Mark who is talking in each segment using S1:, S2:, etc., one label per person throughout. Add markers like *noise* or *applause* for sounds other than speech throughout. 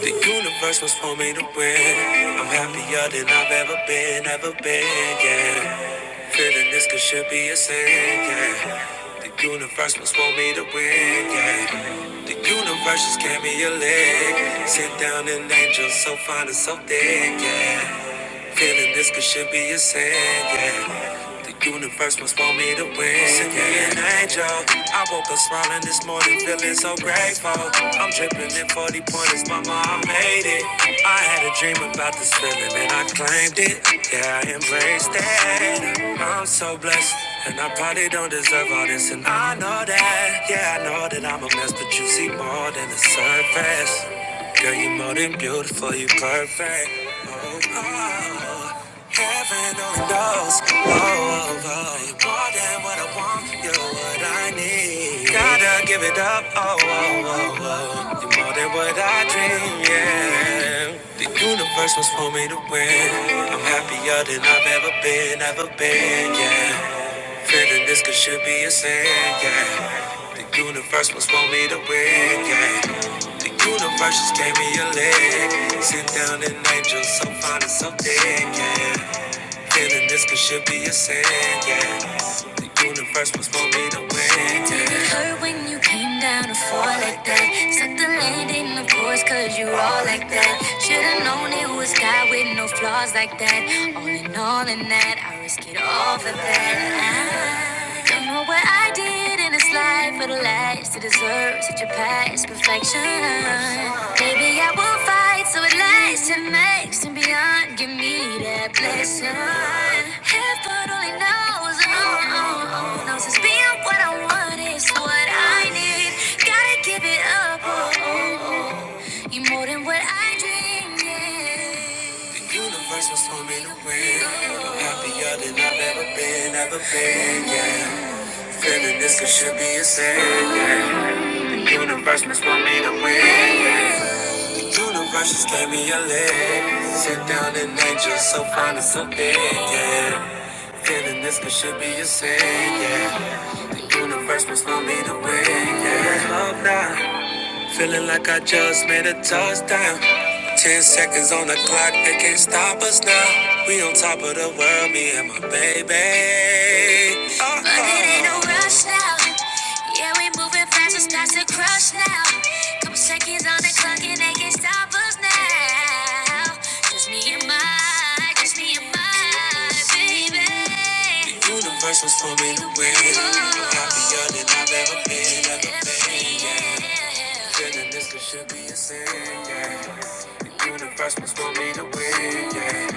S1: The universe was for me to win. I'm happier than I've ever been, ever been, yeah. Feeling this could should be a sin, yeah. The universe was for me to win, yeah. The universe just gave me a leg. Sit down an angel so fine and so thick, yeah. Feeling this could should be a sin, yeah. The universe must want me to win. Send me an angel. I woke up smiling this morning, feeling so grateful. I'm dripping in 40 pointers, mama, I made it. I had a dream about this feeling and I claimed it. Yeah, I embraced it. I'm so blessed. And I probably don't deserve all this, and I know that. Yeah, I know that I'm a mess, but you see more than the surface. Girl, you more than beautiful, you perfect. Oh. Heaven only knows. Oh, oh, oh, you're more than what I want. You're what I need. Gotta give it up. Oh, oh, oh, oh. oh, You're more than what I dream. Yeah. The universe was for me to win. I'm happier than I've ever been, ever been. Yeah. Feeling this could should be a sin. Yeah. The universe was for me to win. Yeah. The universe just gave me a leg. Sit down an angel so fine and so thick, yeah. Feeling this could should be a sin, yeah. The universe was for me to win, yeah. Did it hurt when you came down to fall like that? Sucked the land in the course cause you all like that. Should've known it was God with no flaws like that. All in all in that, I risk it all for that. I don't know what I did in this life for the last to deserve such a past perfection. Maybe I will fight so it lasts and makes and beyond. Give me that blessing. Heaven only knows, oh, oh, oh, knows it's being what I want is what I need. Gotta give it up, oh, oh, oh. you more than what I dreamed. Yeah. The universe was for me to win. Happier than I've ever been, ever been, yeah. Feeling this could should be a sin. yeah. The universe must want me to win. yeah. The universe just gave me a leg. Sit down and angel, so fine and so big. Yeah. Feeling this could should be a sin. Yeah. The universe must want me to win. Yeah. Love now. Feeling like I just made a touchdown. Ten seconds on the clock, they can't stop us now. We on top of the world, me and my baby. Uh-oh. But it ain't no rush now. Yeah, we moving fast, it's past the crush now. Couple seconds on the clock, and they can't stop us now. Just me and my just me and my baby. The universe was for me to win. I'm happier than I've ever been, ever been, yeah. Feeling this could should be a sin, yeah. The universe was for me to win, yeah.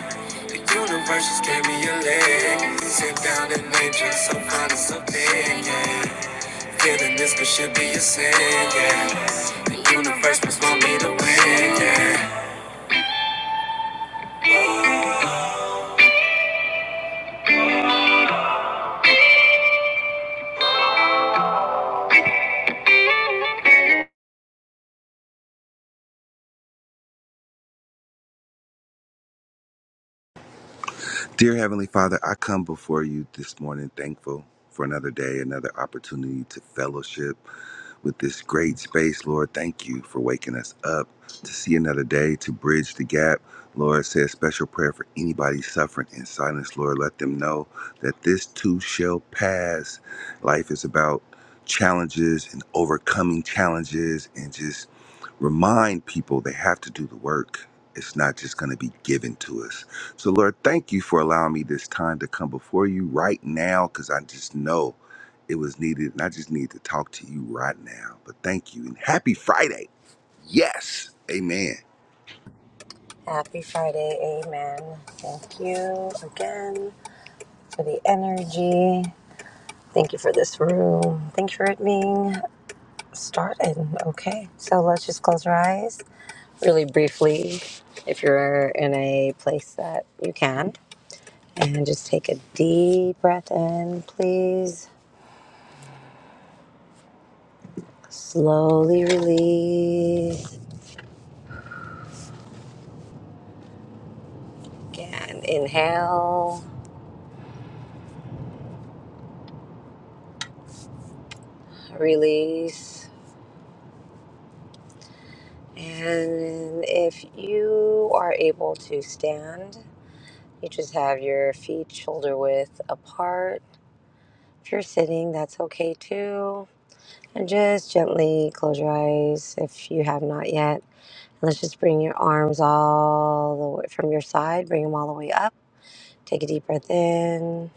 S1: The universe just gave me a leg. Sit down and lay just so fine and so thin, yeah. Feeling this could should be a sin, yeah. The universe was for me to win, yeah.
S2: Dear Heavenly Father, I come before you this morning thankful for another day, another opportunity to fellowship with this great space. Lord, thank you for waking us up to see another day, to bridge the gap. Lord, say a special prayer for anybody suffering in silence. Lord, let them know that this too shall pass. Life is about challenges and overcoming challenges and just remind people they have to do the work. It's not just going to be given to us. So, Lord, thank you for allowing me this time to come before you right now because I just know it was needed and I just need to talk to you right now. But thank you and happy Friday. Yes. Amen.
S3: Happy Friday, amen. Thank you again for the energy. Thank you for this room. Thank you for it being started. Okay, so let's just close our eyes really briefly if you're in a place that you can. And just take a deep breath in, please. Slowly release. Again, inhale, release. And if you are able to stand, you just have your feet shoulder width apart. If you're sitting, that's okay too. And just gently close your eyes if you have not yet. Let's just bring your arms all the way from your side, bring them all the way up. Take a deep breath in.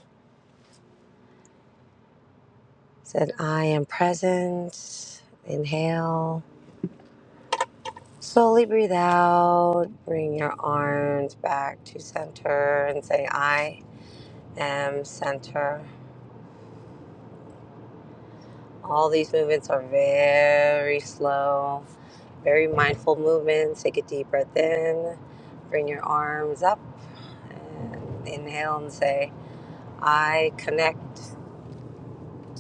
S3: Said, I am present. Inhale. Slowly breathe out. Bring your arms back to center and say, I. M center. All these movements are very slow, very mindful movements. Take a deep breath in, bring your arms up, and inhale and say, I connect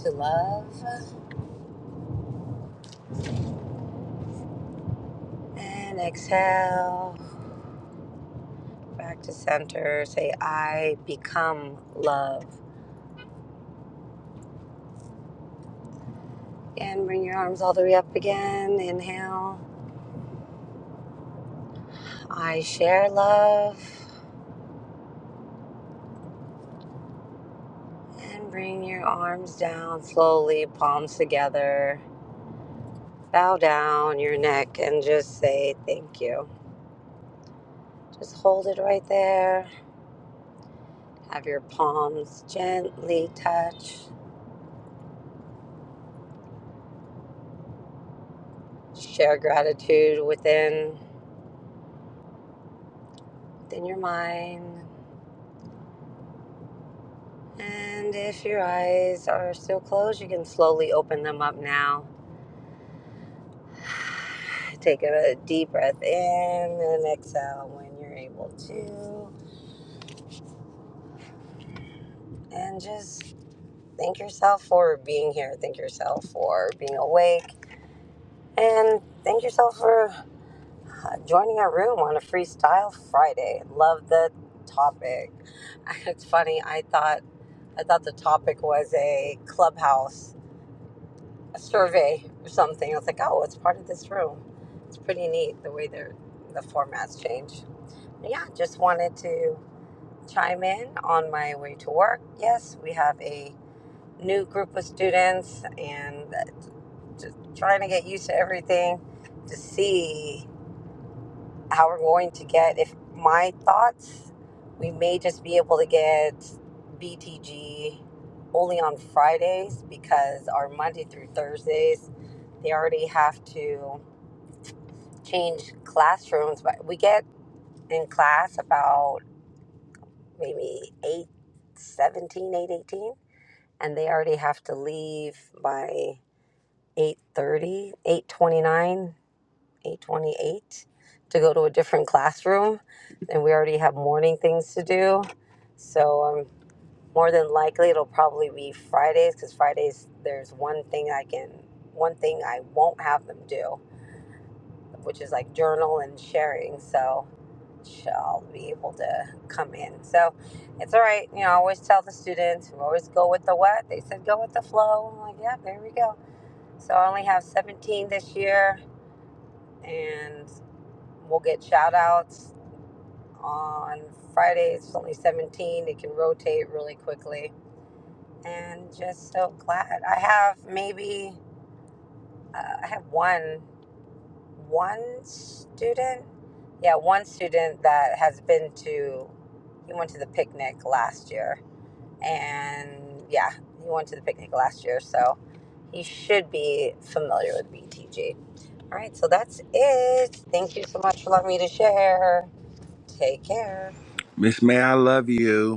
S3: to love. And exhale, back to center. Say, I become love. And bring your arms all the way up again. Inhale, I share love. And bring your arms down slowly, palms together Bow down your neck and just say thank you. Just hold it right there. Have your palms gently touch. Share gratitude within within your mind. And if your eyes are still closed, you can slowly open them up now. *sighs* Take a deep breath in and exhale when you're able to. And just thank yourself for being here. Thank yourself for being awake. And thank yourself for joining a room on a freestyle Friday. Love the topic. *laughs* It's funny. I thought I thought the topic was a clubhouse a survey or something. I was like, oh, it's part of this room. It's pretty neat the way they're the formats change. Yeah, just wanted to chime in on my way to work. Yes, we have a new group of students and uh, just trying to get used to everything to see. how we're going to get if my thoughts we may just be able to get btg only on fridays because our monday through thursdays they already have to change classrooms but we get in class about maybe 8, 17, 8, 18, and they already have to leave by eight thirty, eight twenty nine. 828 to go to a different classroom and we already have morning things to do so um, more than likely it'll probably be fridays because fridays there's one thing i can one thing i won't have them do which is like journal and sharing so i'll be able to come in so it's all right you know i always tell the students we always go with the what they said go with the flow i'm like yeah there we go so i only have 17 this year and we'll get shout outs on Fridays. It's only 17. It can rotate really quickly. And just so glad. I have maybe, uh, I have one, one student. Yeah, one student that has been to, he went to the picnic last year. And yeah, he went to the picnic last year. So he should be familiar with BTG. All right, so that's it. Thank you so much for letting me to share. Take care.
S2: Miss May, I love you.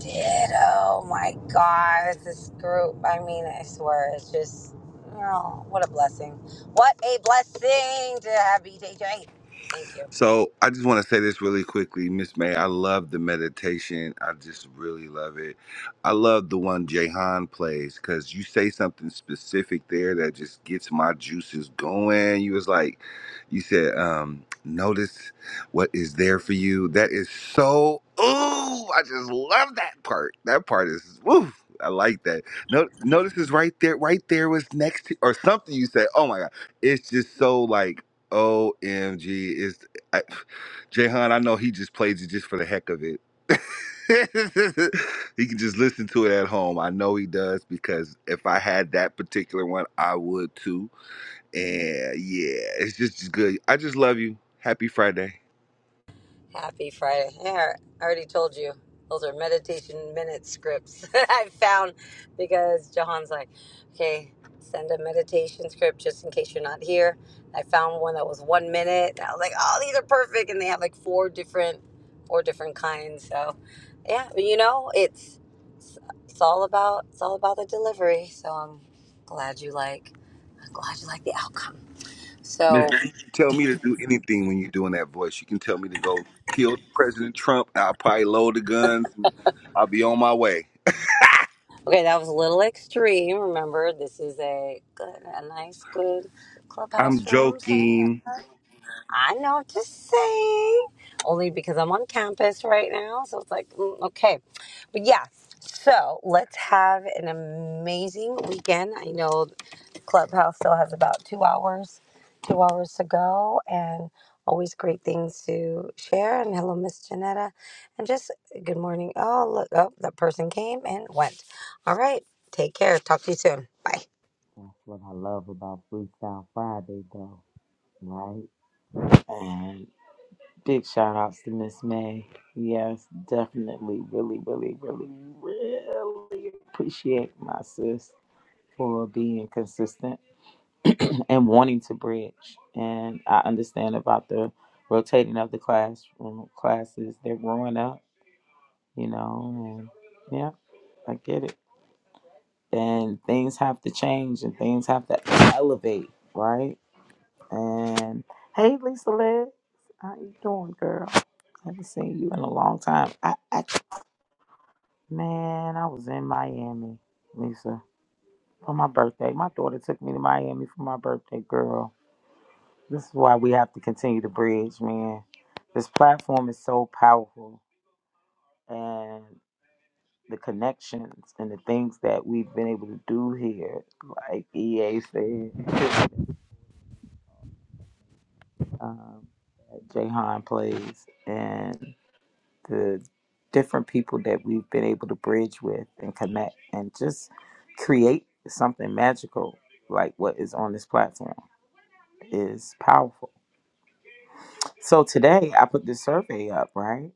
S3: did. Oh my God, this group. I mean, I swear, it's just, oh, what a blessing. What a blessing to have BJJ. Thank you.
S2: So I just want to say this really quickly, Miss May. I love the meditation. I just really love it. I love the one Jahan plays because you say something specific there that just gets my juices going. You was like, you said, um, notice what is there for you. That is so. Ooh, I just love that part. That part is woo. I like that. No, notice is right there. Right there was next to or something. You said, oh my god, it's just so like OMG. I, Jehan, I know he just plays it just for the heck of it. *laughs* he can just listen to it at home. I know he does because if I had that particular one, I would too. And yeah, it's just good. I just love you. Happy Friday.
S3: Happy Friday. Yeah, I already told you. Those are meditation minute scripts *laughs* that I found because Johan's like, okay, send a meditation script just in case you're not here. I found one that was one minute. And I was like, oh, these are perfect. And they have like four different, four different kinds. So, yeah, you know, it's it's all about it's all about the delivery. So I'm glad you like I'm glad you like the outcome.
S2: Miss,
S3: So
S2: you can tell me to do anything when you're doing that voice. You can tell me to go kill President Trump. I'll probably load the guns. And I'll be on my way.
S3: okay, that was a little extreme. Remember, this is a good, a nice good clubhouse
S2: I'm
S3: room. So yeah,
S2: joking.
S3: I know what to say. Only because I'm on campus right now, so it's like mm, okay, but yeah. So let's have an amazing weekend. I know Clubhouse still has about two hours, two hours to go, and always great things to share. And hello, Miss Janetta, and just good morning. Oh, look, oh, that person came and went. All right, take care. Talk to you soon. Bye.
S4: That's what I love about Freestyle Friday, though, right? And big shout outs to Miss May. Yes, definitely, really, really, really, really appreciate my sis for being consistent *clears throat* and wanting to bridge. And I understand about the rotating of the classroom classes. They're growing up, you know, and yeah, I get it. And things have to change and things have to elevate, right? And hey, Lisa Legs, how you doing, girl? haven't seen you in a long time. I, I man, I was in Miami, Lisa, for my birthday. My daughter took me to Miami for my birthday, girl. This is why we have to continue to bridge, man. This platform is so powerful, and the connections and the things that we've been able to do here, like EA said, *laughs* um, Jahan plays, and. the different people that we've been able to bridge with and connect and just create something magical like what is on this platform is powerful. So today I put this survey up, right?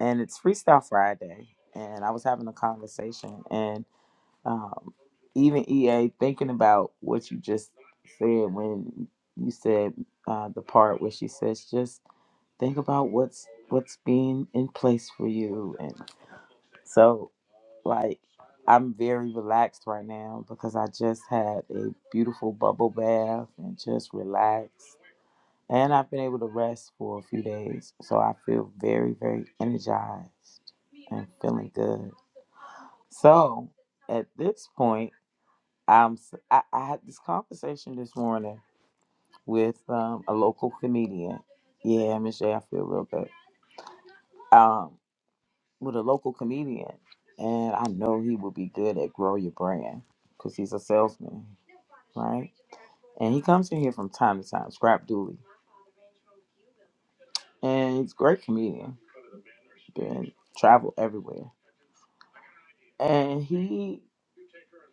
S4: And it's Freestyle Friday. And I was having a conversation and um, even EA thinking about what you just said when you said uh, the part where she says just think about what's what's being in place for you and so Like, I'm very relaxed right now because I just had a beautiful bubble bath and just relaxed. And I've been able to rest for a few days. So I feel very, very energized and feeling good. So at this point, I'm, s- I, I had this conversation this morning with um, a local comedian. Yeah, Michelle, I feel real good. Um, with a local comedian, and I know he would be good at grow your brand because he's a salesman, right? And he comes in here from time to time, Scrap Dooley, and he's a great comedian. Been travel everywhere, and he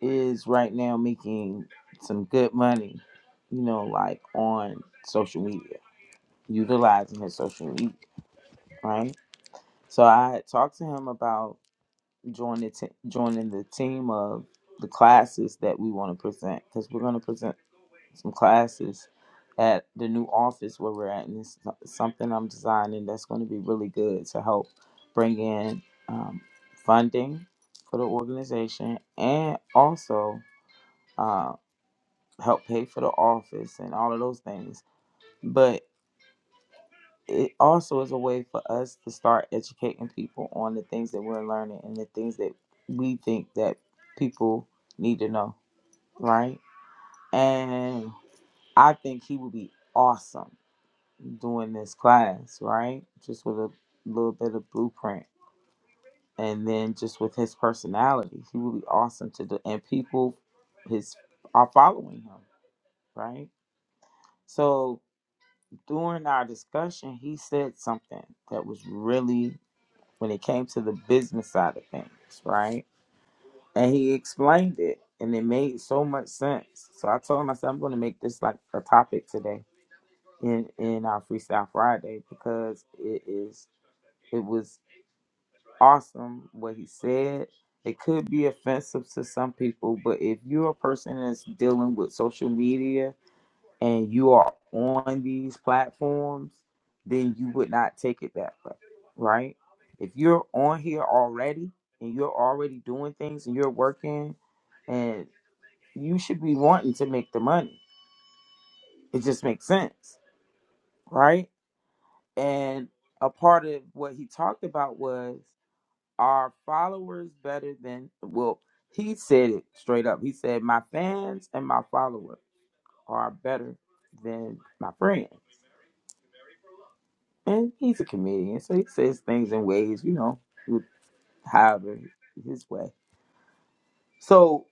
S4: is right now making some good money, you know, like on social media, utilizing his social media, right? So I had talked to him about joining t- joining the team of the classes that we want to present because we're going to present some classes at the new office where we're at, and it's so- something I'm designing that's going to be really good to help bring in um, funding for the organization and also uh, help pay for the office and all of those things. But it also is a way for us to start educating people on the things that we're learning and the things that we think that people need to know, right? And I think he would be awesome doing this class, right? Just with a little bit of blueprint. And then just with his personality, he would be awesome to do. And people his are following him, right? So during our discussion, he said something that was really when it came to the business side of things, right? And he explained it and it made so much sense. So I told him, I said, I'm going to make this like a topic today in, in our Freestyle Friday because it is, it was awesome what he said. It could be offensive to some people, but if you're a person that's dealing with social media and you are on these platforms, then you would not take it that way, right? If you're on here already and you're already doing things and you're working and you should be wanting to make the money. It just makes sense, right? And a part of what he talked about was Our followers better than well, he said it straight up. He said, My fans and my followers are better than my friends. And he's a comedian, so he says things in ways, you know, with however his way. So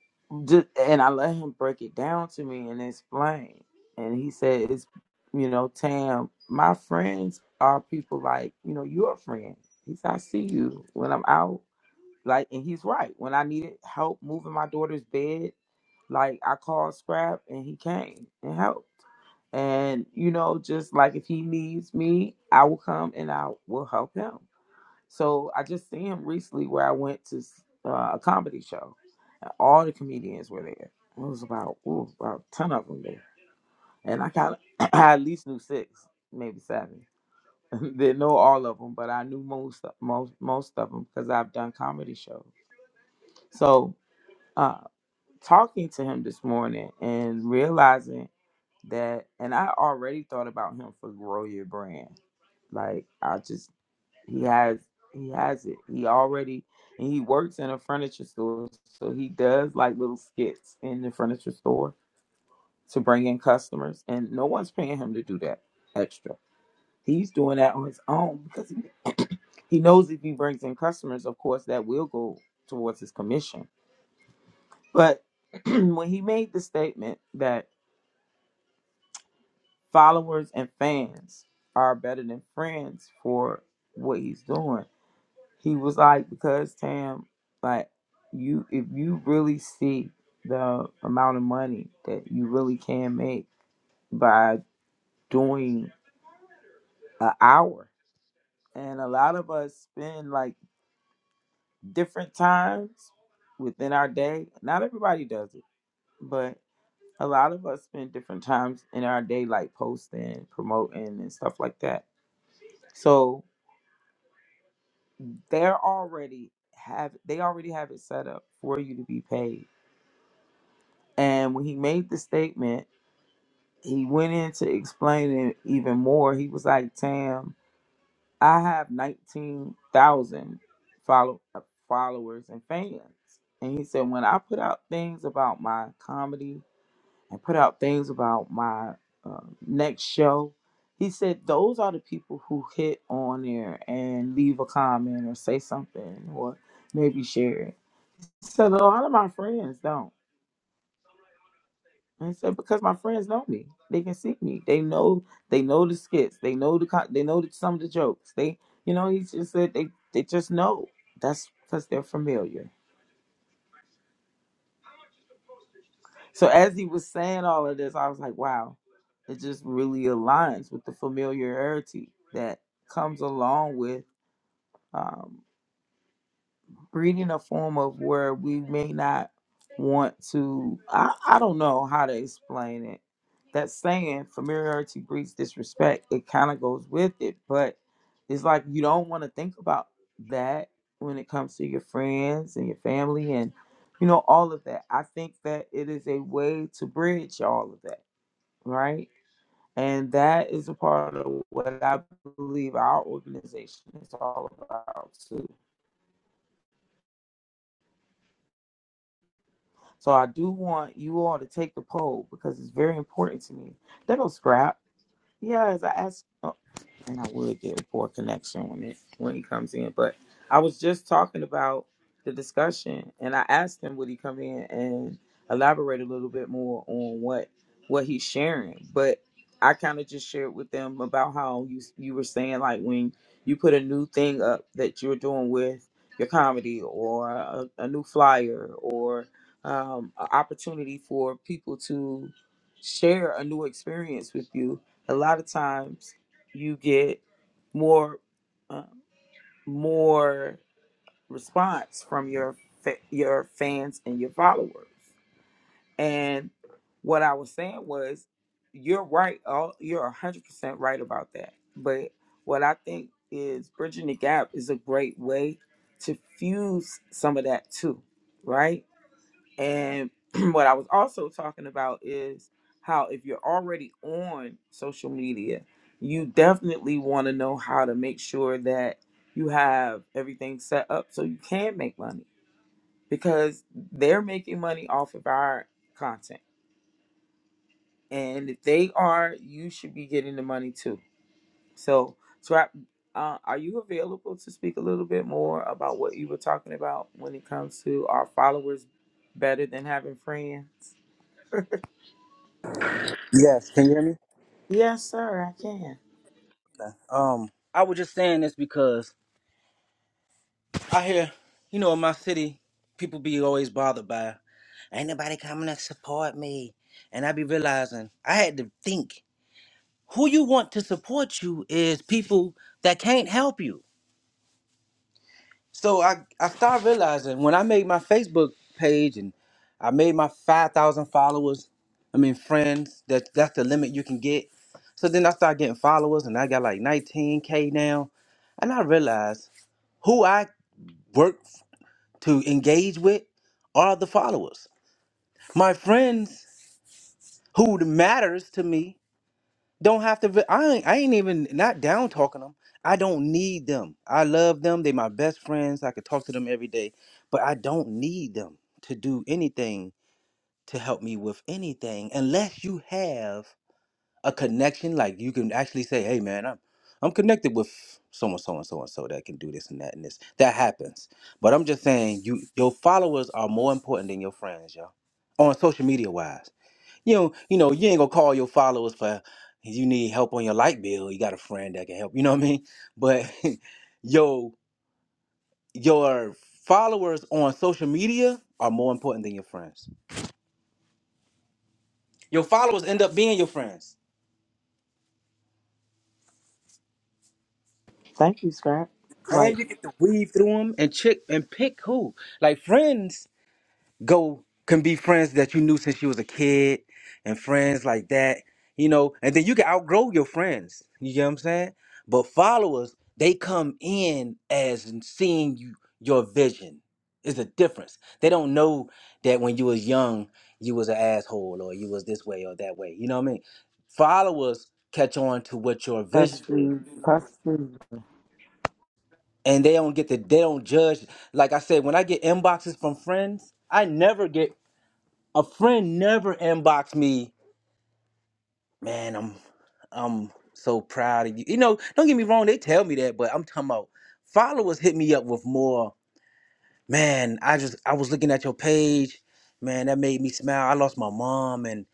S4: just and I let him break it down to me and explain. And he said, It's you know, Tam, my friends are people like, you know, your friend. He said, I see you when I'm out Like, and he's right. When I needed help moving my daughter's bed, like I called Scrap and he came and helped. And you know, just like if he needs me, I will come and I will help him. So I just seen him recently where I went to uh, a comedy show. And all the comedians were there. It was about ooh, about ten of them there, and I kind of *clears throat* I at least knew six, maybe seven. *laughs* Didn't know all of them, but I knew most most most of them because I've done comedy shows. So uh, talking to him this morning and realizing that, and I already thought about him for grow your brand. Like I just, he has, he has it. He already, and he works in a furniture store, so he does like little skits in the furniture store to bring in customers, and no one's paying him to do that extra. He's doing that on his own because he, *clears throat* he knows if he brings in customers, of course, that will go towards his commission But *clears throat* when he made the statement that followers and fans are better than friends for what he's doing, he was like, because Tam, like you, if you really see the amount of money that you really can make by doing an hour, and a lot of us spend like different times within our day. Not everybody does it, but. a lot of us spend different times in our day like posting promoting and stuff like that so they're already have they already have it set up for you to be paid and when he made the statement he went in to explain it even more he was like tam i have 19000 follow uh, followers and fans and he said when i put out things about my comedy and put out things about my uh, next show. He said those are the people who hit on there and leave a comment or say something or maybe share it. So a lot of my friends don't. And he said because my friends know me, they can see me. They know they know the skits. They know the co- they know the, some of the jokes. They you know he just said they they just know. That's because they're familiar. So as he was saying all of this, I was like, wow, it just really aligns with the familiarity that comes along with um, reading a form of where we may not want to. I, I don't know how to explain it. That saying, familiarity breeds disrespect, it kind of goes with it, but it's like you don't want to think about that when it comes to your friends and your family and you know all of that. I think that it is a way to bridge all of that right? And that is a part of what I believe our organization is all about too. So I do want you all to take the poll because it's very important to me. That will scrap. Yes, I asked. and I would get a poor connection when it when he comes in. But I was just talking about the discussion, and I asked him would he come in and elaborate a little bit more on what what he's sharing. But I kind of just shared with them about how you you were saying like when you put a new thing up that you're doing with your comedy or a, a new flyer or um, an opportunity for people to share a new experience with you. A lot of times you get more uh, more response from your fa- your fans and your followers. And what I was saying was, you're right. All you're hundred percent right about that. But what I think is bridging the gap is a great way to fuse some of that too, right? And *clears throat* what I was also talking about is how if you're already on social media, you definitely want to know how to make sure that you have everything set up so you can make money because they're making money off of our content. And if they are, you should be getting the money too. So, Swap, uh, are you available to speak a little bit more about what you were talking about when it comes to our followers better than having friends?
S5: Yes, can you hear me?
S4: Yes, sir, I can.
S5: Um, I was just saying this because I hear, you know, in my city, people be always bothered by, ain't nobody coming to support me, and I be realizing I had to think who you want to support you is people that can't help you. So I I started realizing when I made my Facebook page and I made my five thousand followers, I mean friends. That that's the limit you can get. So then I started getting followers, and I got like nineteen k now, and I realized. Who I work to engage with are the followers. My friends who matters to me don't have to. I ain't, I ain't even not down talking them. I don't need them. I love them. They my best friends. I could talk to them every day, but I don't need them to do anything to help me with anything unless you have a connection. Like you can actually say, "Hey, man, I'm I'm connected with so and so and so and so that can do this and that and this." That happens. But I'm just saying, you your followers are more important than your friends, yo. On social media wise, you know, you know, you ain't gonna call your followers for if you need help on your light bill. You got a friend that can help. You know what I mean? But *laughs* yo, your followers on social media are more important than your friends. Your followers end up being your friends
S4: Thank you, Scrap. Like
S5: and you get to weave through them and check and pick who. Like friends go can be friends that you knew since you was a kid, and friends like that, you know. And then you can outgrow your friends. You get what I'm saying? But followers, they come in as in seeing you your vision. Is a difference. They don't know that when you was young, you was an asshole or you was this way or that way. You know what I mean? Followers catch on to what your
S4: us
S5: vision is
S4: food, us food.
S5: and they don't get the they don't judge. Like I said, when I get inboxes from friends, I never get a friend never inbox me. Man, I'm I'm so proud of you. You know, don't get me wrong, they tell me that, but I'm talking about followers hit me up with more man, I just I was looking at your page, man, that made me smile. I lost my mom and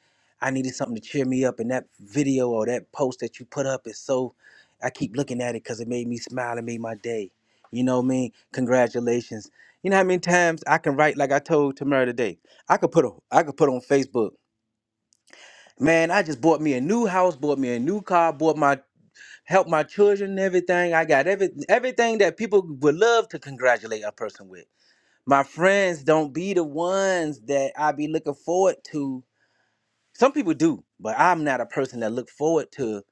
S5: I needed something to cheer me up and that video or that post that you put up is so I keep looking at it cuz it made me smile and made my day. You know what I mean? Congratulations. You know how many times I can write like I told Tamara today. I could put a, I could put on Facebook. Man, I just bought me a new house, bought me a new car, bought my help my children and everything. I got every everything that people would love to congratulate a person with my friends don't be the ones that I be looking forward to. Some people do, but I'm not a person that look forward to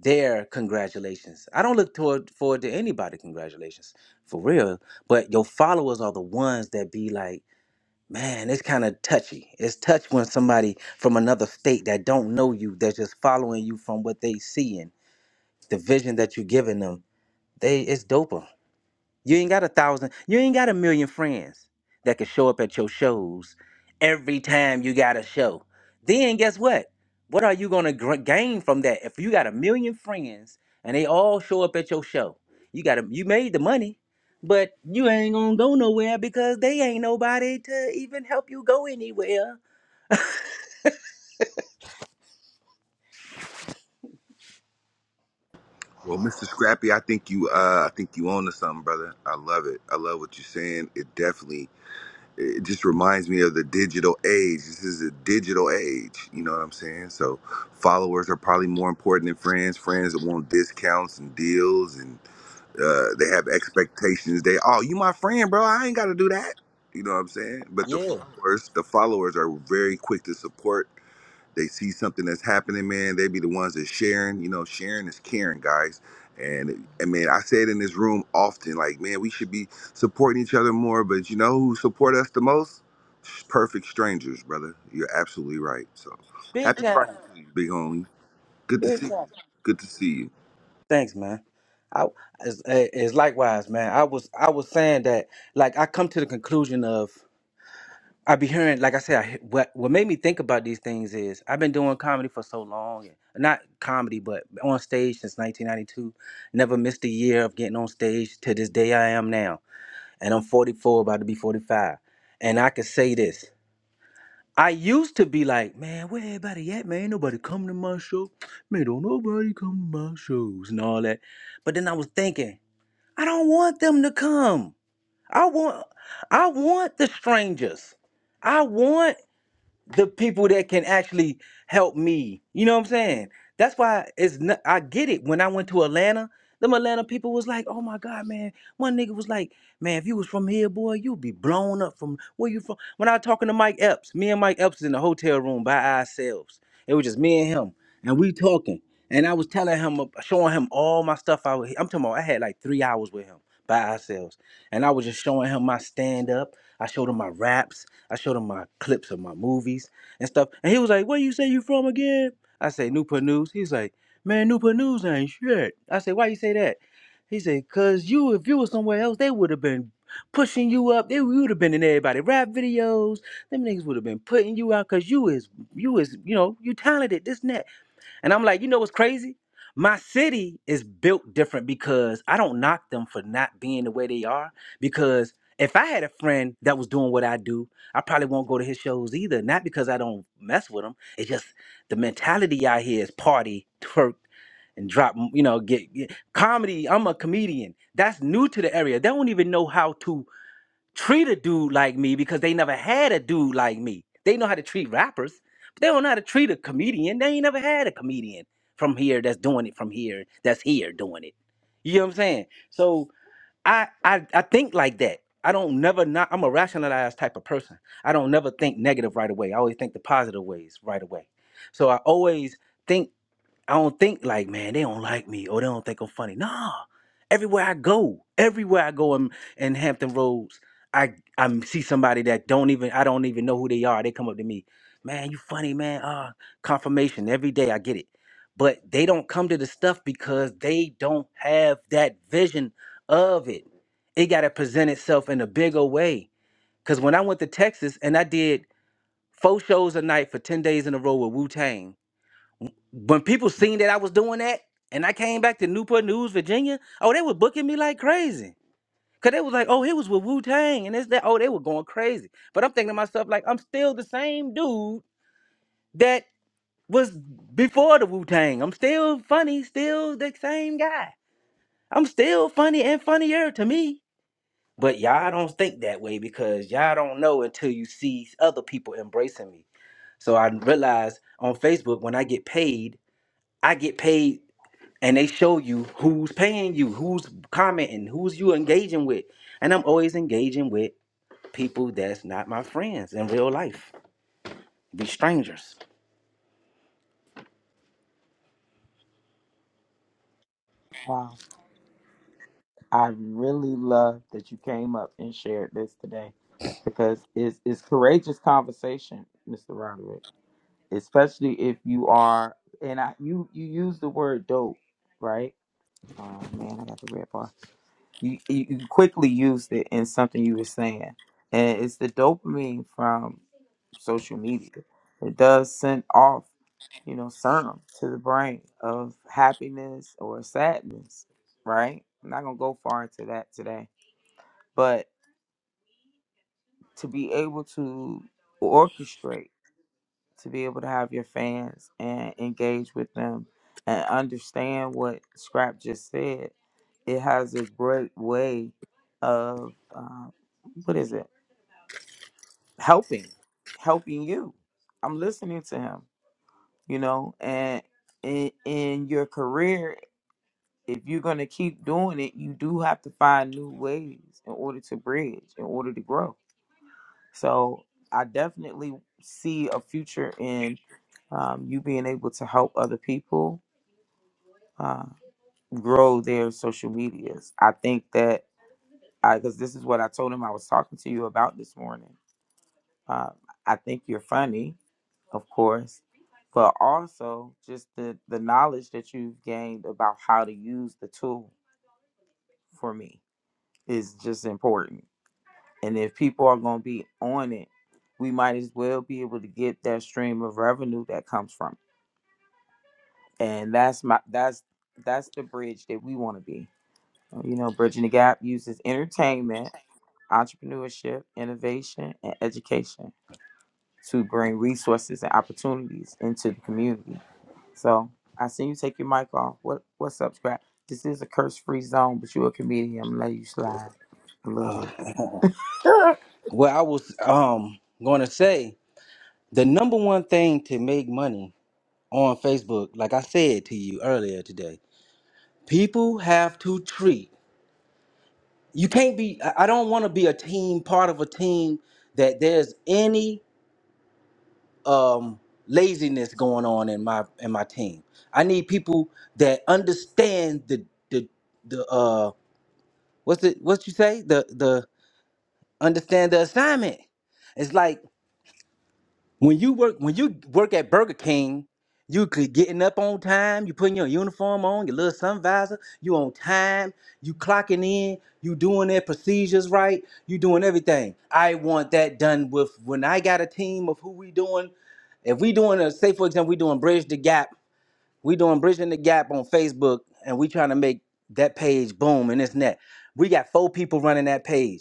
S5: their congratulations. I don't look toward, forward to anybody congratulations for real. But your followers are the ones that be like, man, it's kind of touchy. It's touch when somebody from another state that don't know you, they're just following you from what they see and the vision that you're giving them. They it's doper. You ain't got a thousand, you ain't got a million friends that can show up at your shows every time you got a show. Then guess what? What are you going to gr- gain from that? If you got a million friends and they all show up at your show, you got a, you made the money, but you ain't going to go nowhere because they ain't nobody to even help you go anywhere.
S2: Well, Mr. Scrappy, I think you, uh, I think you own to something, brother. I love it. I love what you're saying. It definitely, it just reminds me of the digital age. This is a digital age. You know what I'm saying? So, followers are probably more important than friends. Friends that want discounts and deals, and uh, they have expectations. They, oh, you my friend, bro. I ain't got to do that. You know what I'm saying? But the
S5: Yeah,
S2: followers, the followers are very quick to support they see something that's happening, man, they be the ones that's sharing. You know, sharing is caring, guys. And and man, I say it in this room often, like, man, we should be supporting each other more. But you know who support us the most? Perfect strangers, brother. You're absolutely right. So
S5: big
S2: happy Friday
S5: time.
S2: to you, big homie. Good to
S5: Big
S2: see you.
S5: time.
S2: Good to see you.
S5: Thanks, man. I as as likewise, man. I was I was saying that like I come to the conclusion of I be hearing, like I said, I, what what made me think about these things is I've been doing comedy for so long, and not comedy, but on stage since 1992. Never missed a year of getting on stage to this day I am now, and I'm 44, about to be 45. And I can say this: I used to be like, man, where everybody at, man? Ain't Nobody coming to my show, man. Don't nobody come to my shows and all that. But then I was thinking, I don't want them to come. I want, I want the strangers. I want the people that can actually help me. You know what I'm saying? That's why it's not, I get it. When I went to Atlanta, them Atlanta people was like, "Oh my God, man!" One nigga was like, "Man, if you was from here, boy, you'd be blown up from where you from." When I was talking to Mike Epps, me and Mike Epps was in the hotel room by ourselves. It was just me and him, and we talking. And I was telling him, showing him all my stuff. I was, I'm talking about, I had like three hours with him by ourselves. And I was just showing him my stand up. I showed him my raps. I showed him my clips of my movies and stuff. And he was like, Where you say you from again? I say, Newport News. He's like, Man, Newport News ain't shit. I say, Why you say that? He said, Cause you, if you were somewhere else, they would have been pushing you up. They would have been in everybody rap videos. Them niggas would have been putting you out because you is, you is, you know, you talented, this and that. And I'm like, you know what's crazy? My city is built different because I don't knock them for not being the way they are. Because if I had a friend that was doing what I do, I probably won't go to his shows either. Not because I don't mess with them. It's just the mentality out here is party, twerk, and drop. You know, get, get comedy. I'm a comedian. That's new to the area. They don't even know how to treat a dude like me because they never had a dude like me. They know how to treat rappers, but they don't know how to treat a comedian. They ain't never had a comedian from here that's doing it from here, that's here doing it. You know what I'm saying? So I I, I think like that. I don't never not I'm a rationalized type of person. I don't never think negative right away. I always think the positive ways right away. So I always think I don't think like, man, they don't like me or they don't think I'm funny. Nah. Everywhere I go, everywhere I go in, in Hampton Roads, I I see somebody that don't even I don't even know who they are. They come up to me, man, you funny, man. Ah, confirmation every day. I get it, but they don't come to the stuff because they don't have that vision of it. It got to present itself in a bigger way. Cause when I went to Texas and I did four shows a night for ten days in a row with Wu Tang, when people seen that I was doing that and I came back to Newport News, Virginia, oh, they were booking me like crazy. Cause they was like, oh, he was with Wu Tang and this, that. Oh, they were going crazy. But I'm thinking to myself, like, I'm still the same dude that was before the Wu Tang. I'm still funny, still the same guy. I'm still funny and funnier to me. But y'all don't think that way because y'all don't know until you see other people embracing me. So I realized on Facebook when I get paid, I get paid and they show you who's paying you, who's commenting, who's you engaging with. And I'm always engaging with people that's not my friends in real life, be strangers.
S4: Wow, I really love that you came up and shared this today, because it's it's courageous conversation, Mr. Roderick. Especially if you are, and I you you use the word dope, right? Oh man, I got the red bar. you, you you quickly used it in something you were saying and it's the dopamine from social media it does send off you know serum to the brain of happiness or sadness right i'm not gonna go far into that today but to be able to orchestrate to be able to have your fans and engage with them and understand what scrap just said It has a great way of uh, what is it? Helping, helping you. I'm listening to him, you know, and in in your career, if you're gonna keep doing it, you do have to find new ways in order to bridge, in order to grow. So I definitely see a future in um, you being able to help other people uh, grow their social medias. I think that because this is what I told him I was talking to you about this morning. Uh, I think you're funny, of course, but also just the the knowledge that you've gained about how to use the tool for me is just important. And if people are going to be on it, we might as well be able to get that stream of revenue that comes from. It. And that's my that's that's the bridge that we want to be. Uh, You know, bridging the gap uses entertainment entrepreneurship, innovation, and education. to bring resources and opportunities into the community. So I see you take your mic off. What what's up, Scrap? This is a curse free zone, but you're a comedian. I'm gonna let you slide a little bit. *laughs*
S5: Well, I was um going to say the number one thing to make money on Facebook, like I said to you earlier today, people have to treat. You can't be. I I don't want to be a team, part of a team that there's any. um, laziness going on in my in my team. I need people that understand the the the uh what's it what you say the the understand the assignment. It's like when you work when you work at Burger King, you could getting up on time, you putting your uniform on, your little sun visor, you on time, you clocking in, you doing their procedures right, you doing everything. I want that done with when I got a team of who we doing. If we doing a say for example, we doing Bridge the Gap, we doing Bridging the Gap on Facebook and we trying to make that page boom and this and that. We got four people running that page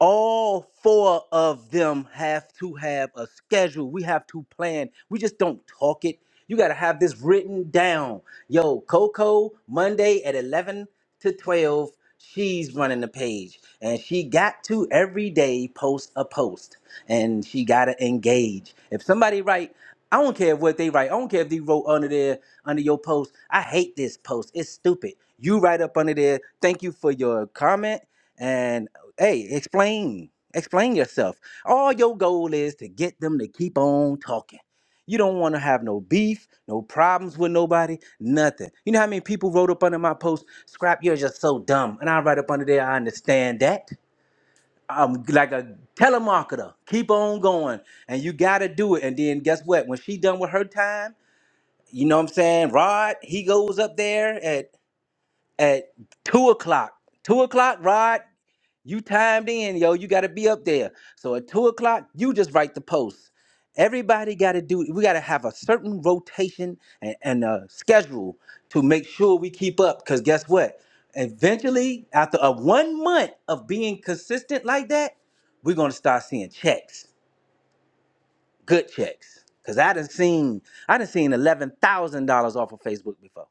S5: all four of them have to have a schedule. We have to plan. We just don't talk it. You got to have this written down. Yo, Coco, Monday at 11 to 12, she's running the page. And she got to every day post a post. And she got to engage. If somebody write, I don't care what they write. I don't care if they wrote under there, under your post. I hate this post. It's stupid. You write up under there. Thank you for your comment and hey, explain, explain yourself. All your goal is to get them to keep on talking. You don't want to have no beef, no problems with nobody, nothing. You know how many people wrote up under my post, "Scrap, you're just so dumb," and I write up under there, "I understand that." I'm like a telemarketer. Keep on going, and you gotta do it. And then guess what? When she done with her time, you know what I'm saying? Rod, he goes up there at at two o'clock. Two o'clock, Rod. You timed in, yo. You got to be up there. So at two o'clock, you just write the post. Everybody got to do. We got to have a certain rotation and, and a schedule to make sure we keep up. Because guess what? Eventually, after a one month of being consistent like that, we're gonna start seeing checks, good checks. Cause I done seen, I done seen eleven thousand dollars off of Facebook before.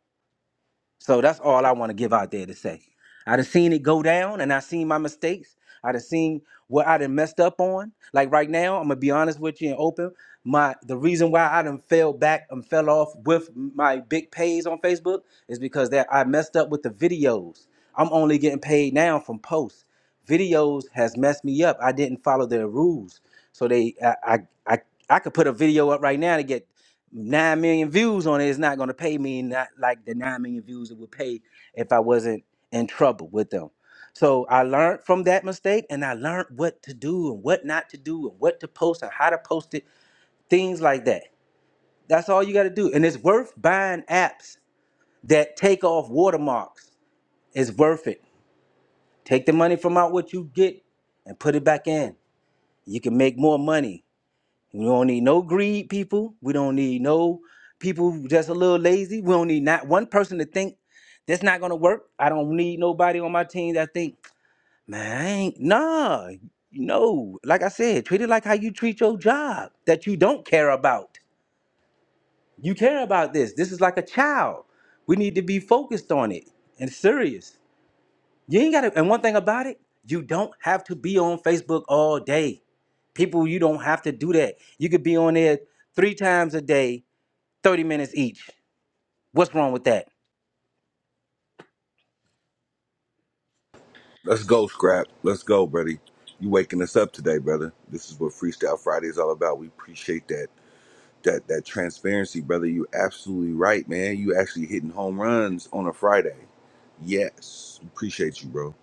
S5: So that's all I want to give out there to say. I done seen it go down and I seen my mistakes. I done seen what I done messed up on. Like right now, I'm gonna be honest with you and open. My the reason why I done fell back and fell off with my big pays on Facebook is because that I messed up with the videos. I'm only getting paid now from posts. Videos has messed me up. I didn't follow their rules. So they I I I, I could put a video up right now to get nine million views on it is not going to pay me not like the nine million views it would pay if I wasn't in trouble with them. So I learned from that mistake, and I learned what to do and what not to do, and what to post and how to post it, things like that. That's all you got to do, and it's worth buying apps that take off watermarks. It's worth it. Take the money from out what you get and put it back in. You can make more money We don't need no greed people. We don't need no people who just a little lazy. We don't need not one person to think that's not gonna work. I don't need nobody on my team that think, man, I ain't nah. No, like I said, treat it like how you treat your job that you don't care about. You care about this. This is like a child. We need to be focused on it and serious. You ain't gotta and one thing about it, you don't have to be on Facebook all day. People, you don't have to do that. You could be on there three times a day, 30 minutes each. What's wrong with that?
S2: Let's go, Scrap. Let's go, buddy. You waking us up today, brother. This is what Freestyle Friday is all about. We appreciate that. that that transparency, brother. You absolutely right, man. You actually hitting home runs on a Friday. Yes, appreciate you, bro.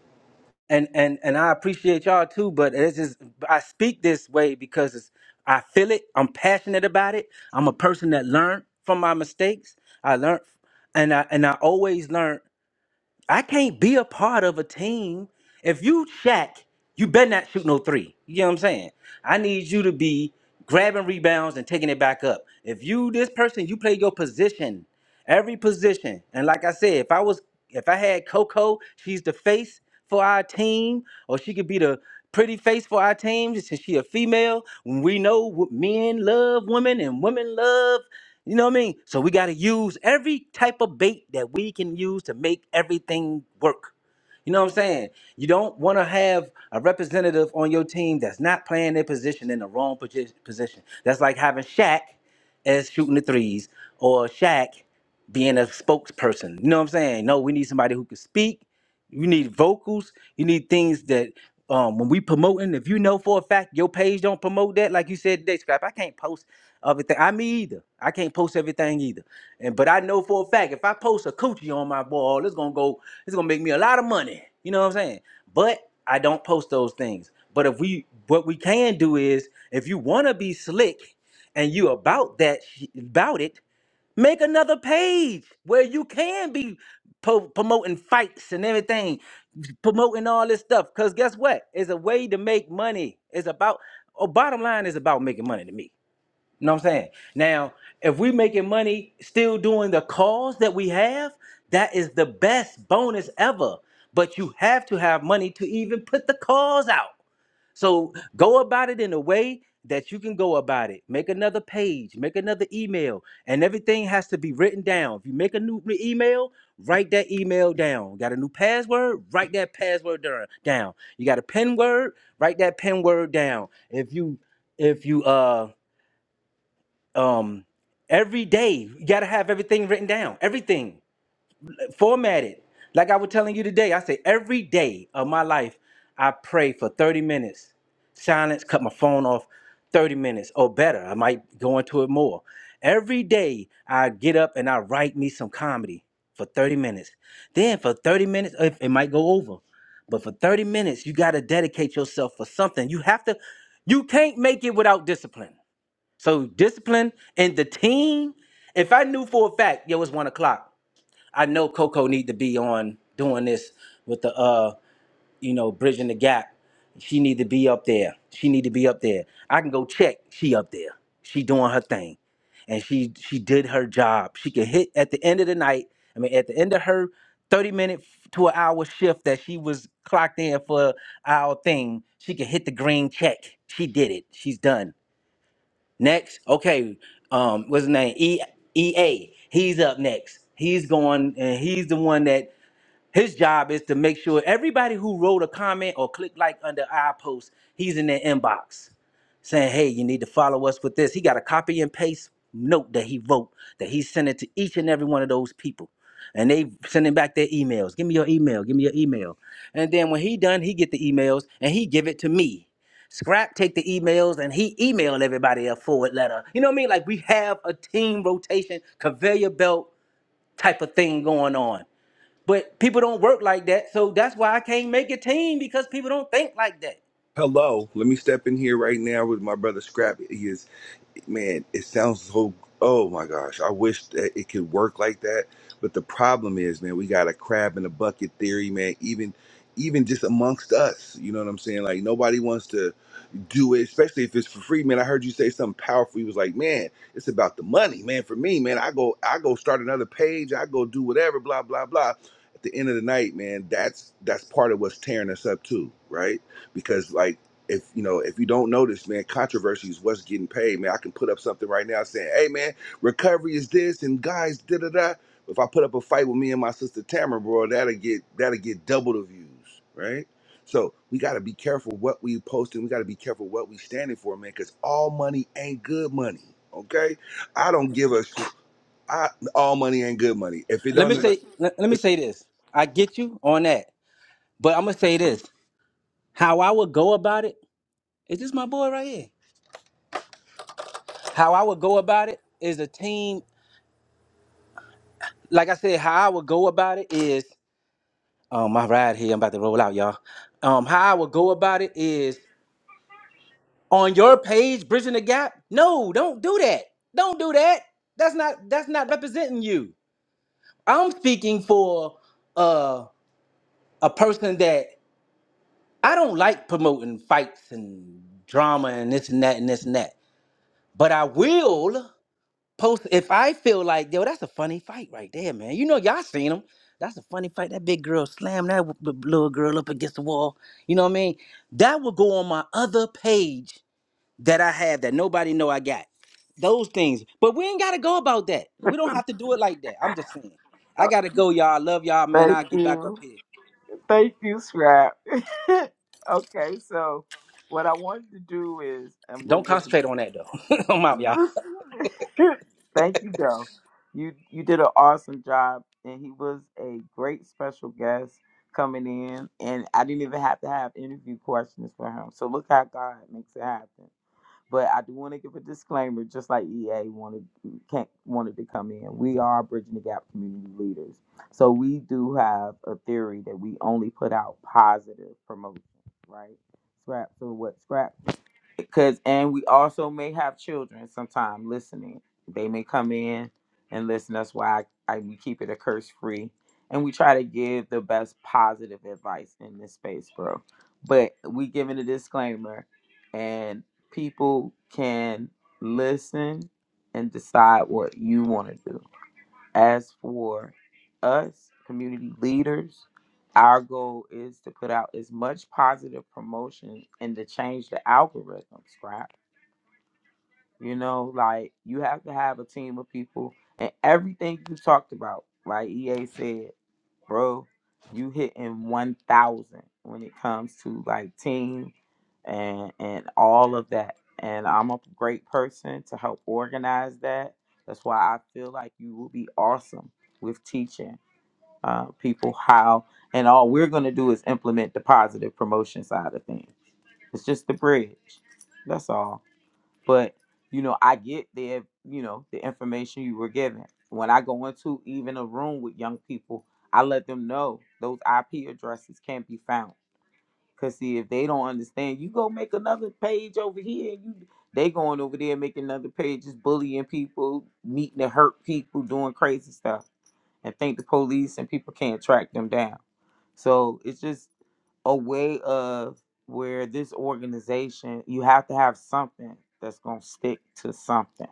S5: And and and I appreciate y'all too, but it's just I speak this way because it's, I feel it. I'm passionate about it. I'm a person that learned from my mistakes. I learned and I and I always learn. I can't be a part of a team. If you Shaq, you better not shoot no three. You know what I'm saying? I need you to be grabbing rebounds and taking it back up. If you this person, you play your position, every position. And like I said, if I was if I had Coco, she's the face for our team, or she could be the pretty face for our team since she a female. We know wo- men love women and women love, you know what I mean? So we got to use every type of bait that we can use to make everything work. You know what I'm saying? You don't want to have a representative on your team that's not playing their position in the wrong posi- position. That's like having Shaq as shooting the threes or Shaq being a spokesperson. You know what I'm saying? No, we need somebody who can speak. You need vocals. You need things that um, when we promoting, if you know for a fact your page don't promote that, like you said today, Scrap, I can't post. Everything I me either. I can't post everything either. And but I know for a fact if I post a coochie on my wall, it's gonna go, it's gonna make me a lot of money. You know what I'm saying? But I don't post those things. But if we what we can do is if you wanna be slick and you about that sh- about it, make another page where you can be po- promoting fights and everything, promoting all this stuff. Cause guess what? It's a way to make money. It's about oh, bottom line is about making money to me. You know what I'm saying? Now, if we making money still doing the calls that we have, that is the best bonus ever. But you have to have money to even put the calls out. So go about it in a way that you can go about it. Make another page, make another email, and everything has to be written down. If you make a new re- email, write that email down. Got a new password? Write that password dur- down. You got a pen word? Write that pen word down. If you if you uh um every day you got to have everything written down everything formatted like i was telling you today i say every day of my life i pray for 30 minutes silence cut my phone off 30 minutes or better i might go into it more every day i get up and i write me some comedy for 30 minutes then for 30 minutes it it might go over but for 30 minutes you got to dedicate yourself for something you have to you can't make it without discipline so discipline and the team. If I knew for a fact, yo, it's one o'clock. I know Coco need to be on doing this with the uh, you know, bridging the gap. She need to be up there. She need to be up there. I can go check. She up there. She doing her thing, and she she did her job. She can hit at the end of the night. I mean, at the end of her thirty minute to an hour shift that she was clocked in for our thing, she can hit the green check. She did it. She's done Next, okay, um, what's his name? E E A. He's up next. He's going, and he's the one that his job is to make sure everybody who wrote a comment or clicked like under our post, he's in their inbox saying, hey, you need to follow us with this. He got a copy and paste note that he wrote that he sent it to each and every one of those people. And they sending back their emails. Give me your email. Give me your email. And then when he done, he get the emails and he give it to me. Scrap take the emails and he emailed everybody a forward letter. You know what I mean? Like we have a team rotation, conveyor belt type of thing going on. But people don't work like that. So that's why I can't make a team because people don't think like that.
S2: Hello, let me step in here right now with my brother Scrap. He is man. It sounds so. Oh my gosh, I wish that it could work like that. But the problem is, man, we got a crab in a bucket theory, man. Even even just amongst us, you know what I'm saying? Like nobody wants to. do it, especially if it's for free, man. I heard you say something powerful. You was like, man, it's about the money, man. For me, man, I go, I go start another page, I go do whatever, blah, blah, blah. At the end of the night, man, that's that's part of what's tearing us up too, right? Because like if you know, if you don't notice, man, controversy is what's getting paid, man. I can put up something right now saying, hey man, recovery is this and guys, da da da. If I put up a fight with me and my sister Tamara, bro, that'll get that'll get double the views, right? So we got to be careful what we posting. We got to be careful what we standing for, man. Because all money ain't good money. Okay, I don't give a. sh- I all money ain't good money. If it
S5: Let me
S2: don't,
S5: say let, let me say this. I get you on that. But I'm gonna say this. How I would go about it, is this my boy right here? How I would go about it is a team, like I said, how I would go about it is um my ride here, I'm about to roll out, y'all. Um, how I would go about it is on your page, bridging the gap. No, don't do that. Don't do that. That's not that's not representing you. I'm speaking for uh a person that I don't like promoting fights and drama and this and that and this and that. But I will post if I feel like, yo, that's a funny fight right there, man. You know, y'all seen them. That's a funny fight. That big girl slammed that w- b- little girl up against the wall. You know what I mean? That will go on my other page that I have that nobody know I got. Those things. But we ain't gotta go about that. We don't have to do it like that. I'm just saying. I gotta go, y'all. I love y'all, man.
S4: Thank
S5: I'll get back
S4: you.
S5: up here.
S4: Thank you, Scrap. *laughs* okay, so what I wanted to do is I'm gonna
S5: Don't
S4: give
S5: concentrate on that though. *laughs* I'm
S4: *laughs*
S5: out, y'all.
S4: Thank you, Dove. You you did an awesome job, and he was a great special guest coming in, and I didn't even have to have interview questions for him. So look how God makes it happen. But I do want to give a disclaimer, just like EA wanted can't, wanted to come in. We are bridging the gap community leaders, so we do have a theory that we only put out positive promotion, right? Scrap. So what Scrap because and we also may have children sometime listening they may come in and listen that's why I, I we keep it a curse free and we try to give the best positive advice in this space bro but we giving a disclaimer and people can listen and decide what you want to do as for us, community leaders, our goal is to put out as much positive promotion and to change the algorithm, right? You know, like you have to have a team of people and everything you talked about, like EA said, bro, you hitting one thousand when it comes to like team and and all of that. And I'm a great person to help organize that. That's why I feel like you will be awesome with teaching uh, people how. And all we're gonna do is implement the positive promotion side of things. It's just the bridge. That's all. But you know, I get the you know the information you were given. When I go into even a room with young people, I let them know those IP addresses can't be found. Cause see, if they don't understand, you go make another page over here, and you they going over there making another page, just bullying people, meeting to hurt people, doing crazy stuff, and think the police and people can't track them down. So it's just a way of where this organization you have to have something that's gonna stick to something.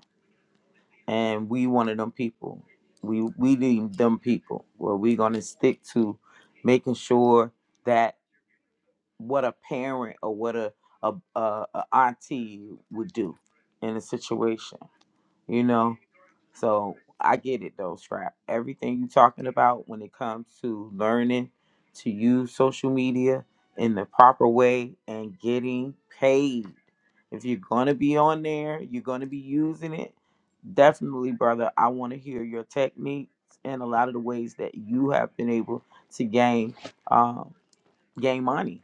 S4: And we one of them people. We we need them people where we gonna stick to making sure that what a parent or what a a, a, a auntie would do in a situation you know. So I get it though, Scrap. Everything you're talking about when it comes to learning to use social media in the proper way and getting paid. If you're gonna be on there, you're gonna be using it. Definitely, brother, I wanna hear your techniques and a lot of the ways that you have been able to gain um, gain money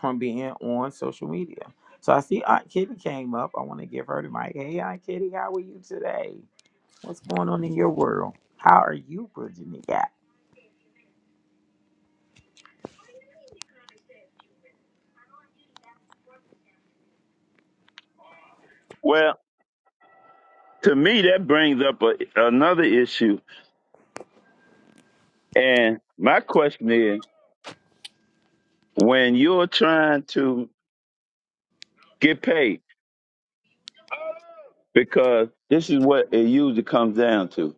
S4: from being on social media. So I see Aunt Kitty came up. I want to give her the mic. Hey, Aunt Kitty, how are you today? What's going on in your world? How are you bridging the gap?
S6: Well, to me, that brings up a, another issue. And my question is when you're trying to get paid, because this is what it usually comes down to.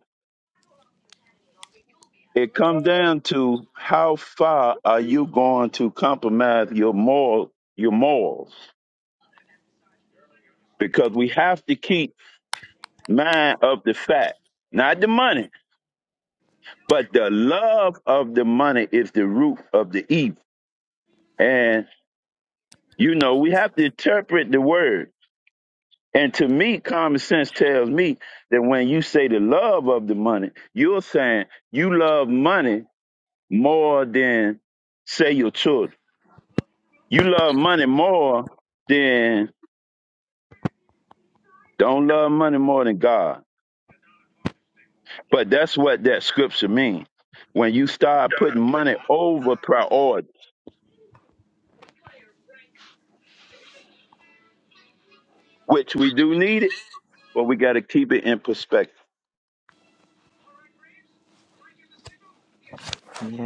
S6: It comes down to how far are you going to compromise your moral, your morals? Because we have to keep mind of the fact, not the money, but the love of the money is the root of the evil. And you know, we have to interpret the word And to me, common sense tells me that when you say the love of the money, you're saying you love money more than, say, your children. You love money more than, don't love money more than God. But that's what that scripture means. When you start putting money over priority, which we do need it, but we got to keep it in perspective.
S4: Yeah,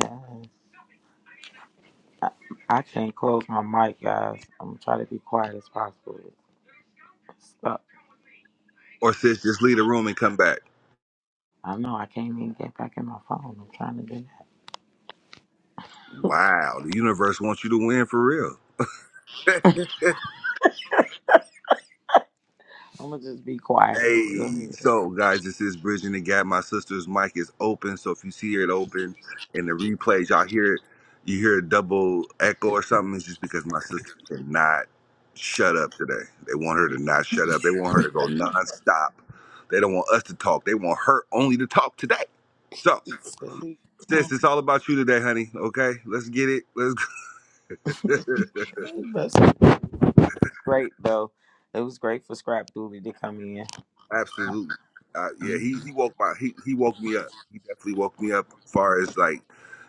S4: I, I can't close my mic, guys. I'm gonna try to be quiet as possible. It's stuck.
S2: or sis, just leave the room and come back.
S4: I know I can't even get back in my phone. I'm trying to do that.
S2: Wow, the universe wants you to win for real. *laughs*
S4: I'm gonna just be quiet. Go
S2: Hey,
S4: ahead.
S2: so guys, this is Bridging the Gap. My sister's mic is open, so if you see it open in the replays, y'all hear it, you hear a double echo or something, it's just because my sister cannot shut up today. They want her to not shut up. They want her to go nonstop. They don't want us to talk. They want her only to talk today. So,
S4: It's silly.
S2: sis, it's all about you today, honey. Okay, let's get it. Let's. *laughs*
S4: That's great though. It was great for Scrap Dooley to come in.
S2: Absolutely. Uh, yeah,
S4: Mm-hmm.
S2: he he woke my he he woke me up. He definitely woke me up as far as like,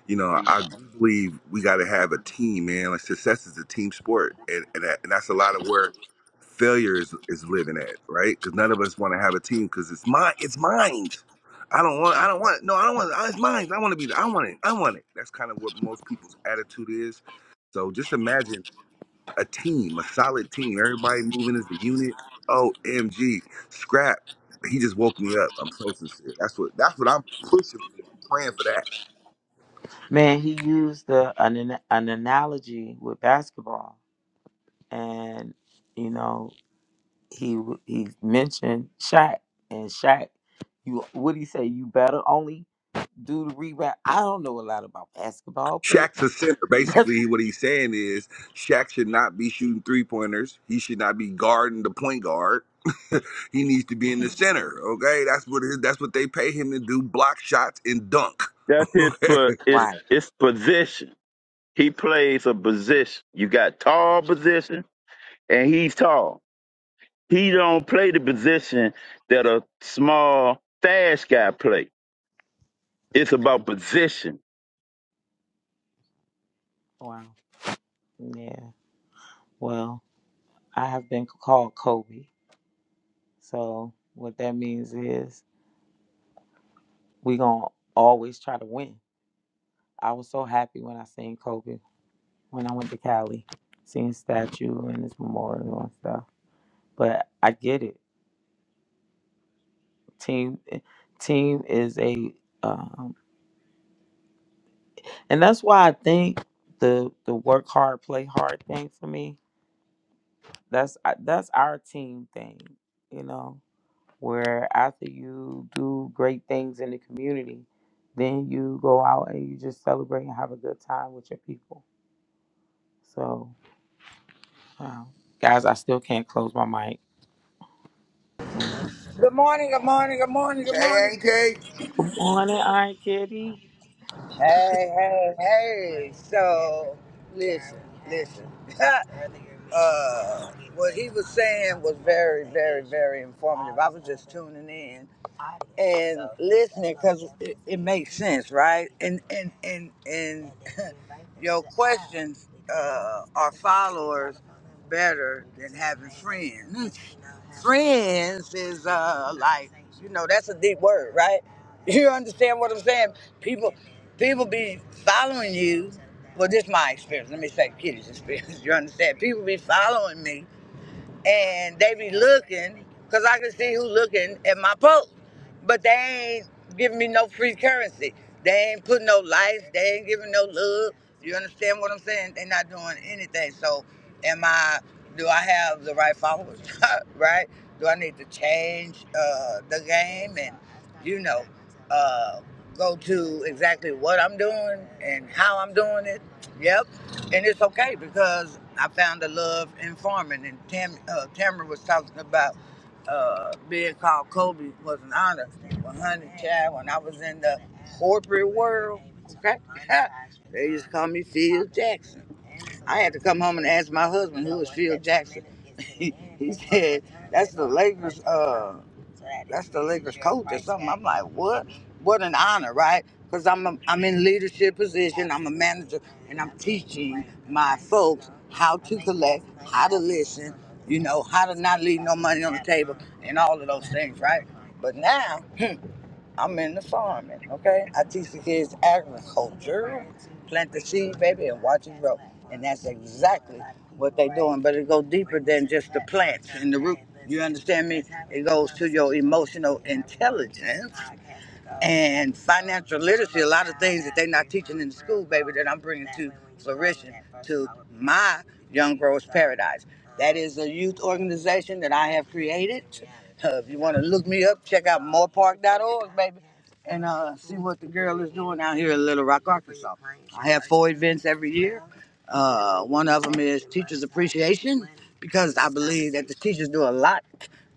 S2: you know, I do believe we got to have a team, man. Like success is a team sport, and and, that, and that's a lot of where failure is is living at, right? Because none of us want to have a team because it's mine. It's mine. I don't want. I don't want. No, I don't want. It's mine. I want to be. the- I want it. I want it. That's kind of what most people's attitude is. So just imagine a team, a solid team. Everybody moving as a unit. OMG, scrap. He just woke me up. I'm so sincere. That's what that's what I'm pushing for. I'm praying for that.
S4: Man, he used the, an an an analogy with basketball, and you know he w- he mentioned Shaq and Shaq. You what he say? You better only do the rebound. I don't know a lot about basketball, but
S2: Shaq's a center. Basically, what he's saying is Shaq should not be shooting three pointers. He should not be guarding the point guard. *laughs* he needs to be in the center. Okay, that's what it is. That's what they pay him to do: block shots and dunk.
S6: That's
S2: *laughs*
S6: his, po- it's,
S4: right.
S6: it's position. He plays a position. You got tall position, and he's tall. He don't play the position that a small fast guy play. It's about position.
S4: Wow. Yeah. Well, I have been called Kobe, so what that means is we gonna always try to win. I was so happy when I seen Kobe when I went to Cali, seeing statue and his memorial and stuff. But I get it. Team, team is a, um, and that's why I think the the work hard, play hard thing for me. That's that's our team thing, you know. Where after you do great things in the community, then you go out and you just celebrate and have a good time with your people. So, um, guys, I still can't close my mic. Mm.
S7: Good morning, good morning, good morning,
S2: Okay.
S7: good
S2: Hey,
S7: morning.
S2: ain't they?
S4: Good morning, Iron Kitty.
S7: Hey, hey, hey. So, listen, listen. *laughs* uh, what he was saying was very, very, very informative. I was just tuning in and listening because it, it makes sense, right? And and and and your questions uh, are followers better than having friends. friends is uh like you know that's a deep word right *laughs* you understand what i'm saying people people be following you well this is my experience let me say kitty's experience *laughs* you understand people be following me and they be looking because I can see who looking at my post, but they ain't giving me no free currency. They ain't putting no likes. They ain't giving no love. You understand what I'm saying? They not doing anything. So, am I? Do I have the right followers? *laughs* right? Do I need to change uh, the game and you know uh, go to exactly what I'm doing and how I'm doing it? Yep and it's okay because I found the love in farming. And Tam, uh, Tamara was talking about uh, being called Kobe was an honor. Well, honey, child, when I was in the corporate world, okay, *laughs* they used to call me Phil Jackson. I had to come home and ask my husband, who was Phil Jackson. *laughs* he he said, "That's the Lakers. Uh, that's the Lakers coach or something." I'm like, "What? What an honor, right? Because I'm a, I'm in leadership position. I'm a manager, and I'm teaching my folks how to collect, how to listen, you know, how to not leave no money on the table, and all of those things, right? But now." *laughs* I'm in the farming, okay? I teach the kids agriculture, plant the seed, baby, and watch it grow. And that's exactly what they're doing. But it goes deeper than just the plants and the root. You understand me? It goes to your emotional intelligence and financial literacy, a lot of things that they're not teaching in the school, baby, that I'm bringing to Flourishing, to my Young Growers Paradise. That is a youth organization that I have created. Uh, if you want to look me up, check out morepark.org, baby, and uh, see what the girl is doing out here in Little Rock, Arkansas. I have four events every year. Uh, one of them is Teachers Appreciation, because I believe that the teachers do a lot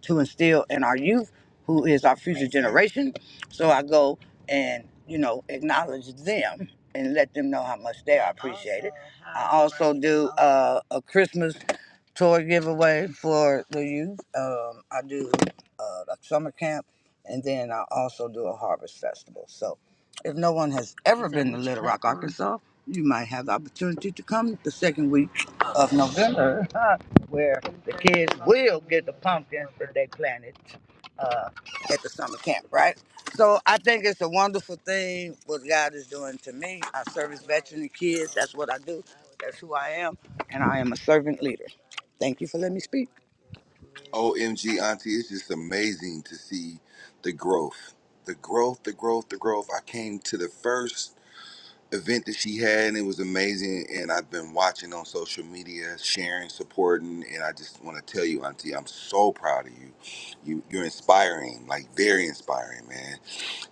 S7: to instill in our youth, who is our future generation. So I go and, you know, acknowledge them and let them know how much they are appreciated. I also do uh, a Christmas toy giveaway for the youth. Um, I do uh, a summer camp, and then I also do a harvest festival. So, if no one has ever been to Little Rock, Arkansas, you might have the opportunity to come the second week of November, *laughs* where the kids will get the pumpkins that they planted uh, at the summer camp, right? So I think it's a wonderful thing what God is doing to me. I service veteran kids. That's what I do. That's who I am, and I am a servant leader. Thank you for letting me speak.
S2: OMG, Auntie, it's just amazing to see the growth. The growth, the growth, the growth. I came to the first event that she had and it was amazing. And I've been watching on social media, sharing, supporting. And I just want to tell you, Auntie, I'm so proud of you. you you're inspiring, like very inspiring, man.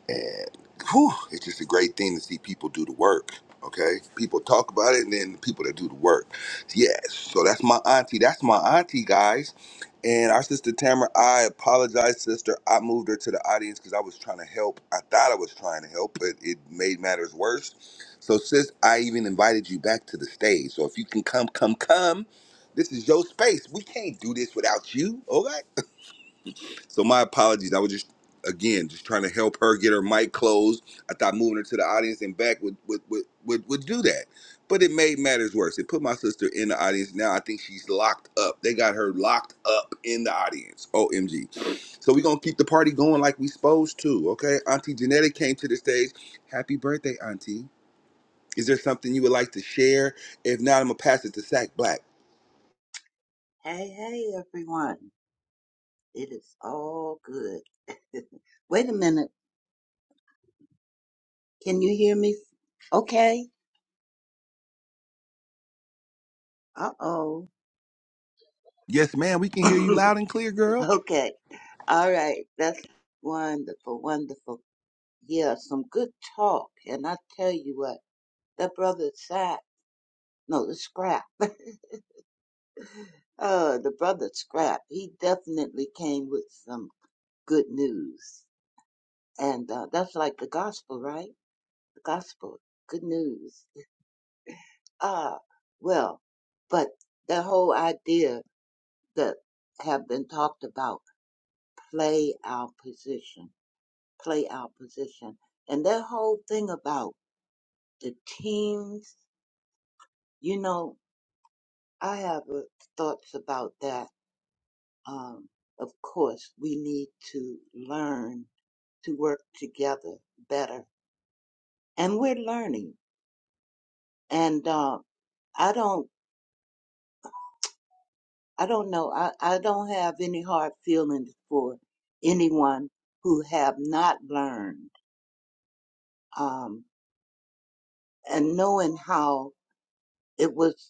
S2: And whew, it's just a great thing to see people do the work. Okay, people talk about it, and then the people that do the work. Yes, so that's my auntie. That's my auntie, guys. And our sister Tamara, I apologize, sister. I moved her to the audience because I was trying to help. I thought I was trying to help, but it made matters worse. So, sis, I even invited you back to the stage. So if you can come, come, come. This is your space. We can't do this without you. Okay. So my apologies. I was just again just trying to help her get her mic closed. I thought moving her to the audience and back would would would would, would do that. But it made matters worse. It put my sister in the audience. Now I think she's locked up. They got her locked up in the audience. OMG. So we're gonna keep the party going like we supposed to, okay? Auntie Genetic came to the stage. Happy birthday, Auntie. Is there something you would like to share? If not, I'm gonna pass it to Sack Black.
S8: Hey, hey, everyone. It is all good. *laughs* Wait a minute. Can you hear me? Okay. Uh oh.
S2: Yes, ma'am, we can hear you loud and clear,
S8: *laughs*
S2: girl.
S8: okay. All right. That's wonderful. Wonderful. Yeah, some good talk. And I tell you what, that brother Sack, no, the scrap. *laughs* uh, the brother scrap, he definitely came with some good news. And uh, that's like the gospel, right? The gospel. Good news. Ah, well, but the whole idea that have been talked about, play our position, play our position. And that whole thing about the teams, you know, I have uh, thoughts about that. Um, of course, we need to learn to work together better. And we're learning. And uh, I don't I don't know. I, I don't have any hard feelings for anyone who have not learned. Um, and knowing how it was,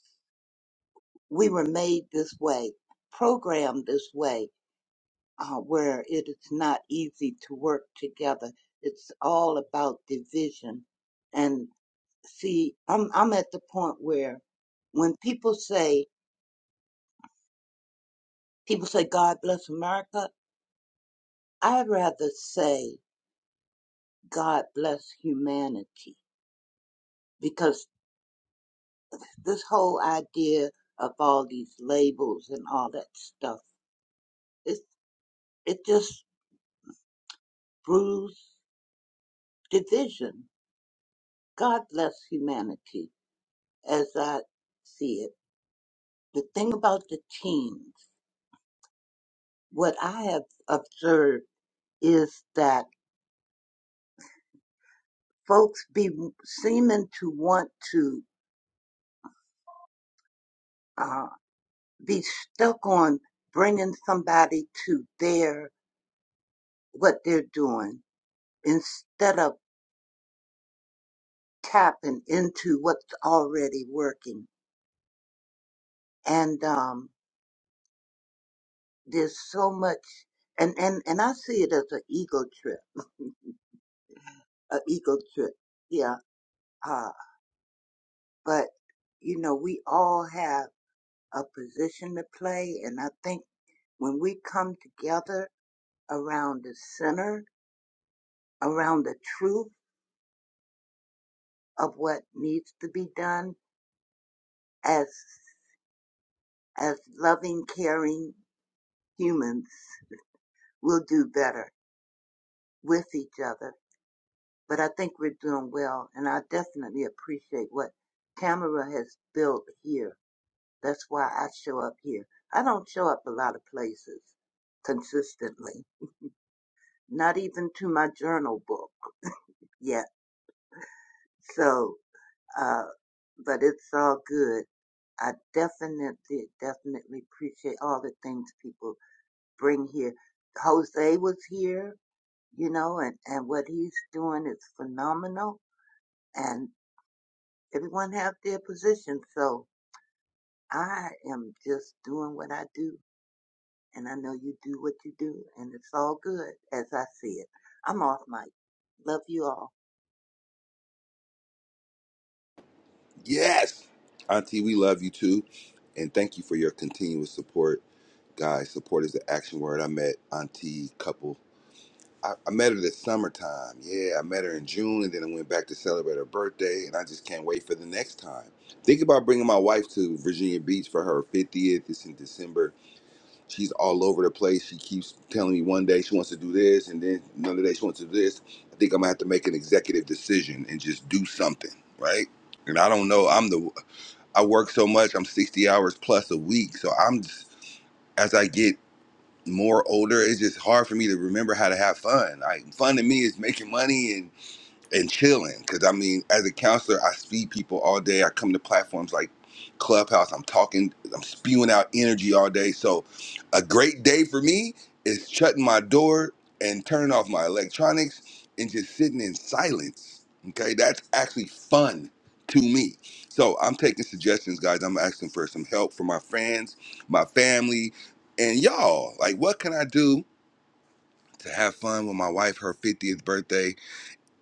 S8: we were made this way, programmed this way, uh, where it is not easy to work together. It's all about division. And see, I'm, I'm at the point where when people say, people say, God bless America, I'd rather say, God bless humanity because this whole idea of all these labels and all that stuff it it just brews division god bless humanity as i see it the thing about the teens what i have observed is that folks be seeming to want to uh, be stuck on bringing somebody to their what they're doing instead of tapping into what's already working. And um, there's so much, and, and, and I see it as an ego trip, *laughs* an ego trip. Yeah. Uh, but, you know, we all have a position to play. And I think when we come together around the center, around the truth of what needs to be done as, as loving, caring humans, we'll do better with each other but I think we're doing well, and I definitely appreciate what Tamara has built here. That's why I show up here. I don't show up a lot of places consistently, not even to my journal book yet. So, uh, but it's all good. I definitely, definitely appreciate all the things people bring here. Jose was here, you know, and, and what he's doing is phenomenal. And everyone have their position. So I am just doing what I do, and I know you do what you do, and it's all good as I see it. I'm off mic. Love you all.
S2: Yes. Auntie, we love you too. And thank you for your continuous support. Guys, support is the action word. I met Auntie couple. I, I met her this summertime. Yeah, I met her in June and then I went back to celebrate her birthday. And I just can't wait for the next time. Think about bringing my wife to Virginia Beach for her 50th. It's in December. She's all over the place. She keeps telling me one day she wants to do this and then another day she wants to do this. I think I'm going to have to make an executive decision and just do something, right? And I don't know. I'm the I work so much. I'm 60 hours plus a week. So I'm just, as I get more older, it's just hard for me to remember how to have fun. Like fun to me is making money and and chilling. Because I mean, as a counselor, I feed people all day. I come to platforms like Clubhouse. I'm talking. I'm spewing out energy all day. So, a great day for me is shutting my door and turning off my electronics and just sitting in silence. Okay, that's actually fun to me. So I'm taking suggestions, guys. I'm asking for some help from my friends, my family, and y'all. Like, what can I do to have fun with my wife, her 50th birthday?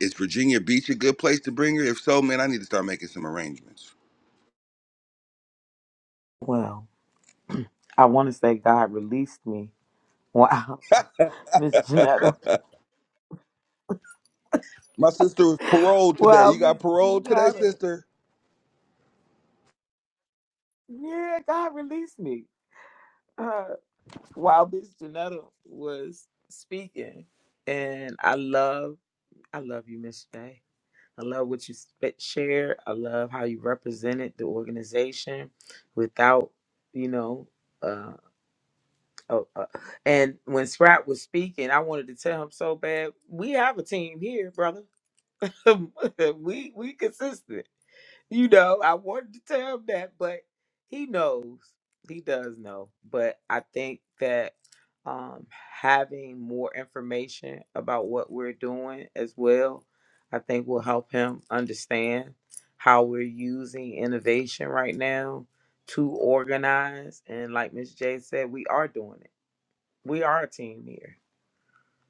S2: Is Virginia Beach a good place to bring her? If so, man, I need to start making some arrangements.
S4: Well, I want to say God released me. Wow, *laughs* Miss Janetta.
S2: My sister was paroled today.
S4: Wow,
S2: You
S4: Miss
S2: got paroled today,
S4: Janetta.
S2: sister?
S4: Yeah, God released me. Uh, while Miss Janetta was speaking, and I love, I love you, Miss J. I love what you sp- shared. I love how you represented the organization without, you know, uh, oh, uh, and when Scrap was speaking, I wanted to tell him so bad. We have a team here, brother *laughs* we we consistent. You know, I wanted to tell him that, but he knows. He does know. But I think that um having more information about what we're doing as well, I think will help him understand how we're using innovation right now to organize and like Miss J said, we are doing it. We are a team here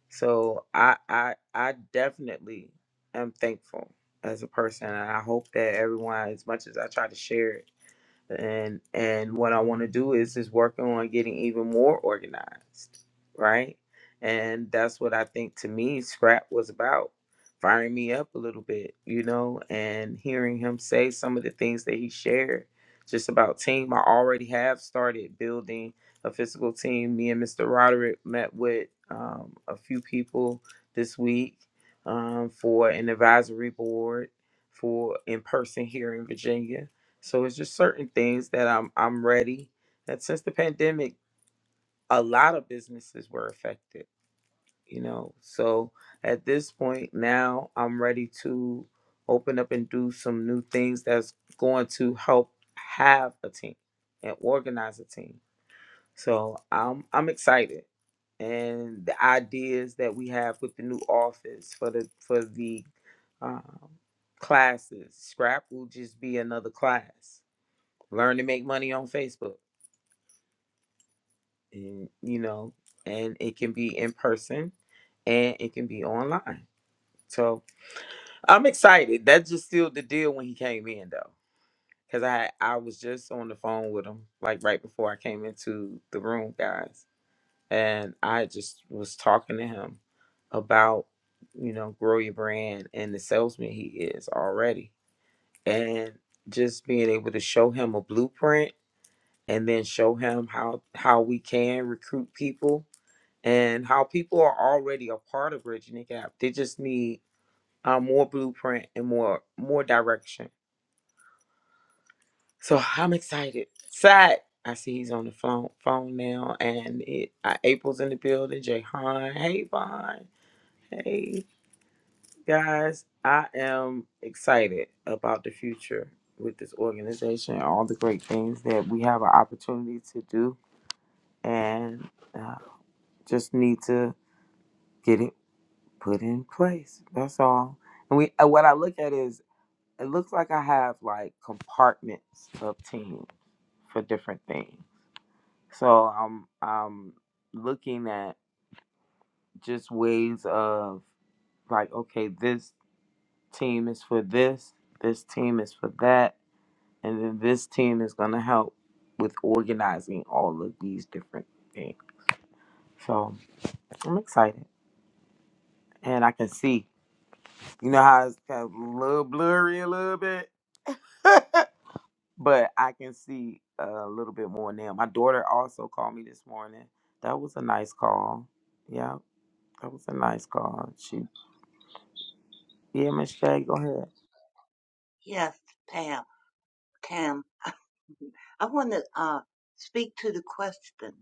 S4: so I I I definitely am thankful as a person and I hope that everyone as much as I try to share it and and what I want to do is is working on getting even more organized, right? And that's what I think to me scrap was about, firing me up a little bit, you know, and hearing him say some of the things that he shared just about team. I already have started building a physical team. Me and Mr. Roderick met with um, a few people this week um, for an advisory board for in person here in Virginia so it's just certain things that I'm I'm ready. That since the pandemic, a lot of businesses were affected, you know. So at this point now I'm ready to open up and do some new things that's going to help have a team and organize a team. So I'm I'm excited. And the ideas that we have with the new office for the for the um, classes. Scrap will just be another class. Learn to make money on Facebook, and you know, and it can be in person, and it can be online. So I'm excited. That just sealed the deal when he came in, though, because I I was just on the phone with him like right before I came into the room, guys, and I just was talking to him about you know grow your brand and the salesman he is already, and just being able to show him a blueprint and then show him how how we can recruit people and how people are already a part of Virginia Gap. They just need uh, more blueprint and more more direction. So I'm excited. Sad. I see he's on the phone phone now, and it uh, April's in the building. Jay Han. Hey Vaughn. Hey guys. I am excited about the future with this organization and all the great things that we have an opportunity to do. And uh, Just need to get it put in place. That's all. And we and what I look at is it looks like I have like compartments of team for different things. So I'm I'm looking at just ways of like, okay, this team is for this, this team is for that, and then this team is gonna help with organizing all of these different things. So I'm excited. And I can see. You know how it's kind of a little blurry a little bit, *laughs* but I can see a little bit more now. My daughter also called me this morning. That was a nice call. Yeah, that was a nice call. She, yeah, Miss Shay, go ahead.
S8: Yes, Pam, Cam, *laughs* I want to uh, speak to the question: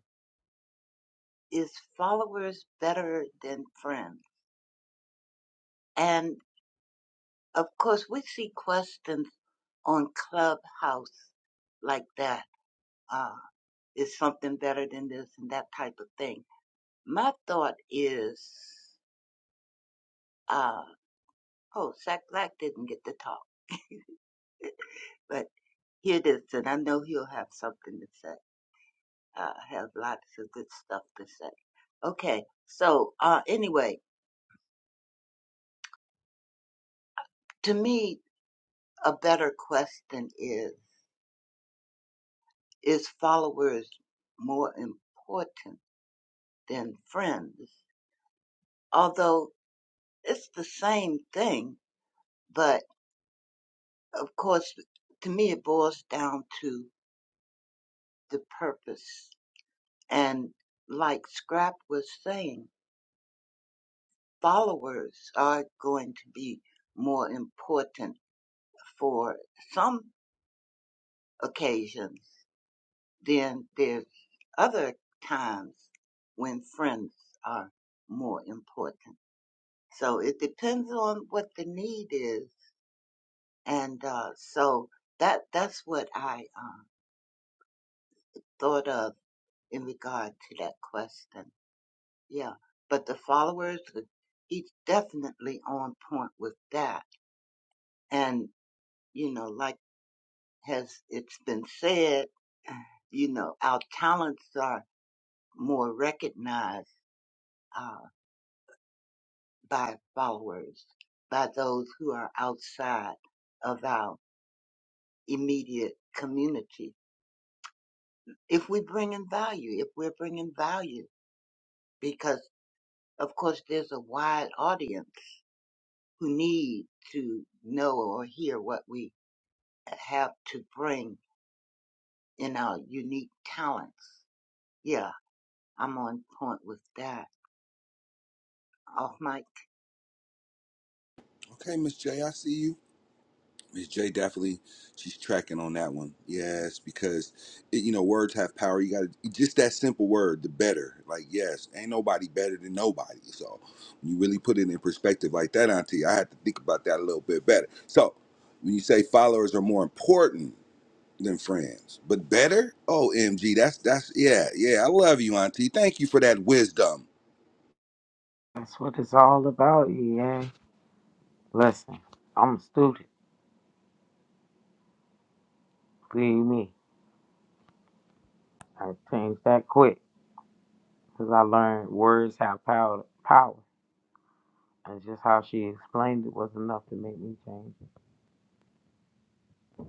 S8: Is followers better than friends? And of course, we see questions on Clubhouse like that. Uh, is something better than this and that type of thing. My thought is. uh. Oh, Zach Black didn't get to talk, but here it is, and I know he'll have something to say. Uh, have lots of good stuff to say. Okay, so uh, anyway, to me, a better question is: Is followers more important than friends? Although it's the same thing, but of course, to me, it boils down to the purpose. And like Scrap was saying, followers are going to be more important for some occasions than there's other times when friends are more important. So it depends on what the need is, and uh, so that that's what I uh, thought of in regard to that question. Yeah, but the followers, he's definitely on point with that, and you know, like as it's been said, you know, our talents are more recognized uh, by followers, by those who are outside of our immediate community. If we bring in value, if we're bringing value, because of course there's a wide audience who need to know or hear what we have to bring in our unique talents. Yeah, I'm on point with that. Off mic.
S2: Okay, Miss J, I see you. Miss J definitely, she's tracking on that one. Yes, because it, you know words have power. You got to just that simple word, the better. Like yes, ain't nobody better than nobody. So when you really put it in perspective like that, Auntie, I had to think about that a little bit better. So when you say followers are more important, than friends, but better. Omg, that's that's yeah, yeah. I love you, Auntie. Thank you for that wisdom.
S4: That's what it's all about, yeah. Listen, I'm a student. Believe me, I changed that quick because I learned words have power. Power. And just how she explained it was enough to make me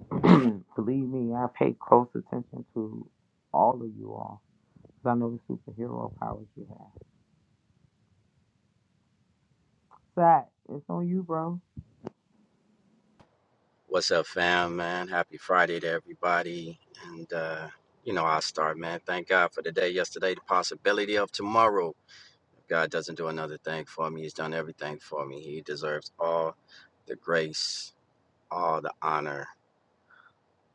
S4: change. *clears throat* Believe me, I pay close attention to all of you all. Cause I know the superhero powers you have. Sack, it's on you, bro.
S9: What's up, fam, man? Happy Friday to everybody. And, uh, you know, I'll start, man. Thank God for the day yesterday, the possibility of tomorrow. If God doesn't do another thing for me. He's done everything for me. He deserves all the grace, all the honor,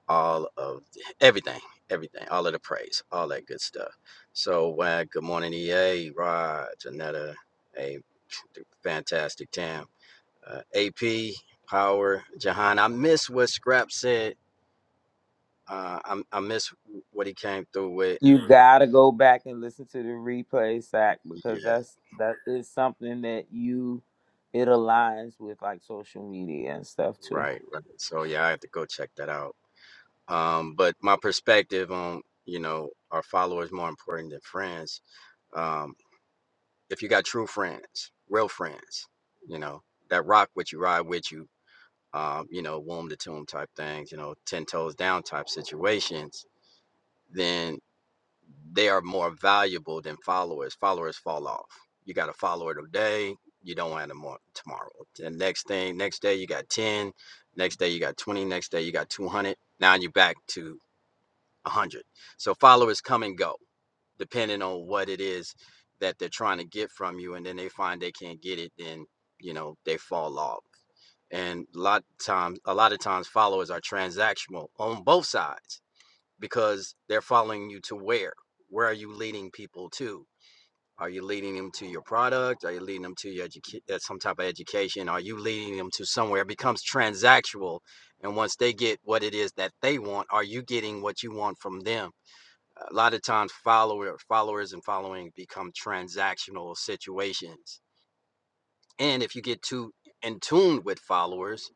S9: all of the- everything, everything, all of the praise, all that good stuff. So, uh, good morning, EA, Rod, Janetta, a fantastic Tam, uh, AP, Power, Jahan. I miss what Scrap said Uh, I I miss what he came through with.
S4: You gotta go back and listen to the replay, Sack, because
S9: Yeah,
S4: that's that is something that you it aligns with like social media and stuff too.
S9: right, right. So yeah, I have to go check that out. Um, but my perspective on you know our followers more important than friends. Um, if you got true friends, real friends, you know that rock with you, ride with you, um, you know womb to tomb type things, you know ten toes down type situations, then. they are more valuable than followers. Followers fall off. You got a follower today, you don't want them on tomorrow. And next thing, next day you got 10, next day you got 20, next day you got 200. Now you're back to 100. So followers come and go depending on what it is that they're trying to get from you. And then they find they can't get it, then, you know, they fall off. And a lot of times, a lot of times followers are transactional on both sides because they're following you to where? Where are you leading people to? Are you leading them to your product? Are you leading them to your educa- uh, some type of education? Are you leading them to somewhere? It becomes transactional, and once they get what it is that they want, are you getting what you want from them? A lot of times, follower followers and following become transactional situations. And if you get too in tune with followers,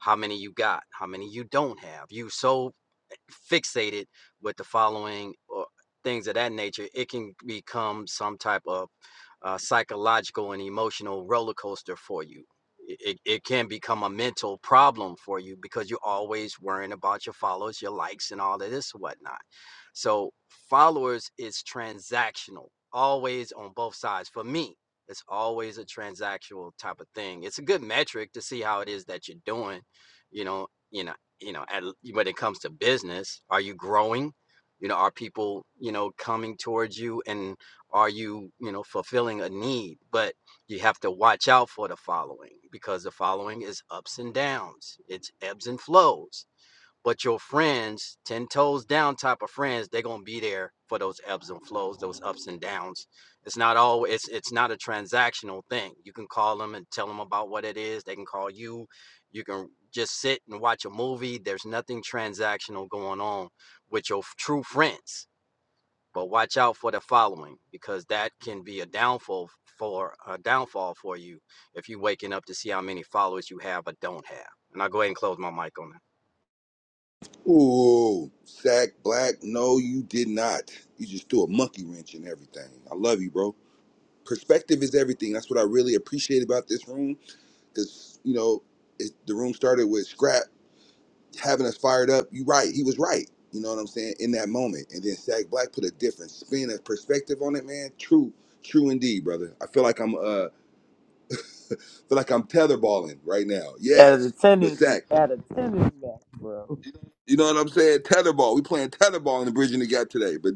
S9: how many you got, how many you don't have, you so fixated with the following or things of that nature, it can become some type of uh, psychological and emotional roller coaster for you. It, it can become a mental problem for you because you're always worrying about your followers, your likes, and all of this whatnot. So followers is transactional, always on both sides. For me, it's always a transactional type of thing. It's a good metric to see how it is that you're doing, you know, you know, you know at, when it comes to business are you growing you know are people you know coming towards you and are you you know fulfilling a need but you have to watch out for the following because the following is ups and downs it's ebbs and flows but your friends, 10 toes down type of friends, they're gonna be there for those ebbs and flows, those ups and downs. It's not always it's it's not a transactional thing. You can call them and tell them about what it is. They can call you. You can just sit and watch a movie. There's nothing transactional going on with your f- true friends. But watch out for the following because that can be a downfall for a downfall for you if you're waking up to see how many followers you have or don't have. And I'll go ahead and close my mic on that.
S2: Ooh, Sack Black. No, you did not. You just threw a monkey wrench in everything. I love you, bro. Perspective is everything. That's what I really appreciate about this room, because you know, it, the room started with scrap having us fired up. You right. He was right. You know what I'm saying in that moment, and then Sack Black put a different spin, a perspective on it, man. True, true indeed, brother. I feel like I'm uh feel like I'm tetherballing right now.
S4: At a
S2: Yes, but
S4: tennis
S2: sack.
S4: at a tennis match, bro.
S2: You know what I'm saying? Tetherball. We playing tetherball in the bridging the gap today. But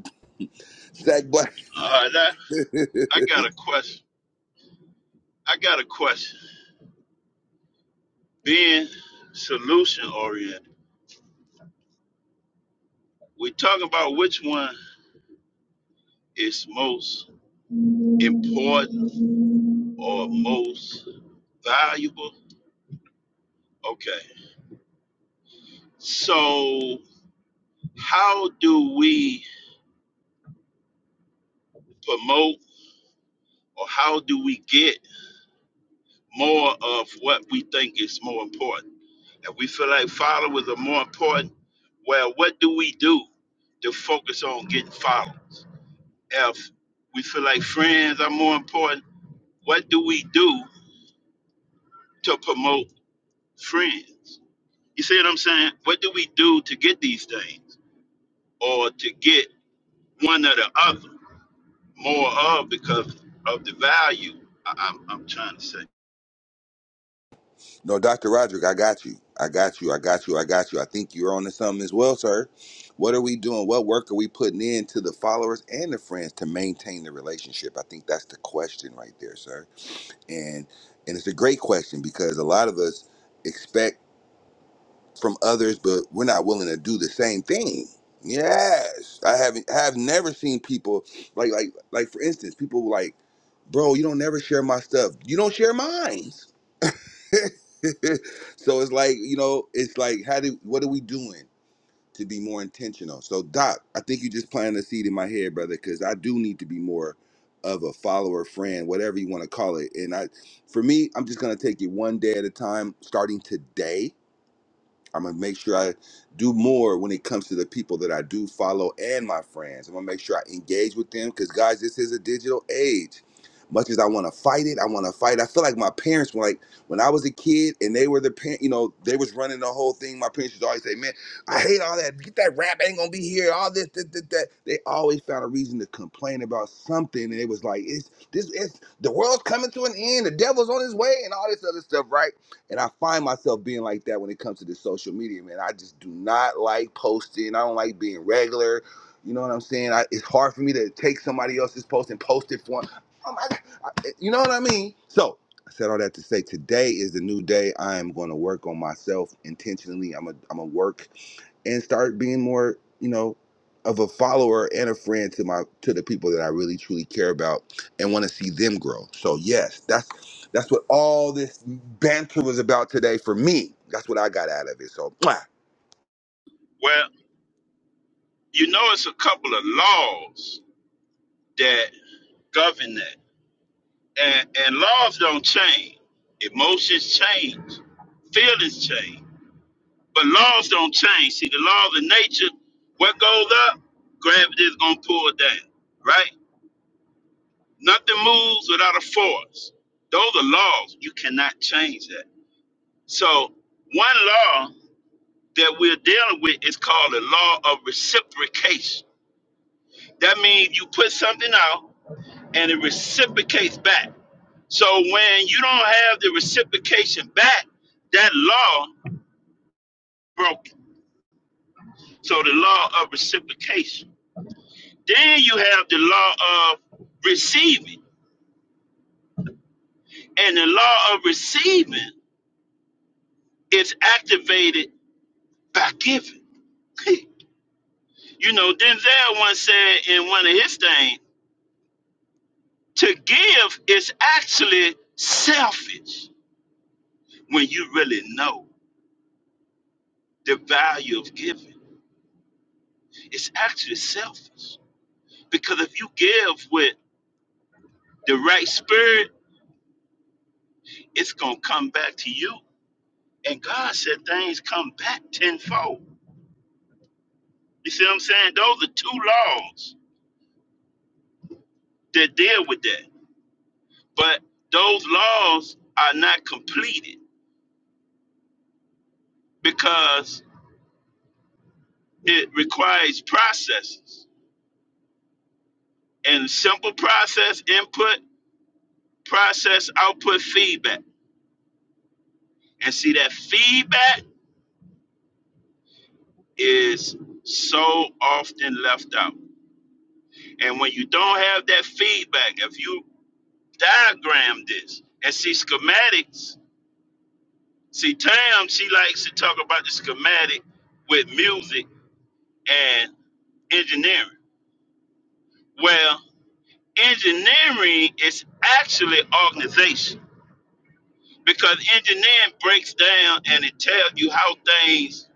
S2: sack black.
S6: All right, I, I got a question. I got a question. Being solution oriented, we talk about which one is most important or most valuable. Okay, so how do we promote or how do we get more of what we think is more important? that we feel like followers are more important. Well, what do we do to focus on getting followers? If we feel like friends are more important, what do we do to promote friends? You see what I'm saying? What do we do to get these things or to get one or the other more of because of the value I- I'm, I'm trying to say?
S2: No, Dr. Roderick, I got you. I got you. I got you. I got you. I think you're on to something as well, sir. What are we doing? What work are we putting in to the followers and the friends to maintain the relationship? I think that's the question right there, sir. And and it's a great question because a lot of us expect. from others, but we're not willing to do the same thing. Yes, I haven't have never seen people like like like for instance, people were like, bro, you don't never share my stuff. You don't share mine. *laughs* so it's like you know, it's like how do what are we doing to be more intentional? So Doc, I think you just planted a seed in my head, brother, because I do need to be more of a follower, friend, whatever you want to call it. And I, for me, I'm just gonna take it one day at a time, starting today I'm gonna make sure I do more when it comes to the people that I do follow and my friends. I'm gonna make sure I engage with them because guys, this is a digital age. Much as I want to fight it, I want to fight. I feel like my parents were like when I was a kid and they were the parent. You know, they was running the whole thing. My parents used always say, "Man, I hate all that. Get that rap. Ain't gonna be here. All this, that, that, that." They always found a reason to complain about something, and it was like, "It's this. It's the world's coming to an end. The devil's on his way, and all this other stuff." Right and I find myself being like that when it comes to this social media, man. I just do not like posting. I don't like being regular. You know what I'm saying? I, it's hard for me to take somebody else's post and post it for. them. Oh my, I, eh, you know what I mean? So I said all that to say today is the new day. I am going to work on myself intentionally. I'm a, I'm a work and start being more, you know, of a follower and a friend to my to the people that I really truly care about and want to see them grow. So yes, that's that's what all this banter was about today for me. That's what I got out of it. So mwah.
S6: Well, you know, it's a couple of laws that govern that. And, and laws don't change. Emotions change. Feelings change. But laws don't change. See, the laws of nature, what goes up, gravity is going to pull it down, right? Nothing moves without a force. Those are laws. You cannot change that. So, one law that we're dealing with is called the law of reciprocation. That means you put something out and it reciprocates back. So, when you don't have the reciprocation back, that law broken. So the law of reciprocation. Then you have the law of receiving. And the law of receiving is activated by giving. *laughs* you know, Denzel once said in one of his things, to give is actually selfish when you really know the value of giving. It's actually selfish. Because if you give with the right spirit, it's gonna come back to you. And God said things come back tenfold. You see what I'm saying? Those are two laws that deal with that. But those laws are not completed because it requires processes and simple process input, process output, feedback. And see, that feedback is so often left out. And when you don't have that feedback, if you diagram this and see schematics, see, Tam, she likes to talk about the schematic with music and engineering. Well, engineering is actually organization because engineering breaks down and it tells you how things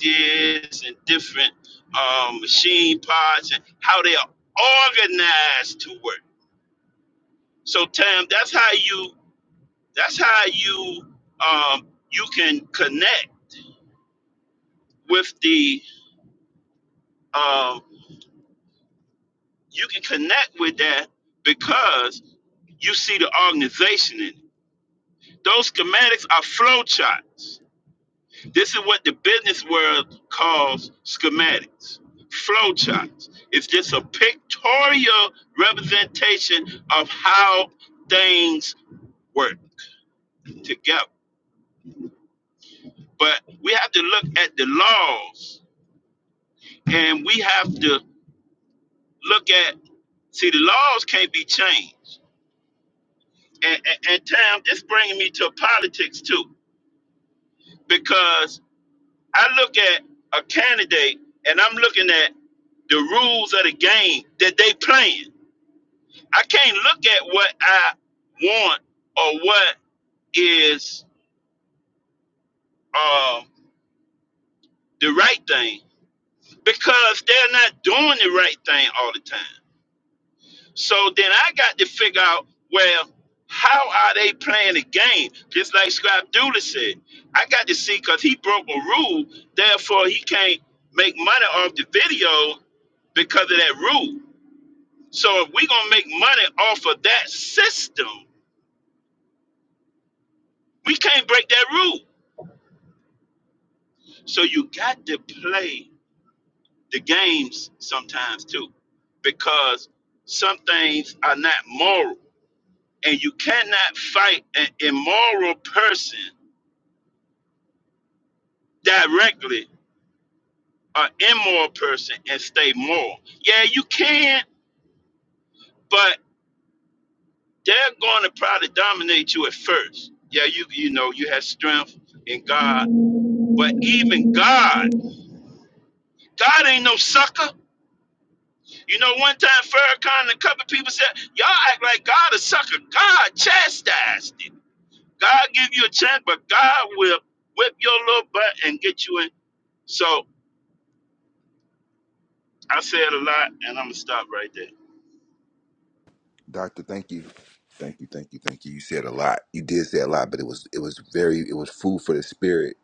S6: is and different um, machine parts and how they are organized to work. So, Tam, that's how you that's how you um, you can connect with the um, you can connect with that because you see the organization in it. Those schematics are flowcharts. This is what the business world calls schematics. flowcharts. It's just a pictorial representation of how things work together. But we have to look at the laws and we have to look at, see, the laws can't be changed. And, and, and Tam, this bringing me to politics too, because I look at a candidate and I'm looking at the rules of the game that they playing. I can't look at what I want or what is uh, the right thing because they're not doing the right thing all the time. So then I got to figure out, well, how are they playing the game? Just like Scrap Dooley said, I got to see because he broke a rule, therefore he can't make money off the video because of that rule. So if we're gonna make money off of that system, We can't break that rule. So you got to play the games sometimes too, because some things are not moral, and you cannot fight an immoral person directly, or immoral person, and stay moral. Yeah, you can, but they're going to probably dominate you at first. Yeah, you you know you have strength in God, but even God, God ain't no sucker. You know, one time Farrakhan and a couple people said, Y'all act like God a sucker. God chastised it. God give you a chance, but God will whip your little butt and get you in. So that's a lot, and I'm gonna stop right there.
S2: Doctor, thank you. Thank you, thank you, thank you. You said a lot. You did say a lot, but it was it was very it was food for the spirit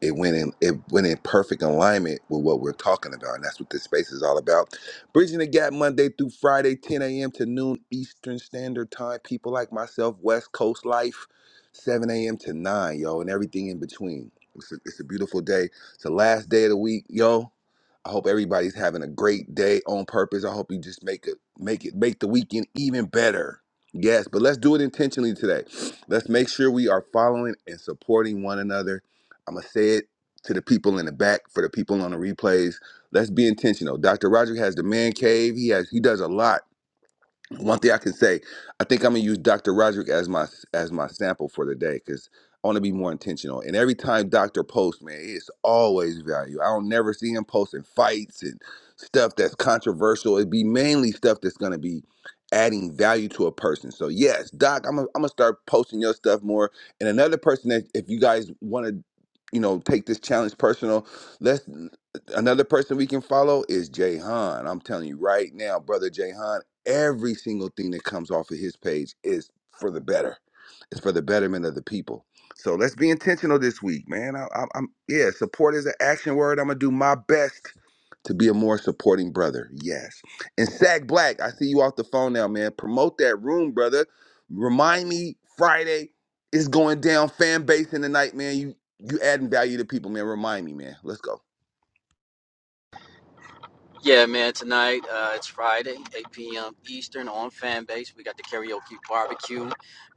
S2: It went in it went in perfect alignment with what we're talking about. And that's what this space is all about. Bridging the gap Monday through Friday, 10 a.m. to noon Eastern Standard Time. People like myself, West Coast Life, 7 a.m. to 9, yo, and everything in between. It's a, it's a beautiful day. It's the last day of the week, yo. I hope everybody's having a great day on purpose. I hope you just make it make it make the weekend even better. Yes, but let's do it intentionally today. Let's make sure we are following and supporting one another I'm gonna say it to the people in the back for the people on the replays. Let's be intentional. Dr. Roger has the man cave. He has he does a lot one thing I can say, I think I'm gonna use Dr. Roderick as my as my sample for the day because I want to be more intentional. And every time Dr. posts, man, it's always value. I don't never see him posting fights and stuff that's controversial. It'd be mainly stuff that's gonna be adding value to a person. So yes, Doc, I'm gonna I'm gonna start posting your stuff more. And another person that if you guys want to, you know, take this challenge personal, let's. Another person we can follow is Jay Han. I'm telling you right now, brother Jay Han, every single thing that comes off of his page is for the better. It's for the betterment of the people. So let's be intentional this week, man. I, I, I'm yeah, support is an action word. I'm gonna do my best to be a more supporting brother. Yes. And Sag Black, I see you off the phone now, man. Promote that room, brother. Remind me Friday is going down. Fan base in the night, man. You you adding value to people, man. Remind me, man. Let's go.
S9: Yeah, man. Tonight, uh, it's Friday, 8 p.m. Eastern on Fanbase. We got the karaoke barbecue.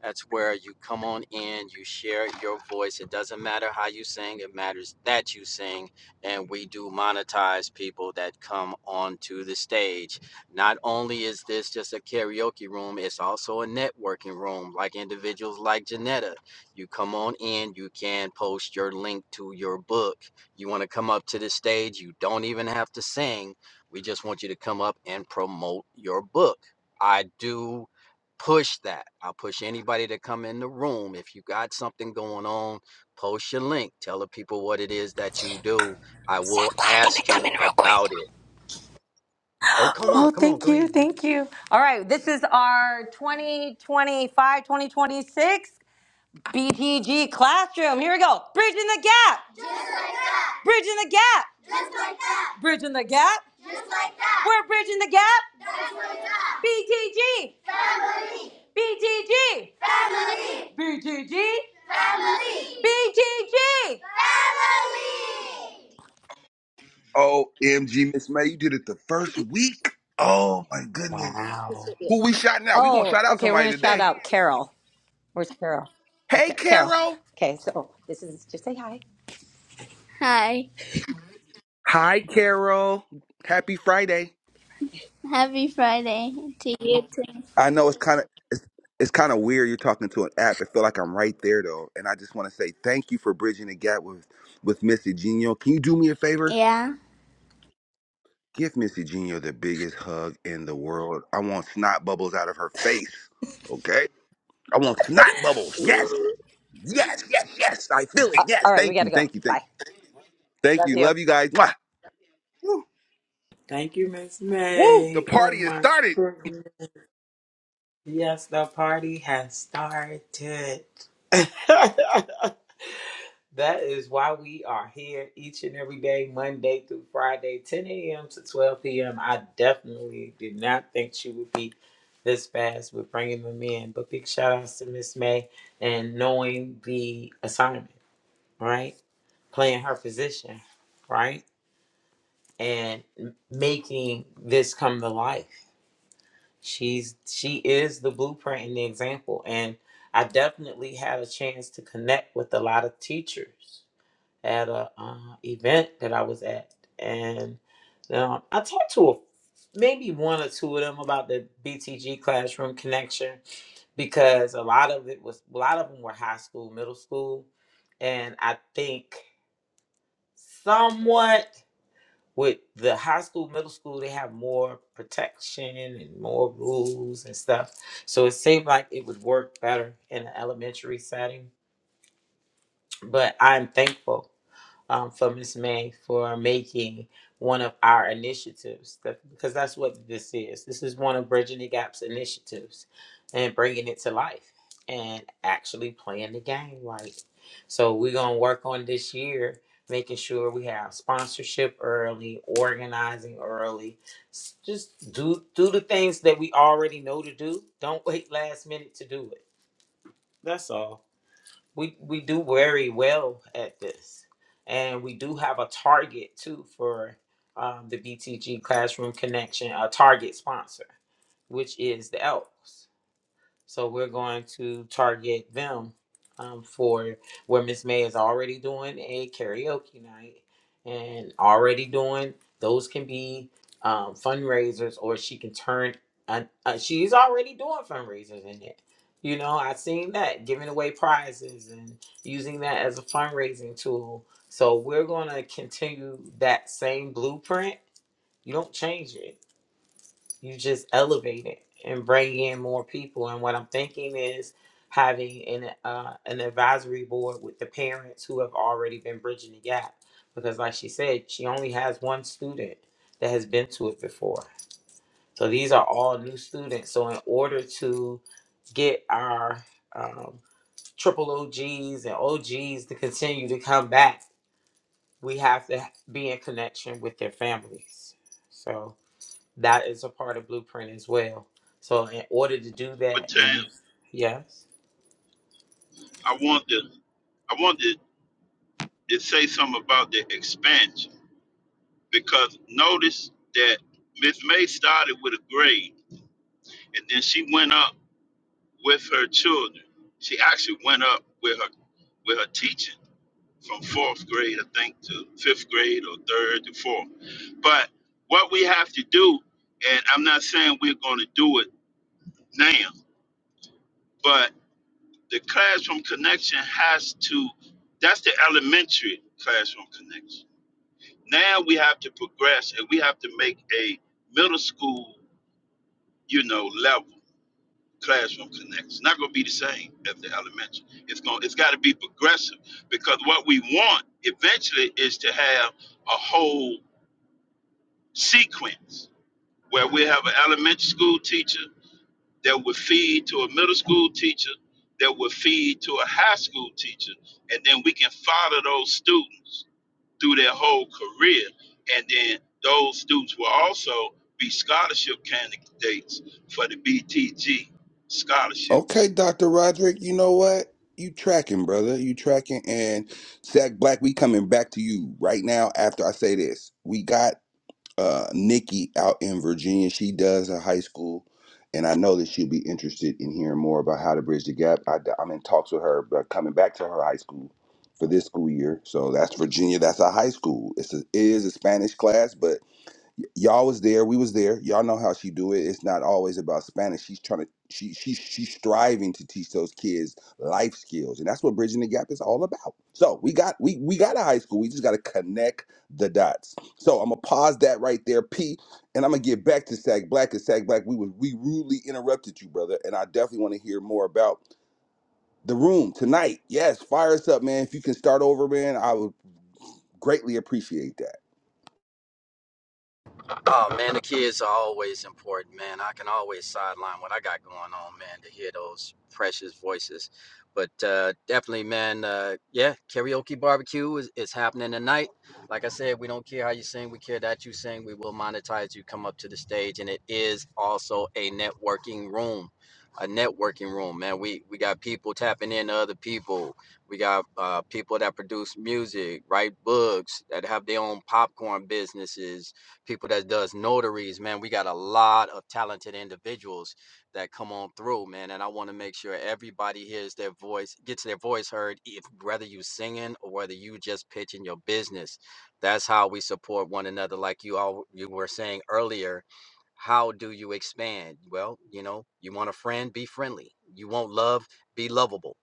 S9: That's where you come on in, you share your voice. It doesn't matter how you sing, it matters that you sing. And we do monetize people that come onto the stage. Not only is this just a karaoke room, it's also a networking room, like individuals like Janetta. You come on in, you can post your link to your book. You want to come up to the stage, you don't even have to sing we just want you to come up and promote your book. I do push that. I push anybody to come in the room. If you got something going on, post your link. Tell the people what it is that you do. I will
S3: Zach Black, can I
S9: ask
S3: come
S9: you
S3: in real quick?
S9: about it. Oh, come on,
S3: Oh,
S9: come on,
S3: thank
S9: go
S3: you.
S9: ahead. Now.
S3: Thank you. All right, this is our 2025, 2026. BTG Classroom. Here we go. Bridging the gap. Just like that. Bridging the gap. Just like that. Bridging the gap. Just like that. We're bridging the gap. Just like that. BTG. Family. BTG. Family. BTG. Family. BTG. Family.
S2: OMG, Miss May, you did it the first week. Oh my goodness.
S3: This
S4: Wow.
S3: would be-
S2: Who we shouting out? We gonna
S3: Oh,
S2: shout out
S3: okay. We're
S2: somebody
S3: gonna shout
S2: today.
S3: out Carol. Where's Carol? Where's
S2: Hey,
S3: Carol? Carol.
S2: Carol.
S3: Okay, so this is just say hi. Hi.
S2: Hi, Carol. Happy Friday.
S3: Happy Friday to you too.
S2: I know it's kind of it's, it's kind of weird. You're talking to an app. It feel like I'm right there though, and I just want to say thank you for bridging the gap with with Miss Eugenio. Can you do me a favor?
S3: Yeah.
S2: Give Miss Eugenio the biggest hug in the world. I want snot bubbles out of her face. Okay. I want snot bubbles. Yes. Yes, yes, yes. I feel it.
S3: All
S2: Yes.
S3: right, we
S2: Thank
S3: got to
S2: you.
S3: go.
S2: Thank you. Thank
S3: Bye.
S2: you. Thank
S3: Love
S2: you.
S3: you.
S2: Love you guys. Mwah. Woo.
S4: Thank you, Miss
S2: Woo. The
S4: May. Oh
S2: party has
S4: my
S2: started.
S4: goodness. Yes, the party has started. *laughs* that is why we are here each and every day, Monday through Friday, 10 a.m. to 12 p.m. I definitely did not think she would be this fast with bringing them in. But big shout outs to Miss May and knowing the assignment, right? Playing her position, right? And m- making this come to life. She's she is the blueprint and the example. And I definitely had a chance to connect with a lot of teachers at a uh, event that I was at, and um, I talked to a, maybe one or two of them about the BTG classroom connection because a lot of it was a lot of them were high school, middle school, and I think somewhat with the high school, middle school, they have more protection and more rules and stuff. So it seemed like it would work better in an elementary setting. But I'm thankful um, for Miss May for making one of our initiatives that, because that's what this is. This is one of Bridging the Gap's initiatives and bringing it to life and actually playing the game right. So we're going to work on this year making sure we have sponsorship early, organizing early. S- Just do do the things that we already know to do. Don't wait last minute to do it. That's all we we do very well at this, and we do have a target too for um, the BTG Classroom Connection, a target sponsor, which is the Elks. So we're going to target them um, for where Miss May is already doing a karaoke night and already doing those can be um, fundraisers or she can turn. Uh, uh, she's already doing fundraisers in it. You know, I've seen that giving away prizes and using that as a fundraising tool. So we're going to continue that same blueprint. You don't change it you just elevate it and bring in more people. And what I'm thinking is having an uh, an advisory board with the parents who have already been bridging the gap, because like she said, she only has one student that has been to it before. So these are all new students. So in order to get our um, triple OGs and OGs to continue to come back, we have to be in connection with their families. So. That is a part of blueprint as well. So in order to do that,
S6: But
S4: when
S6: Tam,
S4: you yes,
S6: I want to I want to, to say something about the expansion because notice that Miss May started with a grade and then she went up with her children. She actually went up with her with her teaching from fourth grade, I think, to fifth grade or third to fourth. But what we have to do, and I'm not saying we're going to do it now, but the classroom connection has to, that's the elementary classroom connection. Now we have to progress and we have to make a middle school, you know, level classroom connection. It's not going to be the same as the elementary. It's going it's got to be progressive because what we want eventually is to have a whole sequence where we have an elementary school teacher that would feed to a middle school teacher that would feed to a high school teacher and then we can follow those students through their whole career and then those students will also be scholarship candidates for the btg
S2: Okay,
S6: scholarships
S2: Dr. Roderick, you know what? You tracking, brother. You tracking. And Zach Black, we coming back to you right now after I say this. We got uh, Nikki out in Virginia. She does a high school, and I know that she'll be interested in hearing more about how to bridge the gap. I, am in talks with her about coming back to her high school for this school year. So that's Virginia. That's a high school. It's a, it is a Spanish class, but y'all was there we was there y'all know how she do it it's not always about spanish she's trying to she she's she's striving to teach those kids life skills and that's what bridging the gap is all about so we got we we got a high school we just got to connect the dots so i'm gonna pause that right there p and i'm gonna get back to sag black and sag black we was we rudely interrupted you brother and i definitely want to hear more about the room tonight yes fire us up man if you can start over man i would greatly appreciate that
S9: Oh man, the kids are always important, man. I can always sideline what I got going on, man, to hear those precious voices. But uh, definitely, man, uh, yeah, karaoke barbecue is, is happening tonight. Like I said, we don't care how you sing, we care that you sing. We will monetize you come up to the stage, and it is also a networking room. A networking room, man. We we got people tapping into other people. We got uh, people that produce music, write books, that have their own popcorn businesses, people that does notaries, man. We got a lot of talented individuals that come on through, man. And I want to make sure everybody hears their voice, gets their voice heard, if whether you singing or whether you just pitching your business. That's how we support one another. Like you all you were saying earlier, how do you expand? Well, you know, you want a friend, be friendly. You want love, be lovable.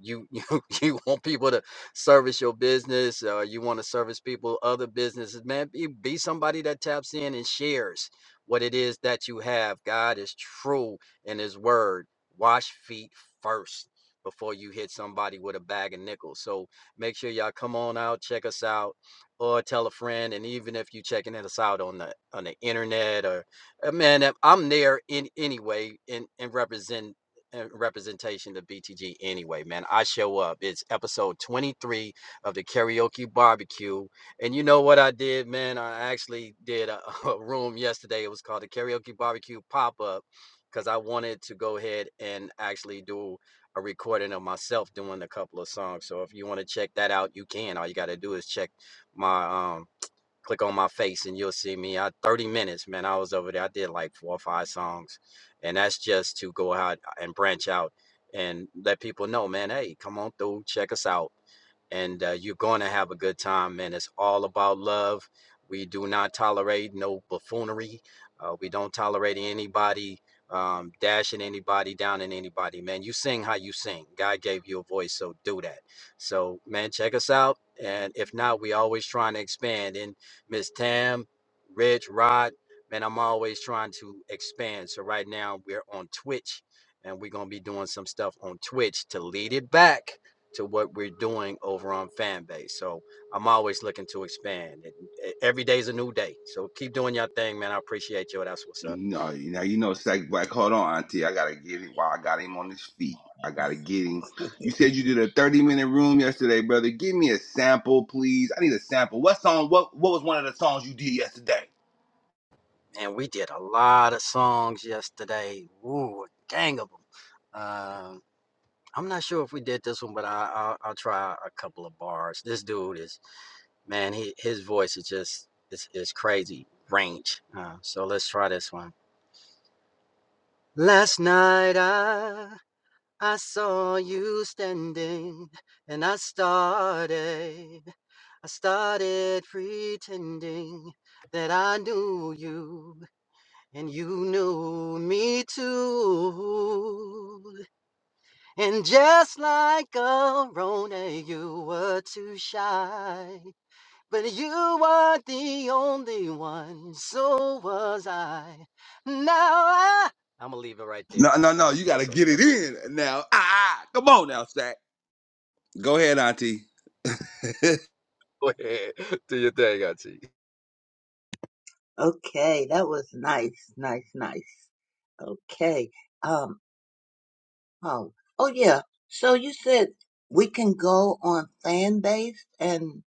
S9: You *laughs* you, you want people to service your business or you want to service people, other businesses, man, be, be somebody that taps in and shares what it is that you have. God is true in his word. Wash feet first before you hit somebody with a bag of nickels. So make sure y'all come on out, check us out, or tell a friend. And even if you checking us out on the on the internet or uh, man, if I'm there in anyway and, and represent uh, representation of BTG anyway, man. I show up. It's episode 23 of the karaoke barbecue. And you know what I did, man? I actually did a, *laughs* a room yesterday. It was called the karaoke barbecue pop up because I wanted to go ahead and actually do a recording of myself doing a couple of songs. So if you want to check that out, you can. All you got to do is check my um click on my face and you'll see me. I 30 minutes, man. I was over there. I did like four or five songs. And that's just to go out and branch out and let people know, man, hey, come on through, check us out and uh, you're going to have a good time. man. it's all about love. We do not tolerate no buffoonery. Uh, we don't tolerate anybody um, dashing anybody down in anybody. Man, you sing how you sing. God gave you a voice, so do that. So, man, check us out. And if not, we always trying to expand. And Miss Tam, Rich, Rod, man, I'm always trying to expand. So right now we're on Twitch, and we're gonna be doing some stuff on Twitch to lead it back to what we're doing over on Fanbase, So I'm always looking to expand. It, every day's a new day. So keep doing your thing, man. I appreciate you. That's what's up.
S2: No, now you know it's like, like hold on, Auntie. I gotta get him while I got him on his feet. I gotta get him. You said you did a 30 minute room yesterday, brother. Give me a sample, please. I need a sample. What song? What what was one of the songs you did yesterday?
S9: And we did a lot of songs yesterday. Ooh, a gang of them. Um, I'm not sure if we did this one, but I, I'll, I'll try a couple of bars. This dude is, man, he, his voice is just, it's, it's crazy range. Uh, so let's try this one. Last night I I saw you standing and I started. I started pretending that I knew you and you knew me too. And just like a Rona, you were too shy. But you were the only one, so was I. Now I. I'm gonna leave it right
S2: No,
S9: there.
S2: no, no.
S9: Wow,
S2: You gotta
S9: bust up.
S2: get it
S9: That's
S2: in now. Ah, ah. come on now, Stack. Go ahead, Auntie. *laughs*
S9: *laughs* Go ahead. Do your thing, Auntie.
S8: Okay, that was nice, nice, nice. Okay. Um. Oh. Oh yeah. So you said we can go on fan base and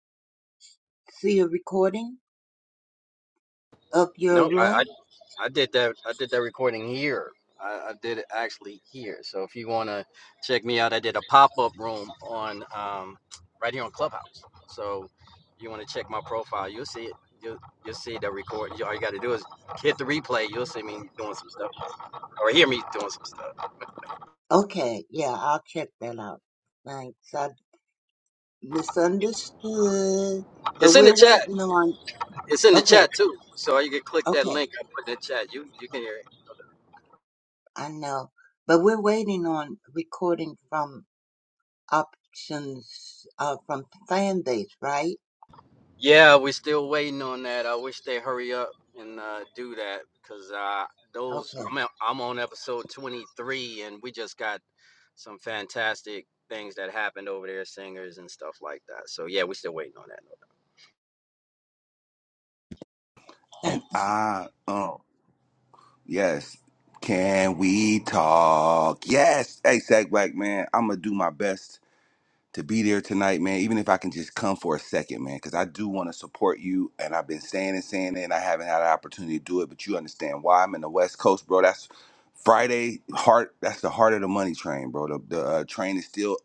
S8: see a recording of your
S9: No, I, I
S8: room.
S9: I did that. I did that recording here. I, I did it actually here. So if you want to check me out, I did a pop up room on um, right here on Clubhouse. So you want to check my profile, you'll see it. You'll, you'll see the recording. All you got to do is hit the replay. You'll see me doing some stuff or hear me doing some stuff.
S8: Okay. Yeah, I'll check that out. Thanks. I misunderstood, but
S9: It's in the
S8: we're
S9: chat.
S8: waiting on.
S9: It's in the
S8: Okay,
S9: chat too. So you can click that
S8: okay,
S9: link I put in the chat. You you can hear.
S8: I know, but we're waiting on recording from options uh, from fan base, right?
S9: Yeah, we're still waiting on that. I wish they hurry up and uh, do that because uh, those I'm
S8: Okay,
S9: at, I'm on episode 23 and we just got some fantastic things that happened over there, singers and stuff like that. So yeah, we're still waiting on that.
S2: and I, oh, yes. Can we talk? Yes. Hey, Sack Black Man, I'm gonna do my best to be there tonight, man. Even if I can just come for a second, man, because I do want to support you. And I've been saying and saying it, and I haven't had an opportunity to do it. But you understand why I'm in the West Coast, bro. That's Friday heart. That's the heart of the money train, bro. The, the uh, train is still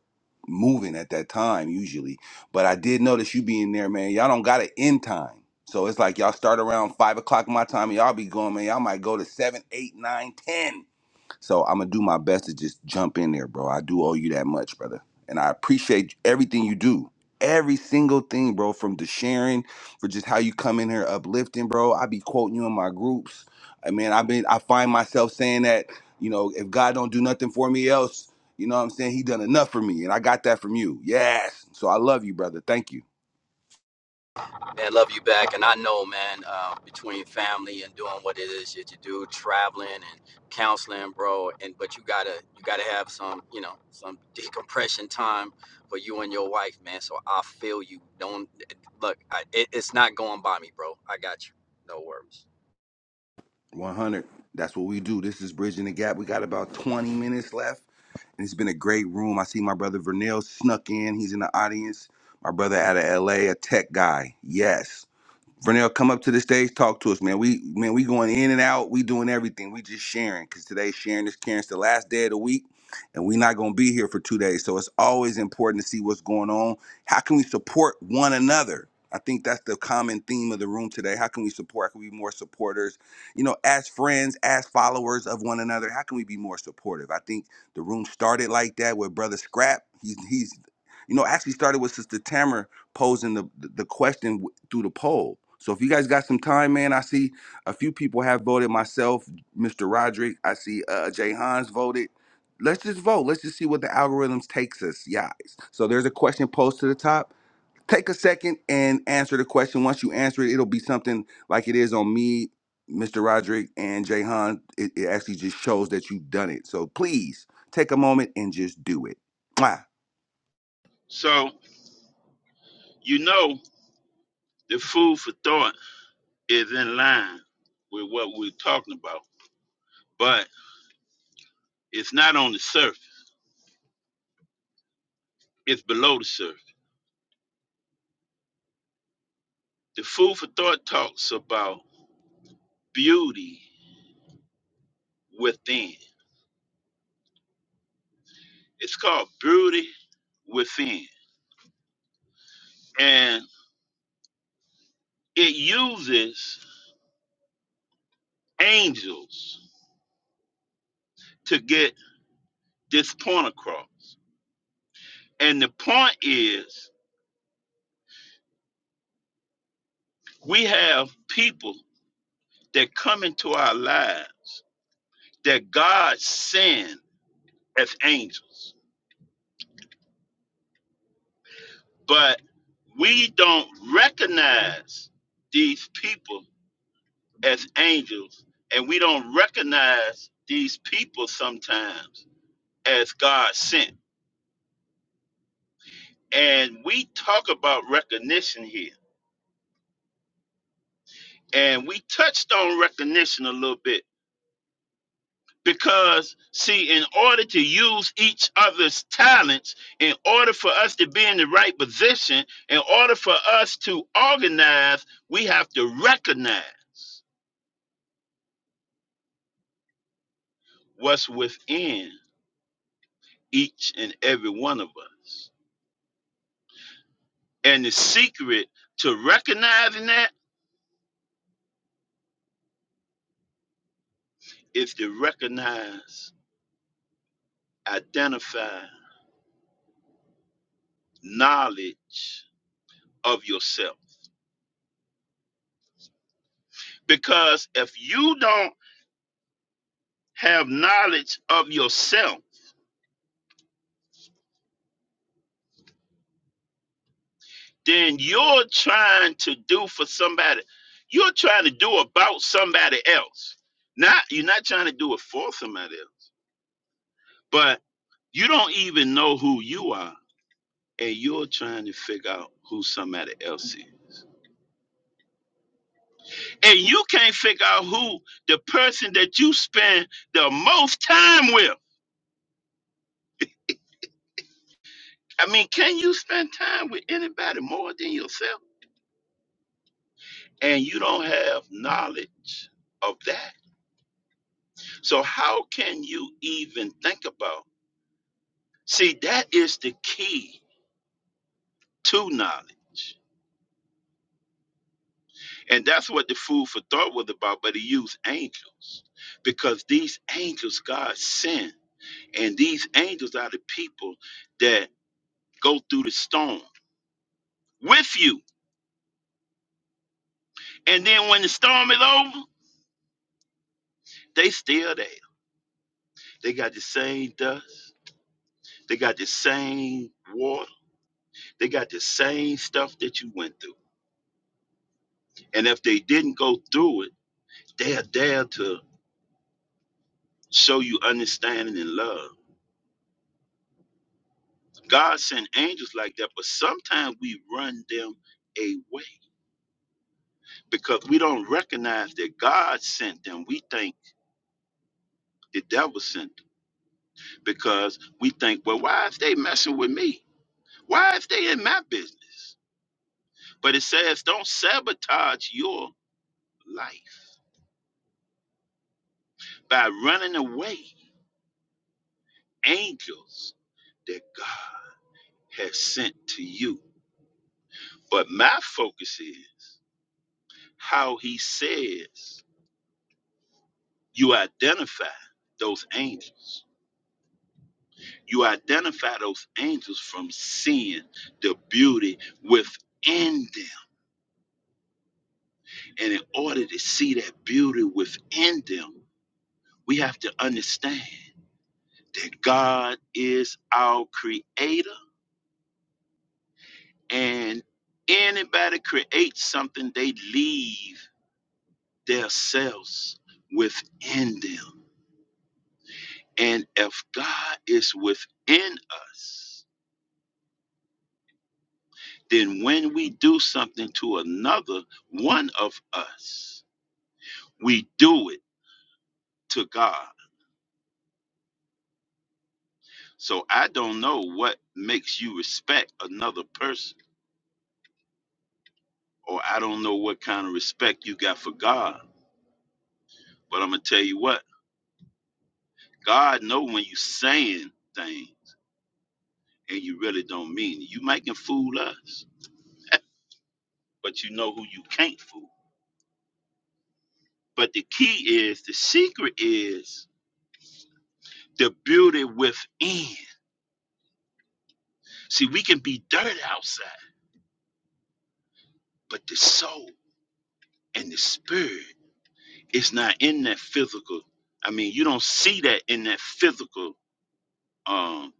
S2: moving at that time usually. But I did notice you being there, man. Y'all don't got an end time. So it's like y'all start around five o'clock my time, and y'all be going, man. Y'all might go to seven, eight, nine, ten. So I'm gonna do my best to just jump in there, bro. I do owe you that much, brother. And I appreciate everything you do. Every single thing, bro, from the sharing, for just how you come in here uplifting, bro. I be quoting you in my groups. I mean, I've been I find myself saying that, you know, if God don't do nothing for me else, you know what I'm saying? He done enough for me. And I got that from you. Yes. So I love you, brother. Thank you.
S9: Man, love you back. And I know, man, uh, between family and doing what it is that you do, traveling and counseling, bro. And but you gotta you gotta have some, you know, some decompression time for you and your wife, man. So I feel you. Don't look. I, it, it's not going by me, bro. I got you. No worries.
S2: 100. That's what we do. This is Bridging the Gap. We got about 20 minutes left. and it's been a great room. I see my brother Vernell snuck in. He's in the audience. My brother out of LA, a a tech guy. Yes. Vernell, come up to the stage, talk to us, man. We man, we going in and out. We doing everything. We just sharing because today sharing is caring. It's the last day of the week, and we are not gonna be here for two days. So it's always important to see what's going on. How can we support one another? I think that's the common theme of the room today. How can we support? How can we be more supporters? You know, as friends, as followers of one another, how can we be more supportive? I think the room started like that with Brother Scrap. He's he's you know actually started with Sister Tamara posing the the question w- through the poll. So if you guys got some time, man, I see a few people have voted. Myself, Mr. Roderick, I see uh, Jay Hans voted. Let's just vote. Let's just see what the algorithms takes us, guys. So there's a question posed to the top. Take a second and answer the question. Once you answer it, it'll be something like it is on me, Mr. Roderick, and Jay Hans. It, it actually just shows that you've done it. So please take a moment and just do it. Mwah.
S6: so you know the food for thought is in line with what we're talking about but it's not on the surface it's below the surface The Food for Thought talks about beauty within. It's called Beauty Within. And it uses angels to get this point across. And the point is, we have people that come into our lives that God sends as angels, but we don't recognize these people as angels, and we don't recognize these people sometimes as God sent. And we talk about recognition here. And we touched on recognition a little bit because, see, in order to use each other's talents, in order for us to be in the right position, in order for us to organize, we have to recognize what's within each and every one of us. And the secret to recognizing that is to recognize, identify, knowledge of yourself. Because if you don't have knowledge of yourself, then you're trying to do for somebody. You're trying to do about somebody else. Not you're not trying to do it for somebody else, but you don't even know who you are, and you're trying to figure out who somebody else is. And you can't figure out who the person that you spend the most time with. I mean, can you spend time with anybody more than yourself? and you don't have knowledge of that. So, how can you even think about? See, that is the key to knowledge. And that's what the food for thought was about, but he used angels because these angels God sent, and these angels are the people that go through the storm with you. And then when the storm is over, they still there. They got the same dust, they got the same water, they got the same stuff that you went through And if they didn't go through it, they are there to show you understanding and love. God sent angels like that, but sometimes we run them away because we don't recognize that God sent them. We think the devil sent them because we think, well, why is they messing with me? Why is they in my business? But it says, don't sabotage your life by running away angels that God has sent to you. But my focus is how he says You identify those angels. You identify those angels from seeing the beauty within them. And in order to see that beauty within them, we have to understand that God is our creator. And anybody creates something, they leave their selves within them. And if God is within us, then when we do something to another, one of us, we do it to God. So I don't know what makes you respect another person, or I don't know what kind of respect you got for God. But I'm gonna tell you what, God know when you saying things and you really don't mean it. You might can fool us, but you know who you can't fool. But the key is, the secret is the beauty within. See, we can be dirt outside, but the soul. And the spirit is not in that physical. I mean, you don't see that in that physical um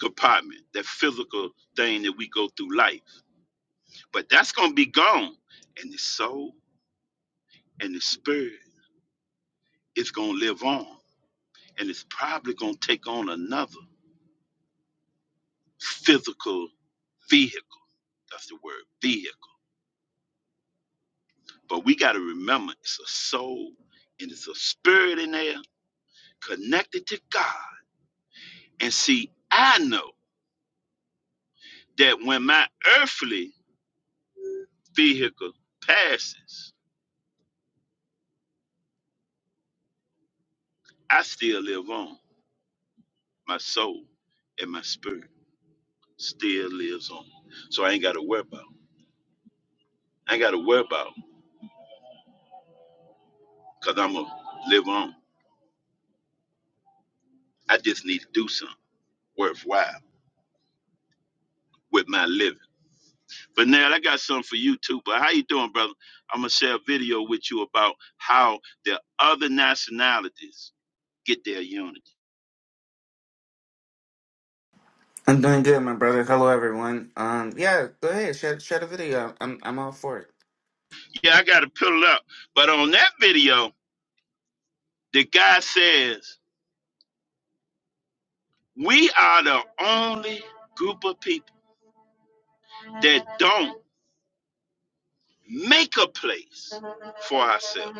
S6: compartment, that physical thing that we go through life. But that's gonna be gone. And the soul and the spirit is gonna live on. And it's probably gonna take on another physical vehicle. That's the word vehicle. But we gotta remember it's a soul and it's a spirit in there connected to God. And see, I know that when my earthly vehicle passes, I still live on. My soul and my spirit still lives on. So I ain't got to worry about. I ain't got to worry about because I'm going to live on. I just need to do something worthwhile with my living. But now I got something for you too. But how you doing, brother? I'm going to share a video with you about how the other nationalities get their unity.
S10: I'm doing good, my brother. Hello, everyone. Um, yeah, go ahead, share share the video. I'm I'm all for it.
S6: Yeah, I got to pull it up. But on that video, the guy says, we are the only group of people that don't make a place for ourselves.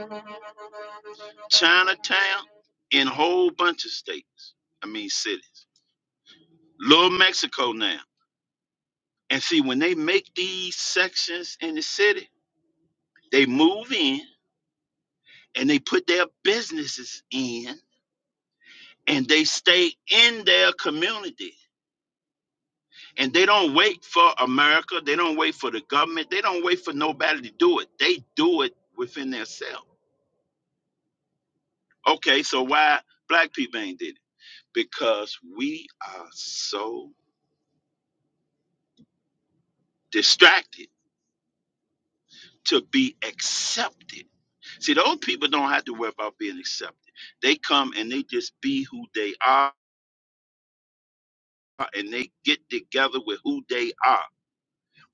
S6: Chinatown in a whole bunch of states, I mean cities. Little Mexico now. And see, when they make these sections in the city, they move in and they put their businesses in and they stay in their community. And they don't wait for America. They don't wait for the government. They don't wait for nobody to do it. They do it within themselves. Okay, so why black people ain't did it? because we are so distracted to be accepted. See, those people don't have to worry about being accepted. They come and they just be who they are and they get together with who they are.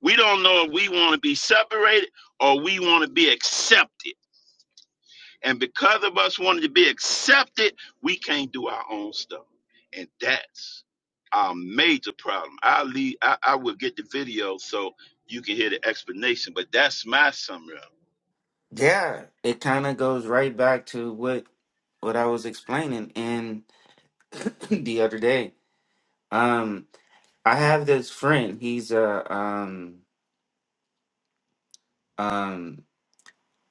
S6: We don't know if we want to be separated or we want to be accepted. And because of us wanting to be accepted, we can't do our own stuff. And that's our major problem. I'll leave, I, I will get the video so you can hear the explanation, but that's my summary. of it.
S10: Yeah, it kind of goes right back to what what I was explaining in *clears throat* the other day. Um, I have this friend. He's a um um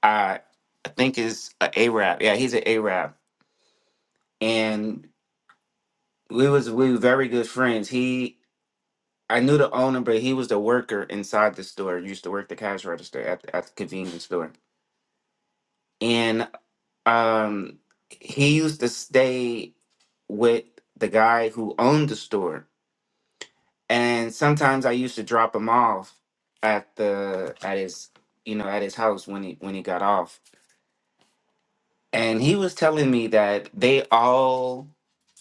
S10: I I think is a Arab. Yeah, he's an Arab, and we was we were very good friends. He I knew the owner, but he was the worker inside the store. Used to work the cash register at at the convenience store um he used to stay with the guy who owned the store and sometimes i used to drop him off at the at his you know at his house when he when he got off and he was telling me that they all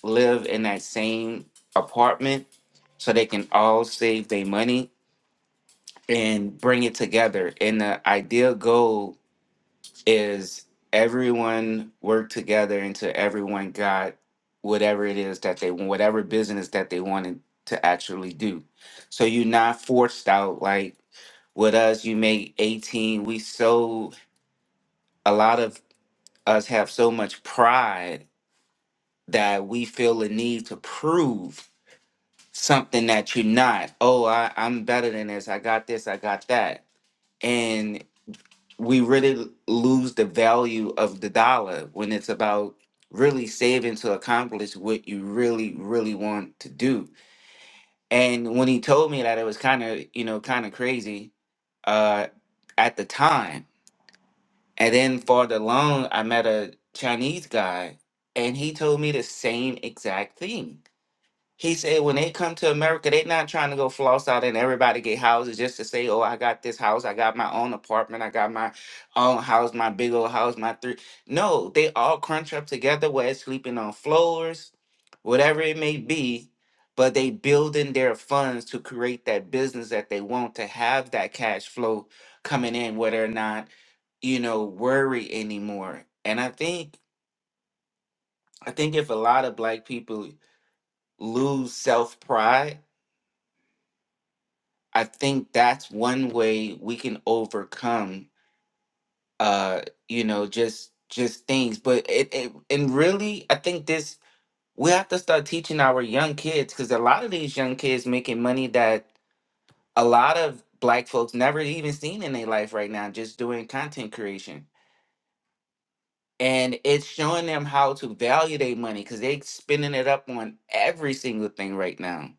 S10: live in that same apartment so they can all save their money and bring it together and the ideal goal is everyone worked together until everyone got whatever it is that they want, whatever business that they wanted to actually do. So you're not forced out like with us, you make 18. We so a lot of us have so much pride that we feel a need to prove something that you're not. Oh, I, I'm better than this. I got this, I got that. we really lose the value of the dollar when it's about really saving to accomplish what you really really want to do and when he told me that it was kind of you know kind of crazy uh at the time and then for the loan i met a chinese guy and he told me the same exact thing he said when they come to America, they not trying to go floss out and everybody get houses just to say, oh, I got this house, I got my own apartment, I got my own house, my big old house, my three. No, they all crunch up together, where it's sleeping on floors, whatever it may be, but they building their funds to create that business that they want to have that cash flow coming in, where they're not, you know, worried anymore. And I think I think if a lot of black people lose self pride I think that's one way we can overcome uh you know just just things but it, it and really I think this we have to start teaching our young kids cuz a lot of these young kids making money that a lot of black folks never even seen in their life right now just doing content creation and it's showing them how to value their money cuz they spending it up on every single thing right now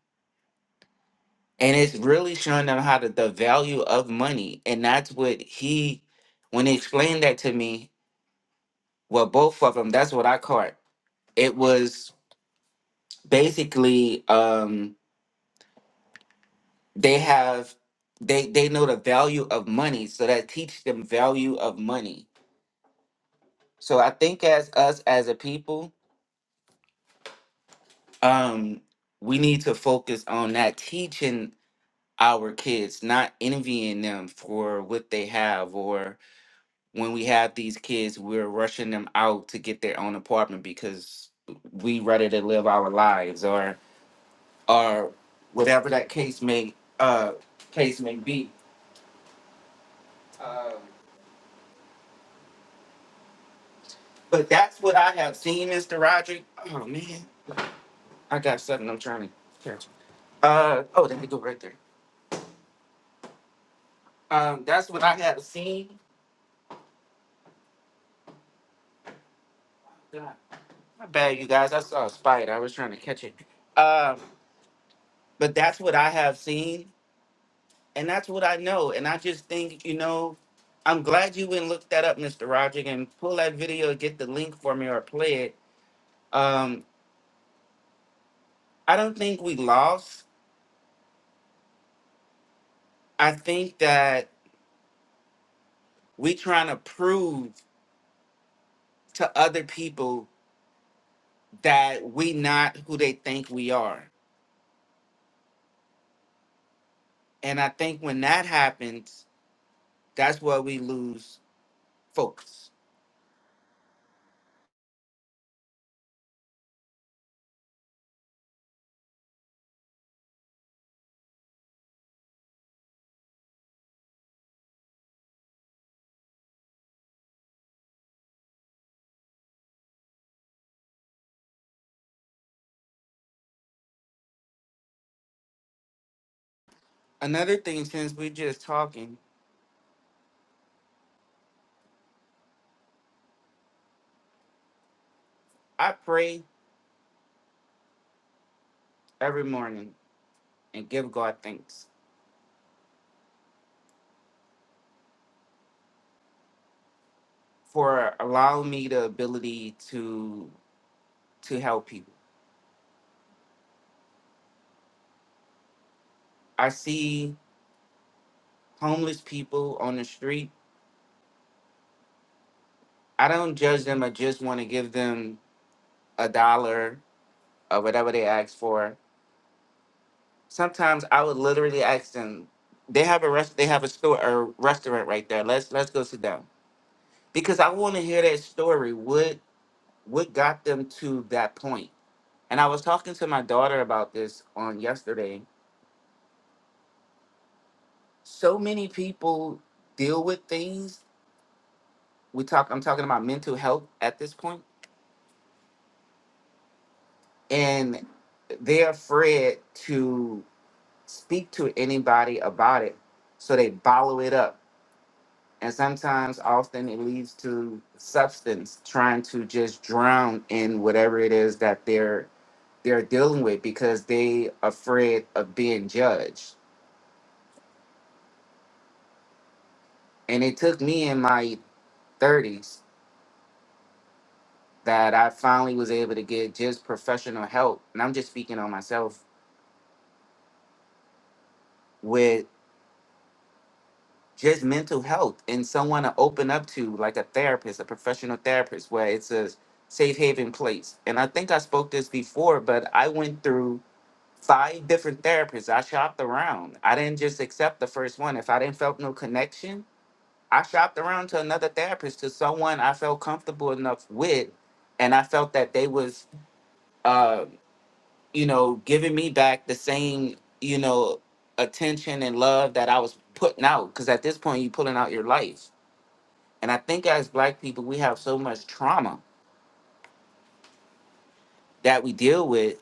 S10: and it's really showing them how to, the value of money and that's what he when he explained that to me well both of them that's what i caught it was basically um they have they they know the value of money so that teach them value of money so i think as us as a people um we need to focus on that teaching our kids not envying them for what they have or. when we have these kids, we're rushing them out to get their own apartment because we ready to live our lives or or whatever that case may uh case may be. Um, but that's what I have seen, Mr. Roderick. Oh man, I got something I'm trying to catch. Uh oh, there we go right there. Um, that's what I have seen. God, my bad, you guys. I saw a spider. I was trying to catch it. Um, but that's what I have seen and that's what I know. And I just think, you know, I'm glad you went and looked that up, Mr. Roger, and pull that video, get the link for me or play it. Um, I don't think we lost. I think that we trying to prove to other people that we not who they think we are. And I think when that happens, that's where we lose focus. Another thing, since we're just talking, I pray every morning and give God thanks. for allowing me the ability to to help people. I see homeless people on the street. I don't judge them. I just want to give them a dollar or whatever they ask for. Sometimes I would literally ask them. They have a rest. They have a store, a restaurant right there. Let's let's go sit down because I want to hear that story. What what got them to that point? And I was talking to my daughter about this on yesterday. So many people deal with things we talk i'm talking about mental health at this point and they're afraid to speak to anybody about it so they bottle it up and sometimes often it leads to substance trying to just drown in whatever it is that they're they're dealing with because they afraid of being judged and it took me in my 30s that i finally was able to get just professional help and i'm just speaking on myself just mental health and someone to open up to, like a therapist, a professional therapist, where it's a safe haven place. And I think I spoke this before, but I went through five different therapists. I shopped around. I didn't just accept the first one. If I didn't felt no connection, I shopped around to another therapist, to someone I felt comfortable enough with, and I felt that they was, uh, you know, giving me back the same, you know, attention and love that I was putting out. Because at this point, you pulling out your life and I think as black people, we have so much trauma that we deal with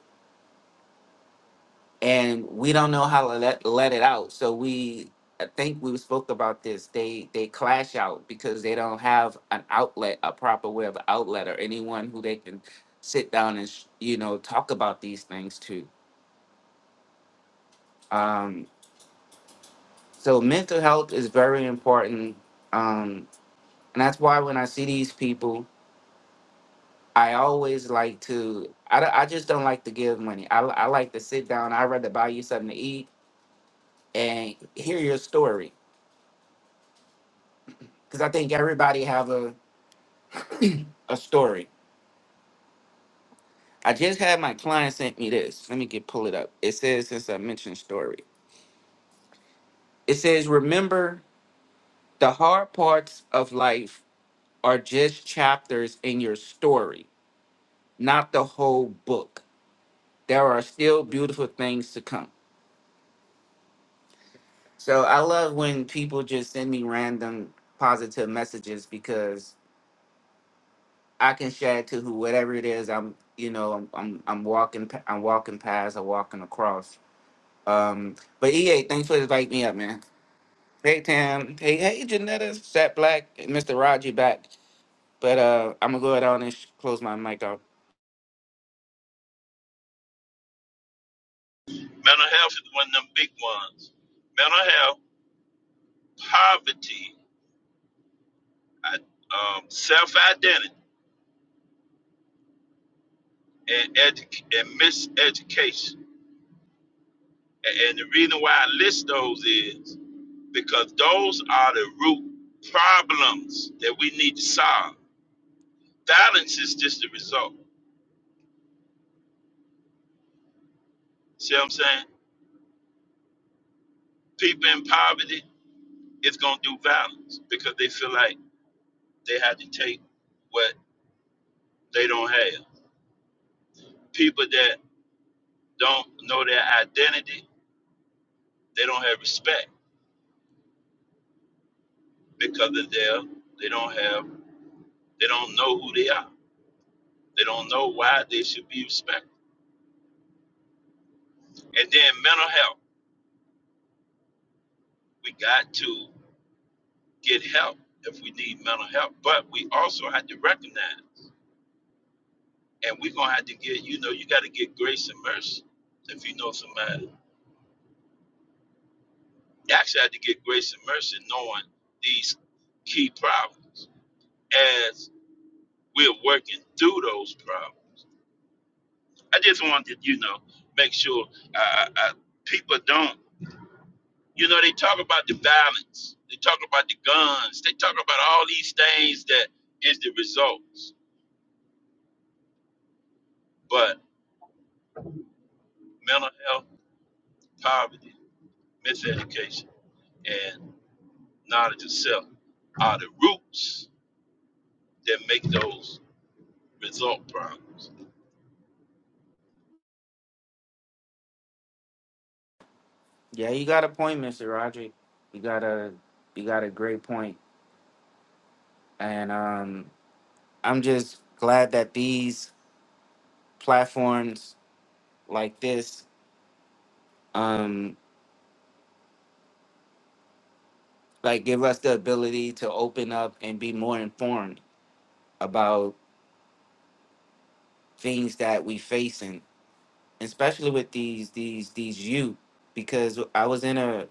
S10: and we don't know how to let, let it out. So we, I think we spoke about this. They they clash out because they don't have an outlet, a proper way of outlet, or anyone who they can sit down and sh- you know talk about these things to. Um, so mental health is very important, um, and that's why when I see these people I always like to. I, don't- I just don't like to give money. I, I like to sit down. I'd rather buy you something to eat and hear your story because I think everybody have a *clears throat* a story. I just had my client sent me this. Let me get pull it up. It says since I mentioned story. It says remember the hard parts of life are just chapters in your story, not the whole book. There are still beautiful things to come. So I love when people just send me random positive messages because I can share it to who whatever it is I'm you know I'm I'm, I'm walking pa- I'm walking past or walking across. Um, but EA, thanks for inviting me up, man. Hey Tam, hey hey Janetta, Sat Black, and Mr. Roger back. But uh, I'm gonna go ahead on and sh- close my mic off.
S6: Mental health is one of them big ones. Mental health, poverty, I- um, self identity, and, edu- and miseducation. A- And the reason why I list those is because those are the root problems that we need to solve Violence is just the result. See what I'm saying? People in poverty is gonna do violence because they feel like they had to take what they don't have. People that don't know their identity, they don't have respect because of their they don't have they don't know who they are. They don't know why they should be respected. And then mental health. We got to get help if we need mental health. But we also have to recognize and we're gonna have to get you know you got to get grace and mercy if you know somebody you actually have to get grace and mercy knowing these key problems as we're working through those problems i just wanted you know make sure uh, uh, people don't you know they talk about the violence they talk about the guns they talk about all these things that is the results but mental health poverty miseducation and knowledge of self are the roots that make those result problems.
S10: Yeah, you got a point, Mr. Roger. You got a you got a great point, and um, I'm just glad that these platforms like this um like give us the ability to open up and be more informed about things that we facing especially with these these these youth because i was in a,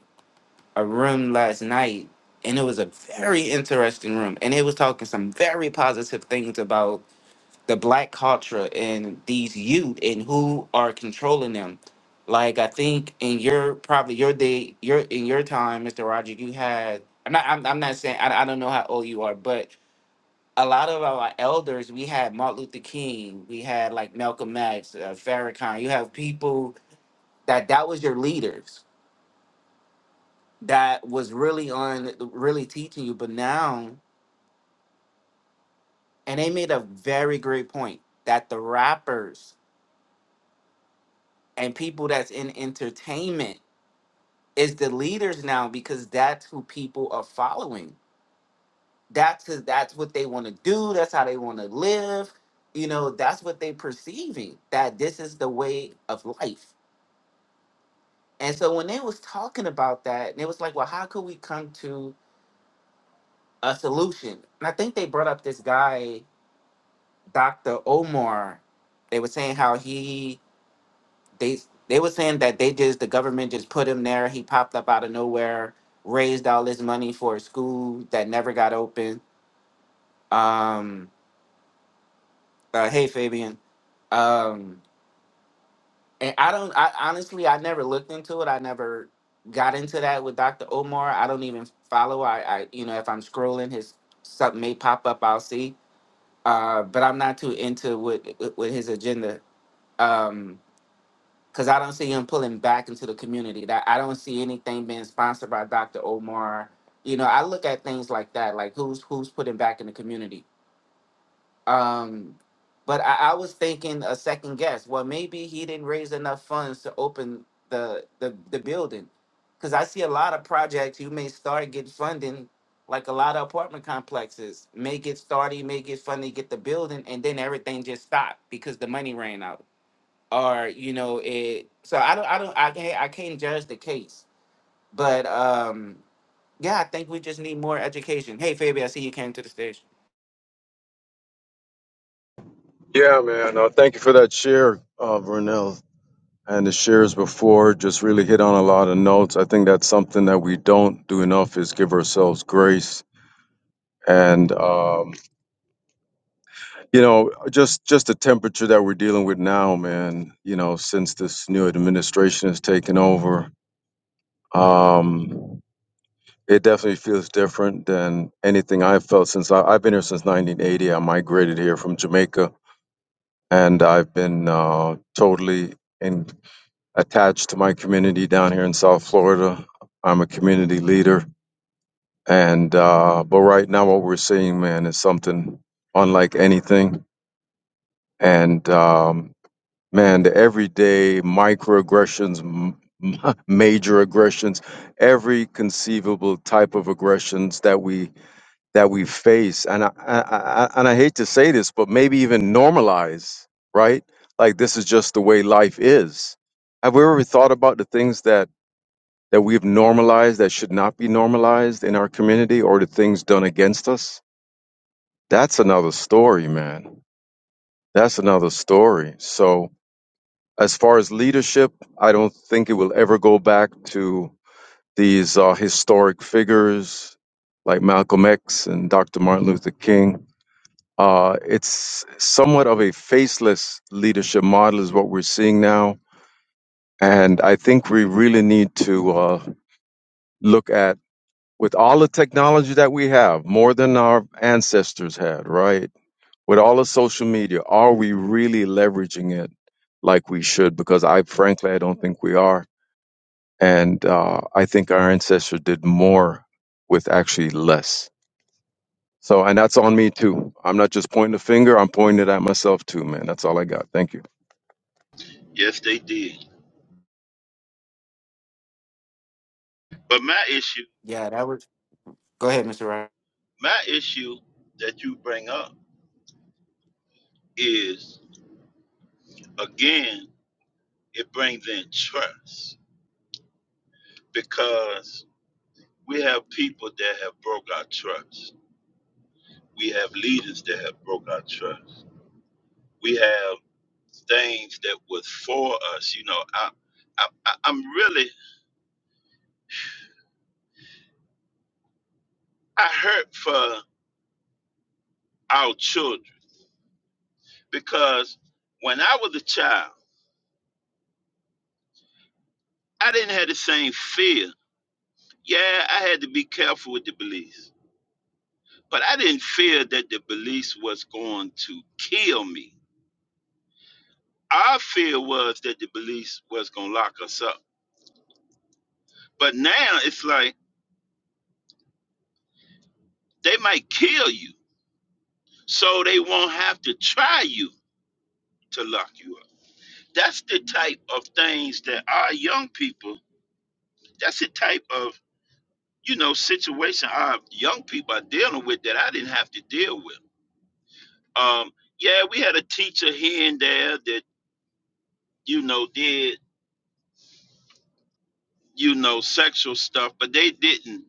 S10: a room last night and it was a very interesting room and it was talking some very positive things about. the black culture and these youth and who are controlling them. Like I think in your probably your day, your in your time, Mr. Roger, you had. I'm not. I'm, I'm not saying. I, I don't know how old you are, but a lot of our elders, we had Martin Luther King, we had like Malcolm X, uh, Farrakhan. You have people that that was your leaders that was really on really teaching you. But now, and they made a very great point that the rappers and people that's in entertainment is the leaders now because that's who people are following. That's who- that's what they want to do. That's how they want to live. You know, that's what they perceiving that this is the way of life. And so when they was talking about that, and it was like, well, how could we come to a solution? And I think they brought up this guy, Dr. Omar. They were saying how he they they were saying that they just the government just put him there. He popped up out of nowhere raised all this money for a school that never got open Um, uh, hey, Fabian. Um, and I don't. I honestly, I never looked into it. I never got into that with Dr. Omar. I don't even follow. I, I you know, if I'm scrolling, his something may pop up. I'll see. Uh, but I'm not too into what with, with his agenda. Um, because I don't see him pulling back into the community. That I don't see anything being sponsored by Dr. Omar. You know, I look at things like that, like who's who's putting back in the community Um, but I, I was thinking a second guess. Well, maybe he didn't raise enough funds to open the the, the building, because I see a lot of projects you may start get funding, like a lot of apartment complexes may get started, may get funding, get the building, and then everything just stopped because the money ran out, or you know it. So I don't, I don't, I can't, I can't judge the case, but um, yeah, I think we just need more education. Hey, Fabi, I see you came to the stage.
S11: Yeah, man. Uh, thank you for that share, uh, Vernell. And the shares before just really hit on a lot of notes. I think that's something that we don't do enough is give ourselves grace. And um, you know, just just the temperature that we're dealing with now, man. You know, since this new administration has taken over, um, it definitely feels different than anything I've felt since I, I've been here since 1980. I migrated here from Jamaica, and I've been uh, totally in attached to my community down here in South Florida. I'm a community leader, and uh, but right now what we're seeing, man, is something unlike anything. And um, man, the everyday microaggressions, m- m- *laughs* major aggressions, every conceivable type of aggressions that we that we face, and I, I, I and I hate to say this, but maybe even normalize, right? Like this is just the way life is. Have we ever thought about the things that that we've normalized that should not be normalized in our community or the things done against us. That's another story, man. That's another story. So, as far as leadership, I don't think it will ever go back to these uh, historic figures like Malcolm X and Dr. Martin Luther King. Uh, it's somewhat of a faceless leadership model, is what we're seeing now. And I think we really need to uh, look at with all the technology that we have, more than our ancestors had, right? With all the social media, are we really leveraging it like we should? Because I frankly, I don't think we are. And uh, I think our ancestors did more with actually less. So, and that's on me too. I'm not just pointing a finger, I'm pointing it at myself too, man. That's all I got. Thank you.
S6: Yes, they did. But my issue,
S10: Yeah, that was. Go ahead, Mr. Rock.
S6: my issue that you bring up is again, it brings in trust because we have people that have broke our trust. We have leaders that have broke our trust. We have things that was for us. You know, I, I, I- I'm really, I hurt for our children because when I was a child, I didn't have the same fear. Yeah, I had to be careful with the beliefs, but I didn't fear that the beliefs was going to kill me. Our fear was that the beliefs was going to lock us up. But now it's like they might kill you, so they won't have to try you to lock you up. That's the type of things that our young people, that's the type of, you know, situation our young people are dealing with that I didn't have to deal with. Um, yeah, we had a teacher here and there that, you know, did you know, sexual stuff, but they didn't.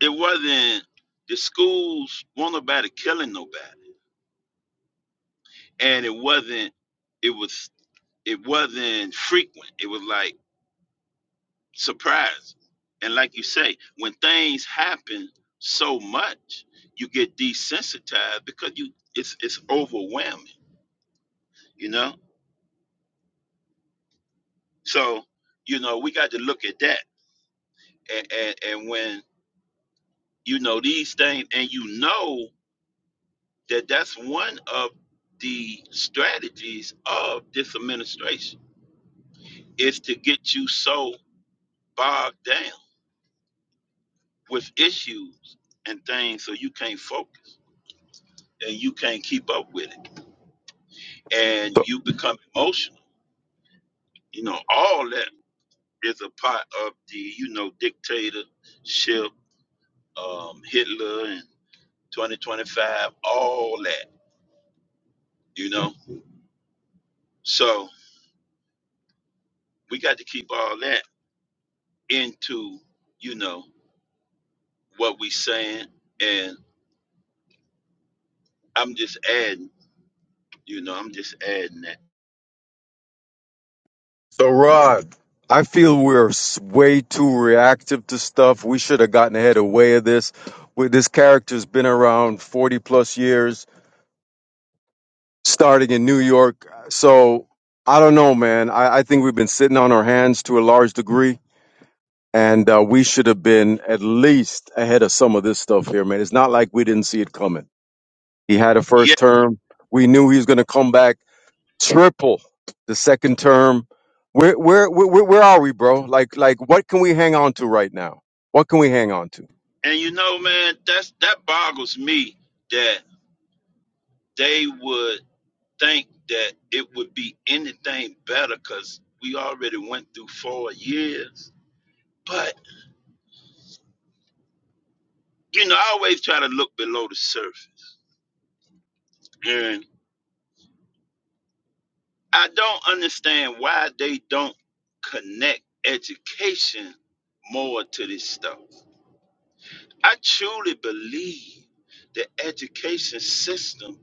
S6: It wasn't the schools weren't about to killing nobody, and it wasn't. It was. It wasn't frequent. It was like surprise, and like you say, when things happen so much, you get desensitized because you it's it's overwhelming, you know. So you know we got to look at that, and and, and when you know these things, and you know that that's one of the strategies of this administration is to get you so bogged down with issues and things so you can't focus and you can't keep up with it and you become emotional you know all that is a part of the you know dictatorship um, hitler and 2025 all that you know so we got to keep all that into you know what we saying, and I'm just adding, you know, I'm just adding that.
S11: So, Rod, I feel we're s- way too reactive to stuff. We should have gotten ahead of way of this. With this character's been around 40 plus years, starting in New York. So, I don't know, man. I, I think we've been sitting on our hands to a large degree, and uh, we should have been at least ahead of some of this stuff here, man. It's not like we didn't see it coming. He had a
S6: Yeah,
S11: first term. We knew he was going to come back. triple the second term. Where, where where where are we, bro? Like like what can we hang on to right now? What can we hang on to?
S6: and you know, man, that's that boggles me that they would think that it would be anything better because we already went through four years. But you know, I always try to look below the surface, and I don't understand why they don't connect education more to this stuff. I truly believe the education system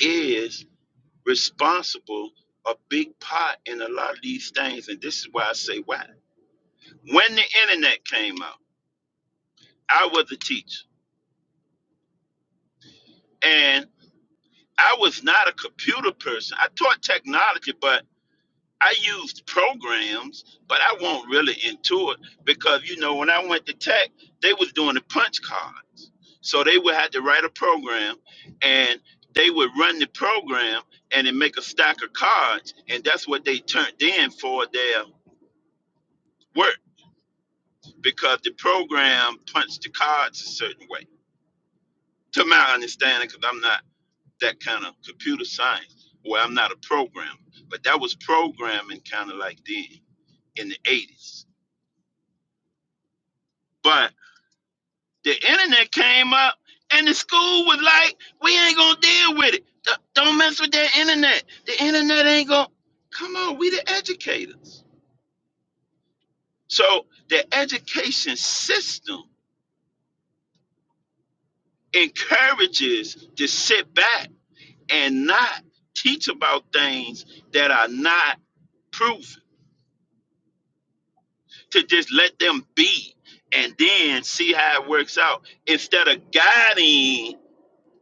S6: is responsible a big part in a lot of these things, and this is why I say why. When the internet came out, I was a teacher, and I was not a computer person. I taught technology, but I used programs, but I won't really into it because you know when I went to tech, they was doing the punch cards. So they would have to write a program and they would run the program and then make a stack of cards and that's what they turned in for their work because the program punched the cards a certain way. To my understanding, because I'm not that kind of computer science, or I'm not a programmer. But that was programming kind of like then in the 80s. But the internet came up and the school was like, we ain't gonna deal with it. D- Don't mess with that internet. The internet ain't gonna come on, we the educators. So the education system encourages to sit back and not teach about things that are not proven, to just let them be and then see how it works out instead of guiding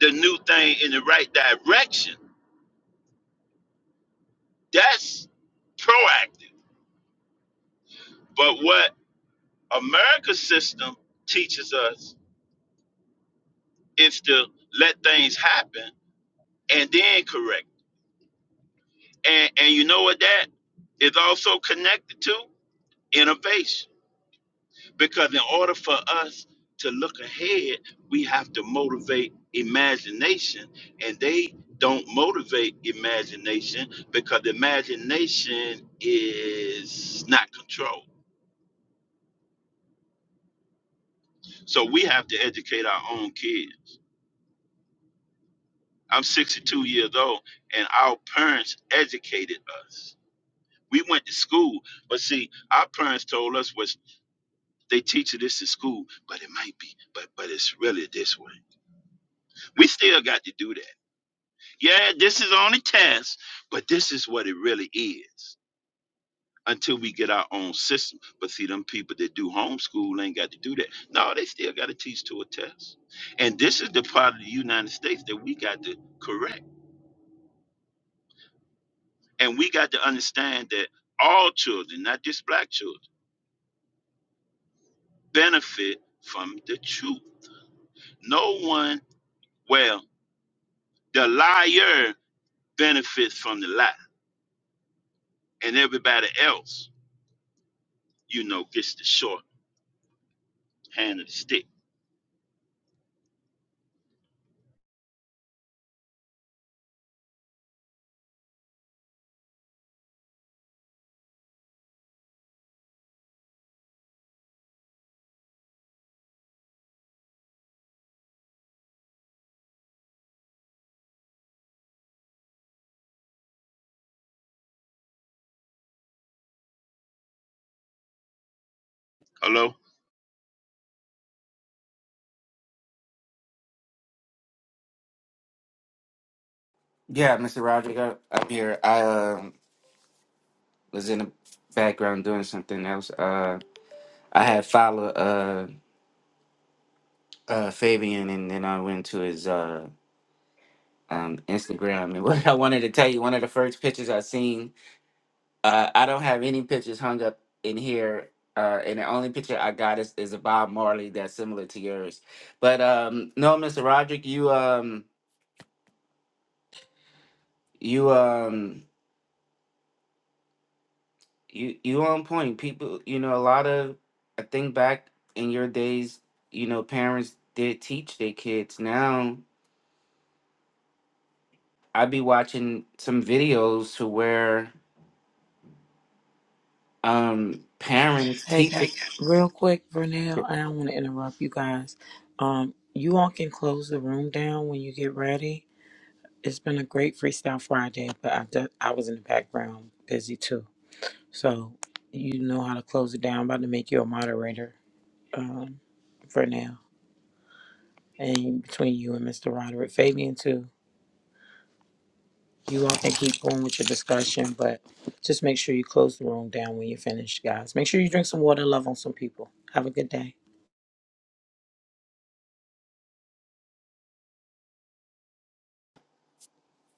S6: the new thing in the right direction That's proactive. But what America's system teaches us is to let things happen and then correct. And and you know what that is also connected to innovation. Because in order for us to look ahead, we have to motivate imagination. And they don't motivate imagination because imagination is not controlled. So we have to educate our own kids I'm 62 years old, and our parents educated us. We went to school, but see, our parents told us was they teach you this in school, but it might be, but but it's really this way. We still got to do that. Yeah, this is on a test, but this is what it really is until we get our own system. But see, them people that do homeschool ain't got to do that. No, they still got to teach to a test. And this is the part of the United States that we got to correct. And we got to understand that all children, not just black children, benefit from the truth. No one, well, the liar benefits from the lie, and everybody else, you know, gets the short hand of the stick. Hello?
S10: Yeah, Mr. Roderick, I- I'm here. I uh, was in the background doing something else. Uh, I had followed uh, uh, Fabian, and then I went to his uh, um, Instagram. And *laughs* what I wanted to tell you, one of the first pictures I seen, uh, I don't have any pictures hung up in here. Uh, and the only picture I got is, is a Bob Marley that's similar to yours. But um, no, Mr. Roderick, you um, you um, You you on point. People, you know, a lot of I think back in your days, you know, parents did teach their kids. Now I be watching some videos to where um parents
S4: Hey,
S10: teach
S4: guys,
S10: it.
S4: real quick, Vernell, I don't want to interrupt you guys. Um, you all can close the room down when you get ready. It's been a great Freestyle Friday, but I, do- I was in the background busy too. So you know how to close it down. I'm about to make you a moderator um, for And between you and Mr. Roderick, Fabian too. You all can keep going with your discussion, but just make sure you close the room down when you're finished, guys. Make sure you drink some water, love on some people. Have a good day.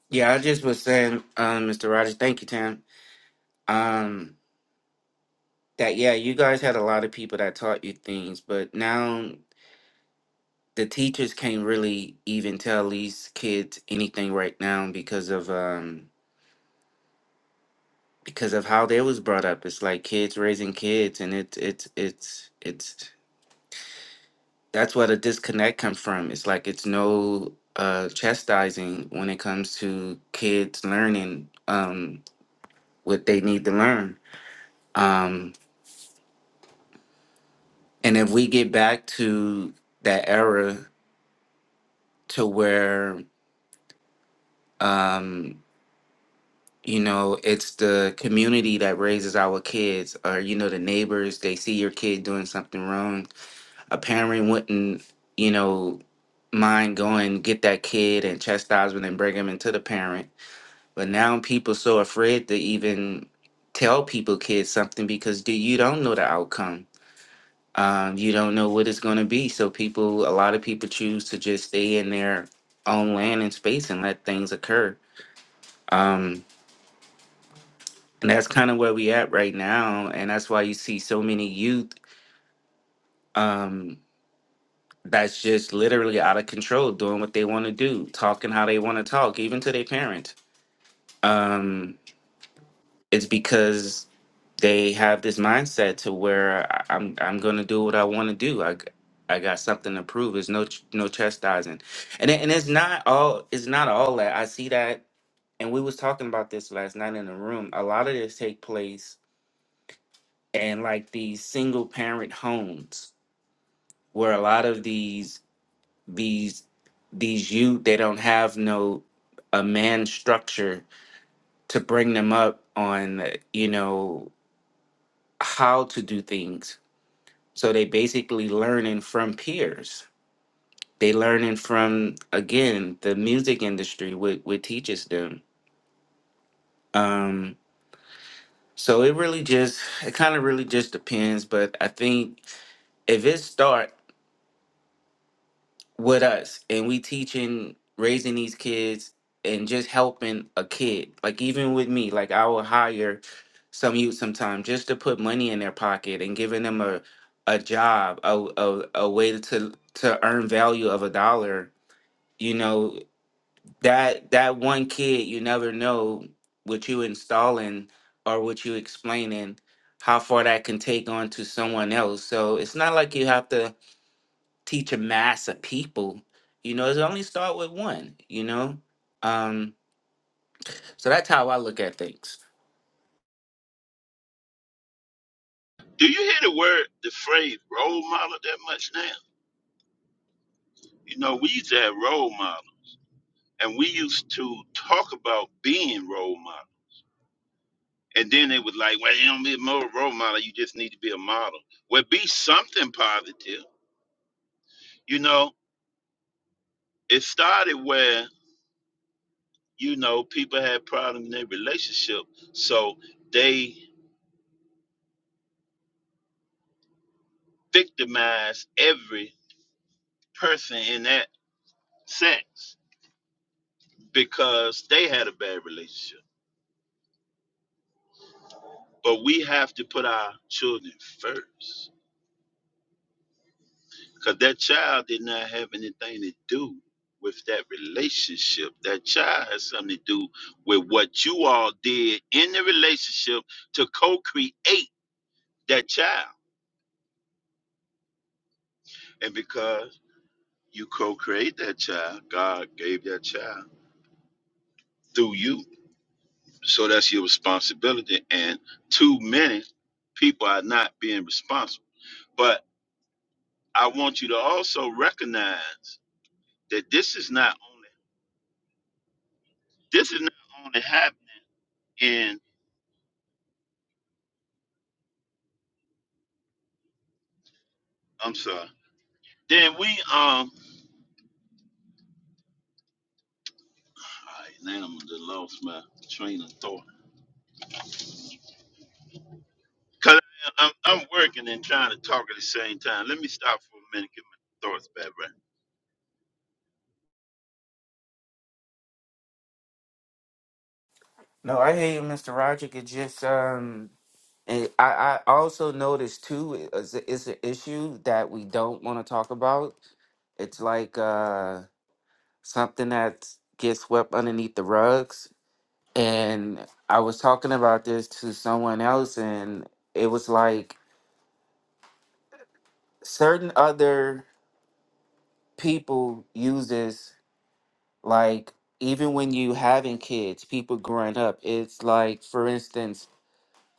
S10: Yeah, I just was saying, um, Mr. Rogers, thank you, Tam. Um, that yeah, you guys had a lot of people that taught you things, but now the teachers can't really even tell these kids anything right now because of um because of how they was brought up. It's like kids raising kids, and it's it's it's it's that's where the disconnect comes from. It's like it's no uh, chastising when it comes to kids learning um, what they need to learn. Um, and if we get back to that era to where um, you know it's the community that raises our kids, or you know the neighbors, they see your kid doing something wrong a parent wouldn't, you know, mind going get that kid and chastisement and bring him into the parent. But now people so afraid to even tell people kids something because do you don't know the outcome. Um, you don't know what it's going to be. So people, a lot of people choose to just stay in their own land and space and let things occur. Um, and that's kind of where we at right now. And that's why you see so many youth. Um, that's just literally out of control, doing what they want to do, talking how they want to talk, even to their parents. Um, it's because they have this mindset to where I- I'm I'm gonna do what I want to do. I g- I got something to prove. There's no ch- no chastising, and it- and it's not all it's not all that I see that. And we was talking about this last night in the room. A lot of this take place in like these single parent homes where a lot of these these these youth they don't have no a man structure to bring them up on you know how to do things so they basically learning from peers they learning from again the music industry what what teaches them um so it really just it kind of really just depends but i think if it starts with us and we teaching raising these kids and just helping a kid like even with me like i will hire some youth sometime just to put money in their pocket and giving them a a job a, a, a way to to earn value of a dollar you know that that one kid you never know what you installing or what you explaining how far that can take on to someone else so it's not like you have to teach a mass of people, you know, it's only start with one, you know? Um, so that's how I look at things.
S6: Do you hear the word, the phrase role model that much now? You know, we used to have role model, and we used to talk about being role model. And then they was like, well, you don't be a mo- role model, you just need to be a model. Well, be something positive You know, it started where, you know, people had problems in their relationship. So they victimized every person in that sex because they had a bad relationship. But we have to put our children first because that child did not have anything to do with that relationship. That child has something to do with what you all did in the relationship to co create that child. and because. You co-create that child. God gave that child through you. So that's your responsibility. And too many people are not being responsible. But I want you to also recognize that this is not only this is not only happening in I'm sorry. Then we um all right, now I'm gonna lost my train of thought. Cause I- I'm, I'm working and trying to talk at the same time. Let me stop for a minute, get my thoughts back right.
S10: No, I hear you, Mr. Roderick. It just um, and I I also noticed too. It's a, it's an issue that we don't want to talk about. It's like uh something that gets swept underneath the rugs. And I was talking about this to someone else, and it was like certain other people uses. like even when you having kids people growing up it's like for instance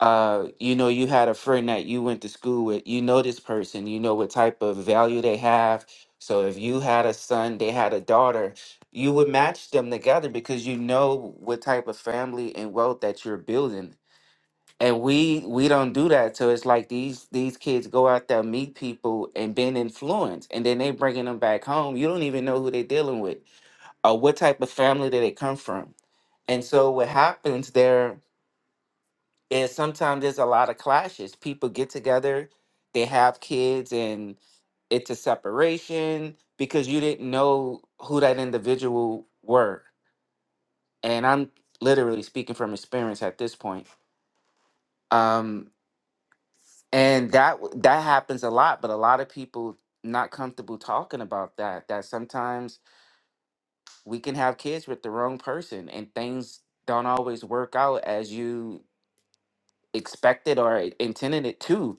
S10: uh you know you had a friend that you went to school with you know this person you know what type of value they have so if you had a son they had a daughter you would match them together because you know what type of family and wealth that you're building and we we don't do that so it's like these these kids go out there meet people and been influenced and then they bringing them back home you don't even know who they're dealing with or what type of family did it come from and so what happens there is sometimes there's a lot of clashes people get together they have kids and it's a separation because you didn't know who that individual were and i'm literally speaking from experience at this point um and that w- that happens a lot but a lot of people not comfortable talking about that that sometimes we can have kids with the wrong person and things don't always work out as you expected or intended it to.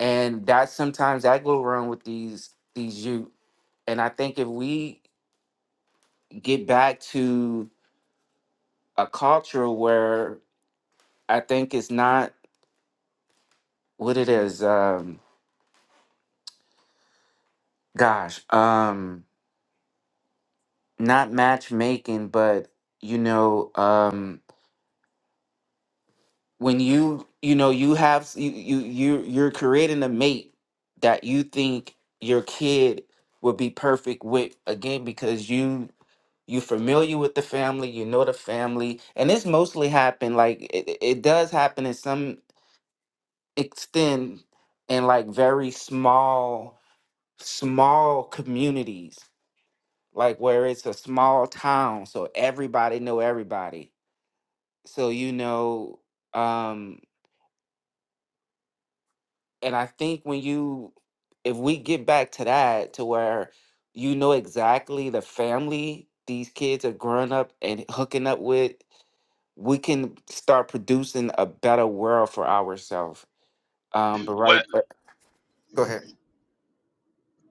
S10: And that sometimes that go wrong with these these youth. And I think if we get back to a culture where I think it's not what it is, um, gosh, um, not matchmaking, but you know, um, when you you know you have s- you you you you're creating a mate that you think your kid would be perfect with again because you you are familiar with the family you know the family and it's mostly happened like it, it it does happen in some extent in like very small small communities like where it's a small town so everybody know everybody so you know um and i think when you if we get back to that to where you know exactly the family these kids are growing up and hooking up with we can start producing a better world for ourselves. Um, but
S6: What
S10: right, but go ahead.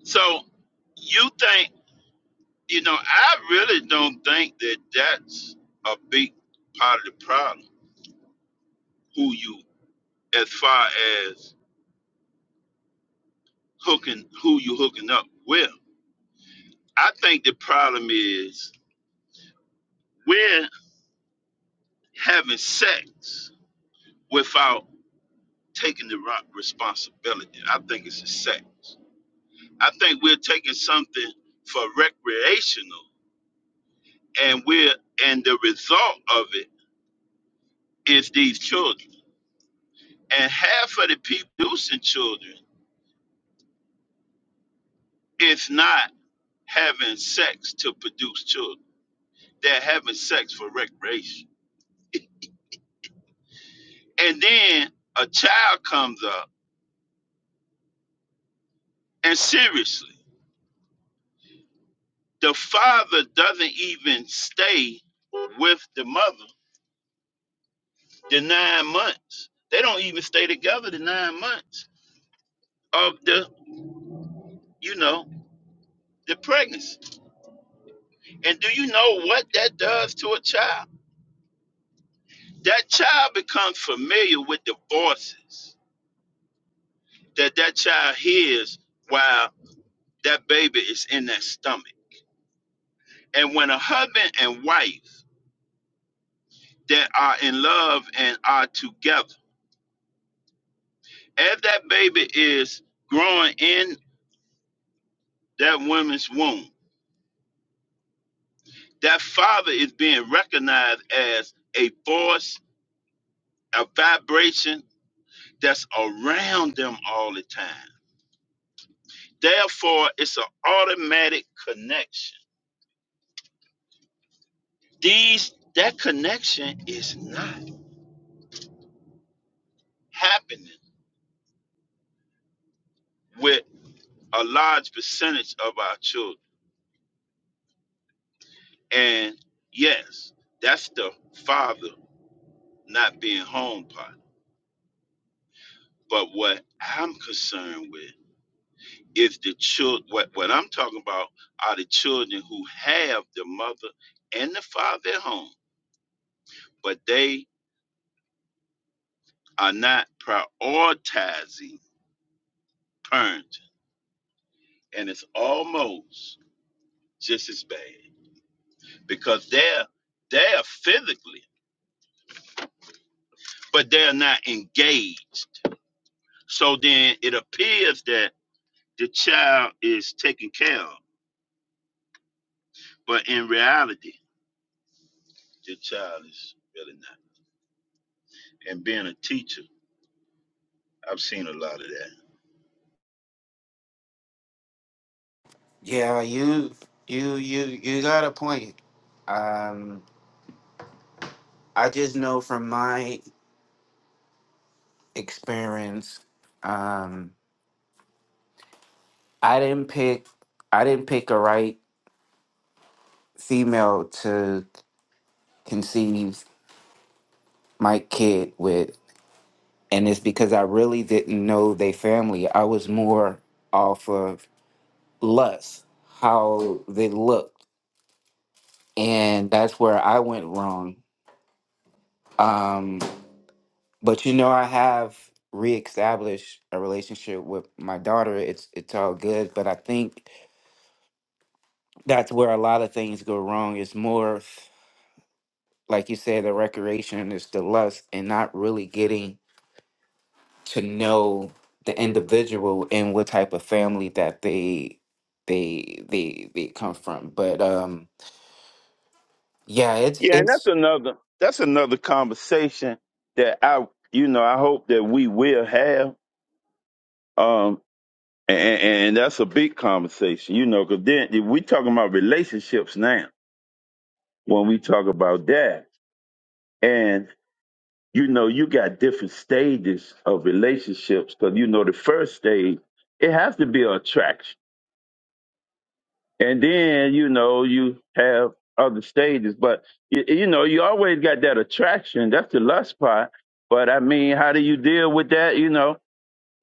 S6: so you think? You know, I really don't think that that's a big part of the problem. Who you, as far as hooking, who you hooking up with. I think the problem is we're having sex without taking the ro- responsibility. I think it's a sex. I think we're taking something for recreational, and we're and the result of it is these children. And half of the people producing children, it's not. having sex to produce children. They're having sex for recreation. And then a child comes up, and seriously, the father doesn't even stay with the mother the nine months. They don't even stay together the nine months of the, you know, the pregnancy. And do you know what that does to a child? That child becomes familiar with the voices that that child hears while that baby is in that stomach And when a husband and wife that are in love and are together, as that baby is growing in that woman's womb, that father is being recognized as a force, a vibration that's around them all the time. Therefore, it's an automatic connection. These that connection is not happening with a large percentage of our children And yes, that's the father not being home part. But what I'm concerned with is the child. What what I'm talking about are the children who have the mother and the father at home, but they are not prioritizing parenting, and it's almost just as bad because they're they're physically, but they're not engaged. So then it appears that the child is taken care of But in reality, your child is really not. And being a teacher, I've seen a lot of that.
S10: Yeah, you, you, you, you got a point. Um, I just know from my experience, um, I didn't pick, I didn't pick a right female to conceive my kid with, and it's because I really didn't know their family. I was more off of lust, how they looked and that's where I went wrong. Um, but you know, I have reestablished a relationship with my daughter. It's it's all good, but I think that's where a lot of things go wrong. It's more, like you said, the recreation is the lust, and not really getting to know the individual and what type of family that they they they they come from. But um, yeah, it's
S6: Yeah, and that's
S10: it's
S6: another that's another conversation that I you know I hope that we will have. Um, and, and that's a big conversation, you know, because then if we talking about relationships now when we talk about that, and you know you got different stages of relationships because you know the first stage it has to be an attraction and then you know you have other stages but you, you know you always got that attraction that's the lust part but i mean how do you deal with that you know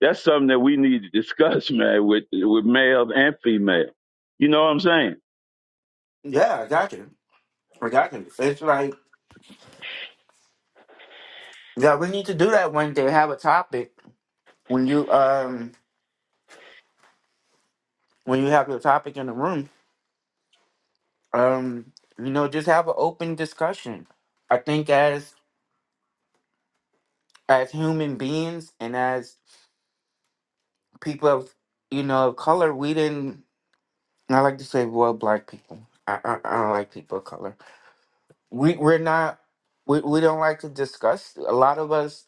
S6: that's something that we need to discuss *laughs* man with with male and female you know what i'm saying
S10: yeah, I got you. I got you. It's like Yeah, we need to do that when they have a topic. When you um when you have your topic in the room, um, you know, just have an open discussion. I think as as human beings and as people of you know of color, we didn't. I like to say, well, black people. I I, I don't like people of color. We we're not. We we don't like to discuss. A lot of us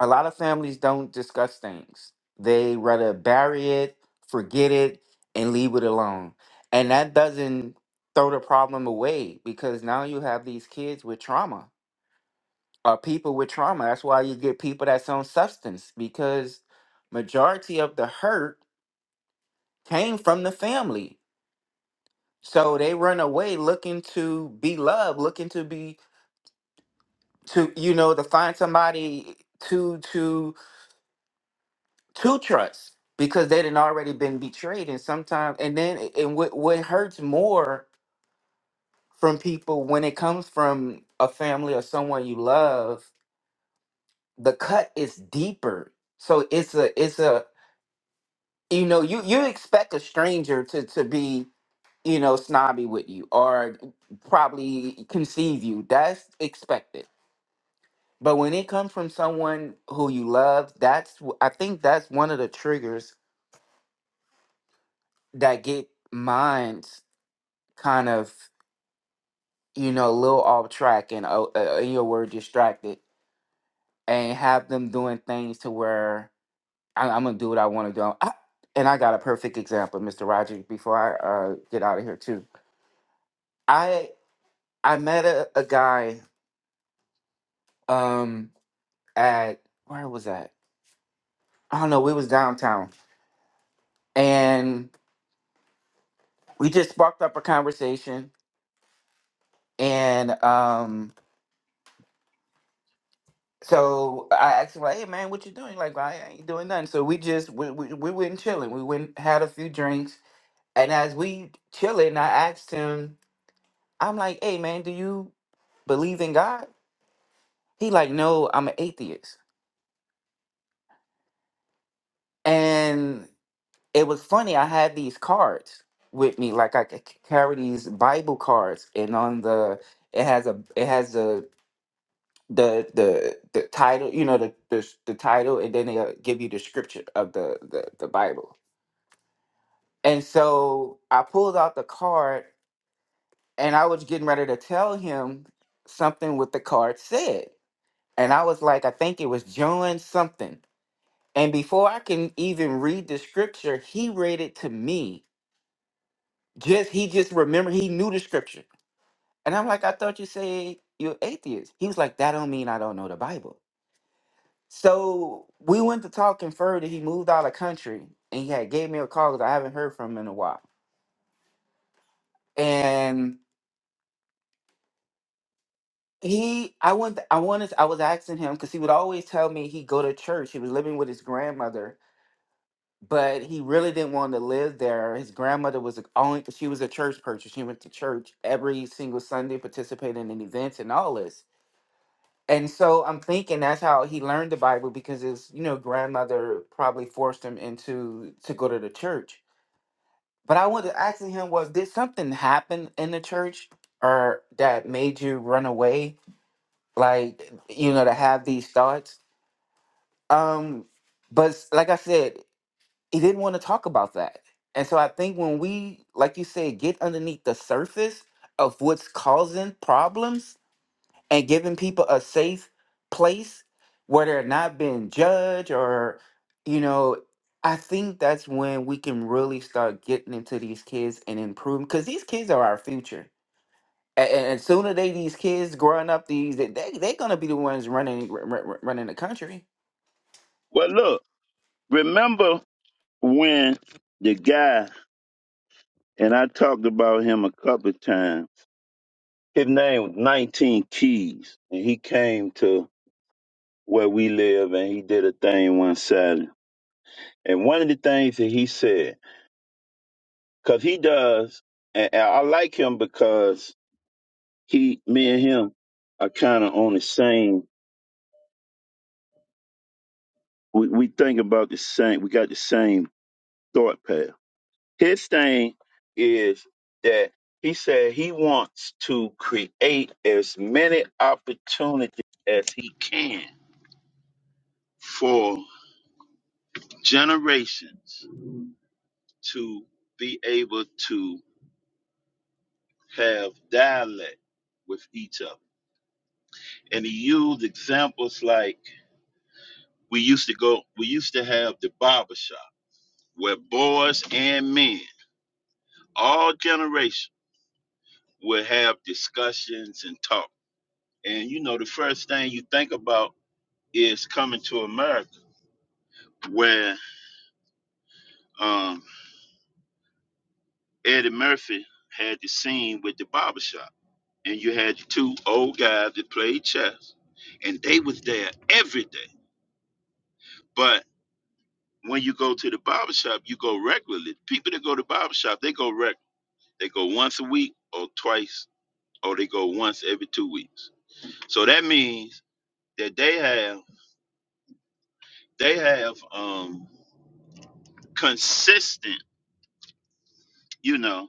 S10: a lot of families don't discuss things. They rather bury it, forget it, and leave it alone. And that doesn't throw the problem away because now you have these kids with trauma or people with trauma. That's why you get people that's on substance because majority of the hurt came from the family. So they run away looking to be loved, looking to be to you know to find somebody to to to trust because they would already been betrayed and sometimes and then and what, what hurts more from people when it comes from a family or someone you love the cut is deeper so it's a it's a you know you you expect a stranger to to be you know snobby with you or probably conceive you that's expected but when it comes from someone who you love that's wh- i think that's one of the triggers that get minds kind of you know, a little off track and oh, uh, uh, in your word distracted, and have them doing things to where I, I'm gonna do what I want to do. I, and I got a perfect example, Mr. Rogers. Before I uh, get out of here, too, I I met a, a guy um at where was that? I don't know. We was downtown, and we just sparked up a conversation, and um. So I asked him like, "Hey man, what you doing?" Like, "Well, I ain't doing nothing. So we just we we, we went chilling. We went had a few drinks, And as we chilling, I asked him, I'm like, hey man, do you believe in God? He like, no, I'm an atheist. And it was funny, I had these cards with me. Like I c- c- carry these Bible cards and on the it has a it has the the the the title, you know, the the, s- the title and then they'll give you the scripture of the, the the Bible. And so I pulled out the card and I was getting ready to tell him something what the card said and I was like, I think it was John something. And before I can even read the scripture, he read it to me. Just he just remember he knew the scripture. And I'm like, I thought you said you're atheist. He was like, that don't mean I don't know the Bible. So we went to talking further. He moved out of country and he had gave me a call because I haven't heard from him in a while. And he I went I wanted I was asking him because he would always tell me he go to church. He was living with his grandmother but he really didn't want to live there. His grandmother was a- only she was a church person. She went to church every single Sunday, participating in events and all this. And so I'm thinking that's how he learned the Bible because his you know grandmother probably forced him into to go to the church. But I wanted to ask him was did something happen in the church or that made you run away like you know to have these thoughts? Um but s- like I said, he didn't want to talk about that. And so I think when we, like you said, get underneath the surface of what's causing problems and giving people a safe place where they're not being judged or, you know, I think that's when we can really start getting into these kids and improving because these kids are our future. And, and sooner they these kids growing up these they they- they're gonna be the ones running r- r- running the country.
S6: Well, look, remember when the guy, and I talked about him a couple of times, his name was 19 Keys, and he came to where we live and he did a thing one Saturday. And one of the things that he said, because he does, and and I like him because he, me and him, are kind of on the same. We we think about the same. We got the same thought path. His thing is that he said he wants to create as many opportunities as he can for generations to be able to have dialect with each other. And he used examples like we used to go we used to have the barber shop where boys and men all generations would have discussions and talk and you know the first thing you think about is coming to america where um, eddie murphy had the scene with the barber shop, and you had the two old guys that played chess and they was there every day but when you go to the barber shop, you go regularly people that go to barber shop, they go reg they go once a week or twice or they go once every two weeks. So that means that they have they have um consistent, you know,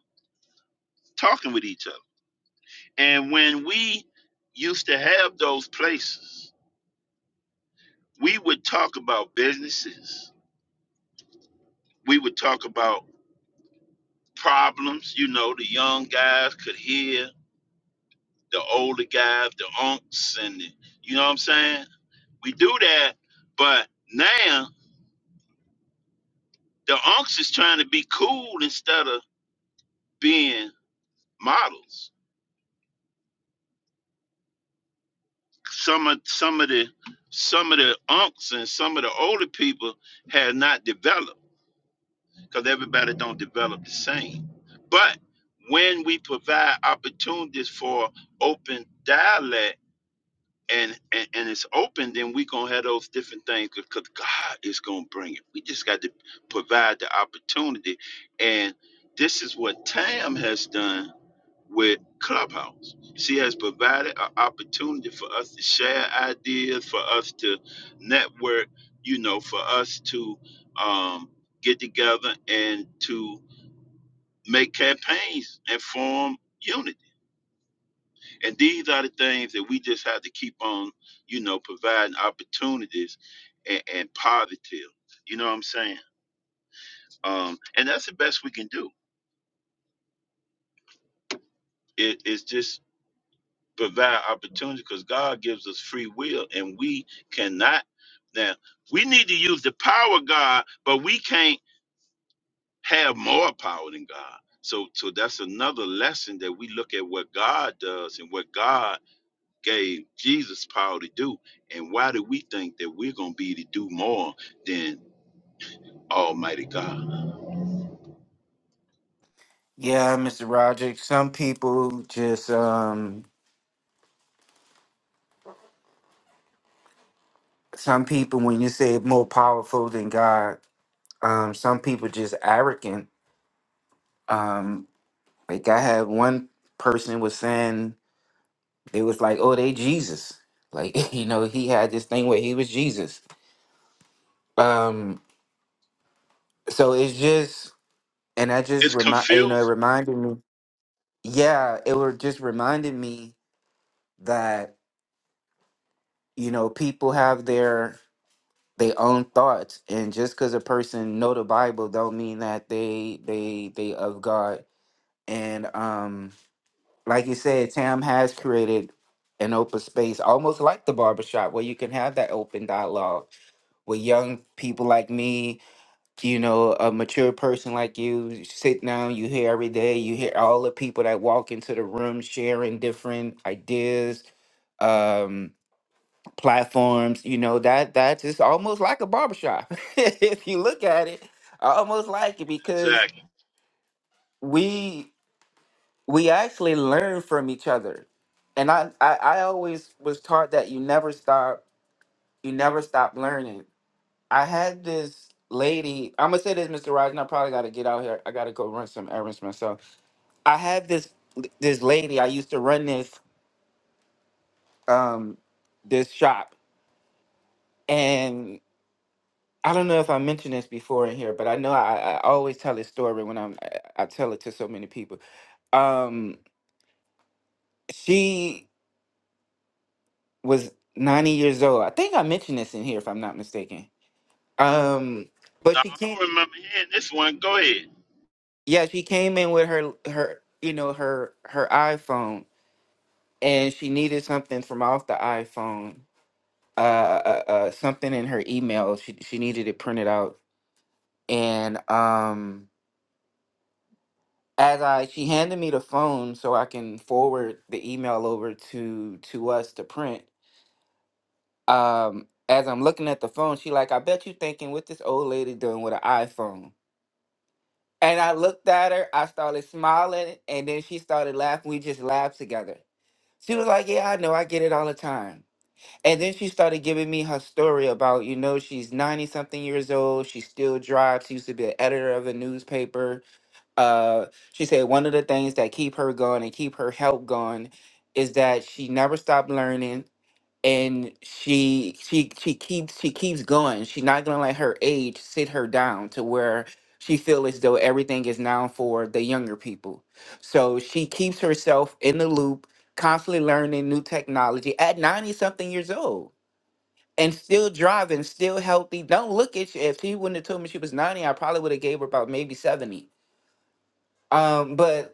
S6: talking with each other. And when we used to have those places, we would talk about businesses. We would talk about problems, you know, the young guys could hear, the older guys, the unks and the, you know what I'm saying? We do that, but now the unks is trying to be cool instead of being models. Some of some of the some of the unks and some of the older people have not developed because everybody don't develop the same. But when we provide opportunities for open dialect and and, and it's open, then we gonna have those different things because God is gonna bring it. We just got to provide the opportunity, and this is what Tam has done with Clubhouse. She has provided an opportunity for us to share ideas, for us to network, you know, for us to um, get together and to make campaigns and form unity. And these are the things that we just have to keep on, you know, providing opportunities and, and positive. You know what I'm saying? Um, and that's the best we can do. It, it's just provide opportunity because God gives us free will and we cannot. Now, we need to use the power of God, but we can't have more power than God. So, so that's another lesson that we look at what God does and what God gave Jesus power to do. And why do we think that we're going to be to do more than Almighty God?
S10: Yeah, Mr. Roderick, Some people just um some people when you say more powerful than God, um, some people just arrogant. Um, like I had one person was saying it was like, oh, they Jesus. Like *laughs* you know, he had this thing where he was Jesus. Um, so it's just, and I just
S6: It's
S10: remind you
S6: confusing.
S10: know, it reminded me. Yeah, it were just reminded me that you know people have their their own thoughts, and just because a person know the Bible, don't mean that they they they of God And um, like you said, Tam has created an open space almost like the barbershop where you can have that open dialogue with young people like me, you know, a mature person like you, you sit down, you hear every day, you hear all the people that walk into the room sharing different ideas, um, platforms, you know, that that's just almost like a barbershop. *laughs* if you look at it, almost like it because
S6: Exactly.
S10: we we actually learn from each other. And I, I, I always was taught that you never stop, you never stop learning. I had this lady, I'm gonna say this, Mr. Rogers, and I probably gotta get out here. I gotta go run some errands myself. I had this this lady, I used to run this um this shop. And I don't know if I mentioned this before in here, but I know I, I always tell this story when I'm I, I tell it to so many people. Um she was 90 years old. I think I mentioned this in here if I'm not mistaken. Um but
S6: Now,
S10: she
S6: I
S10: can't
S6: don't remember hearing this one. Go ahead.
S10: yeah, she came in with her her you know her her iPhone and she needed something from off the iPhone. Uh uh, uh something in her email. She she needed it printed out and um as I she handed me the phone so I can forward the email over to to us to print. Um as I'm looking at the phone, she like, I bet you thinking what this old lady doing with an iPhone And I looked at her, I started smiling, and then she started laughing. We just laughed together. She was like, Yeah, I know, I get it all the time. And then she started giving me her story about, you know, she's 90 something years old. She still drives. She used to be an editor of a newspaper. Uh, she said one of the things that keep her going and keep her help going is that she never stopped learning and she she she keeps she keeps going. She's not gonna let her age sit her down to where she feel as though everything is now for the younger people. So she keeps herself in the loop, constantly learning new technology at ninety something years old. And still driving, still healthy. Don't look at you. If she wouldn't have told me she was ninety, I probably would have gave her about maybe seventy. Um, but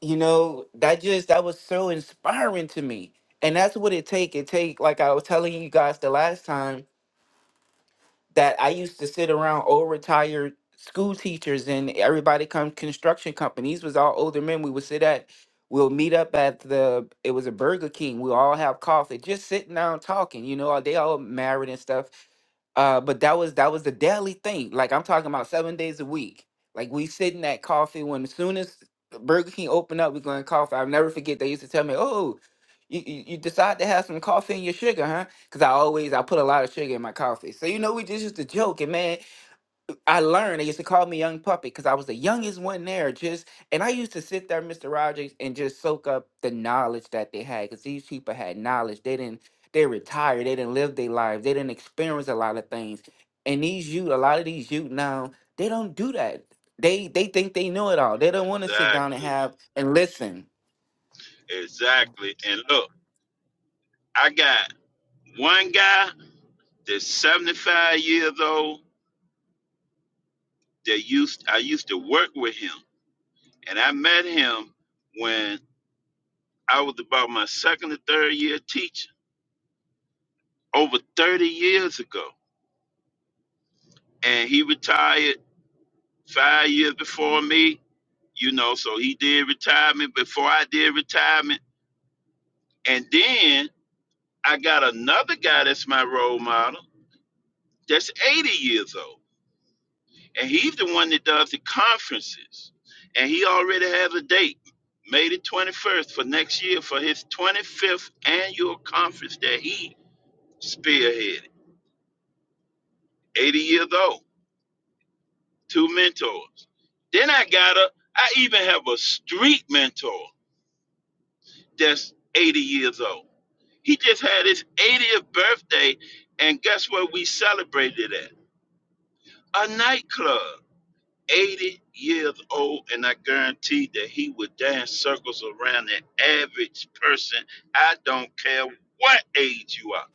S10: you know that just that was so inspiring to me and that's what it take it take like i was telling you guys the last time that I used to sit around old retired school teachers and everybody come construction companies was all older men. We would sit at we'll meet up at the it was a Burger King. We all have coffee, just sitting down talking. You know, they all married and stuff. Uh, but that was that was the daily thing. Like I'm talking about seven days a week. Like we sitting at coffee when as soon as Burger King opened up, we going coffee. I'll never forget. They used to tell me, "Oh, you, you you decide to have some coffee in your sugar, huh?" Cause I always I put a lot of sugar in my coffee. So you know we just used to joke and man, I learned they used to call me young puppy because I was the youngest one there. Just and I used to sit there, Mr. Rogers, and just soak up the knowledge that they had. Cause these people had knowledge. They didn't they retired, they didn't live their lives, they didn't experience a lot of things. And these youth, a lot of these youth now, they don't do that. They they think they know it all. They don't want to sit down and
S6: Exactly.
S10: have and listen.
S6: Exactly. And look, I got One guy that's 75 years old that used I used to work with him, and I met him when I was about my second or third year teaching over 30 years ago, and he retired five years before me. You know, so he did retirement before I did retirement, and then I got another guy that's my role model that's 80 years old. and he's the one that does the conferences. And he already has a date, May the 21st for next year for his 25th annual conference that he spearheaded. 80 years old, two mentors. Then I got a, I even have a street mentor that's 80 years old. He just had his 80th birthday, and guess what we celebrated at? A nightclub. 80 years old, and I guarantee that he would dance circles around an average person. I don't care what age you are.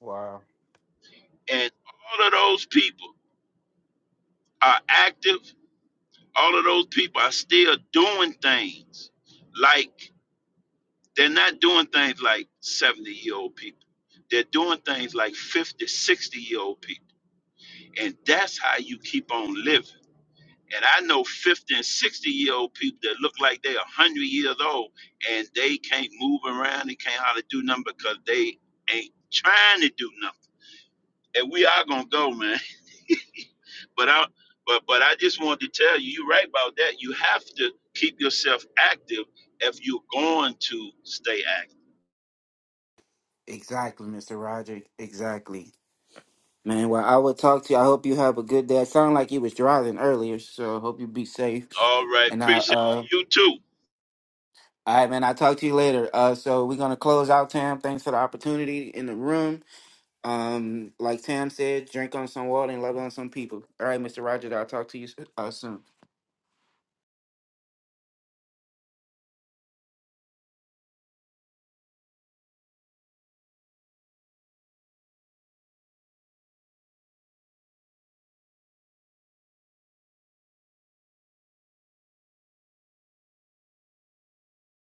S10: Wow.
S6: And all of those people are active, all of those people are still doing things. Like, they're not doing things like 70 year old people, they're doing things like 50, 60 year old people. And that's how you keep on living. And I know 50 and 60 year old people that look like they're 100 years old and they can't move around and can't hardly do nothing because they ain't trying to do nothing. And we are going to go, man. *laughs* But I, but, but I just wanted to tell you, you're right about that. You have to keep yourself active if you're going to stay active.
S10: Exactly, Mr. Rogers. Exactly. Man, well, I would talk to you. I hope you have a good day. It sounded like you was driving earlier, so I hope you be safe.
S6: All right.
S10: And I,
S6: Appreciate it.
S10: uh,
S6: You too.
S10: all right, man. I'll talk to you later. Uh, so we're gonna close out, Tam. Thanks for the opportunity in the room. Um, like Tam said, drink on some water and love on some people. All right, Mr. Roger. I'll talk to you uh, soon.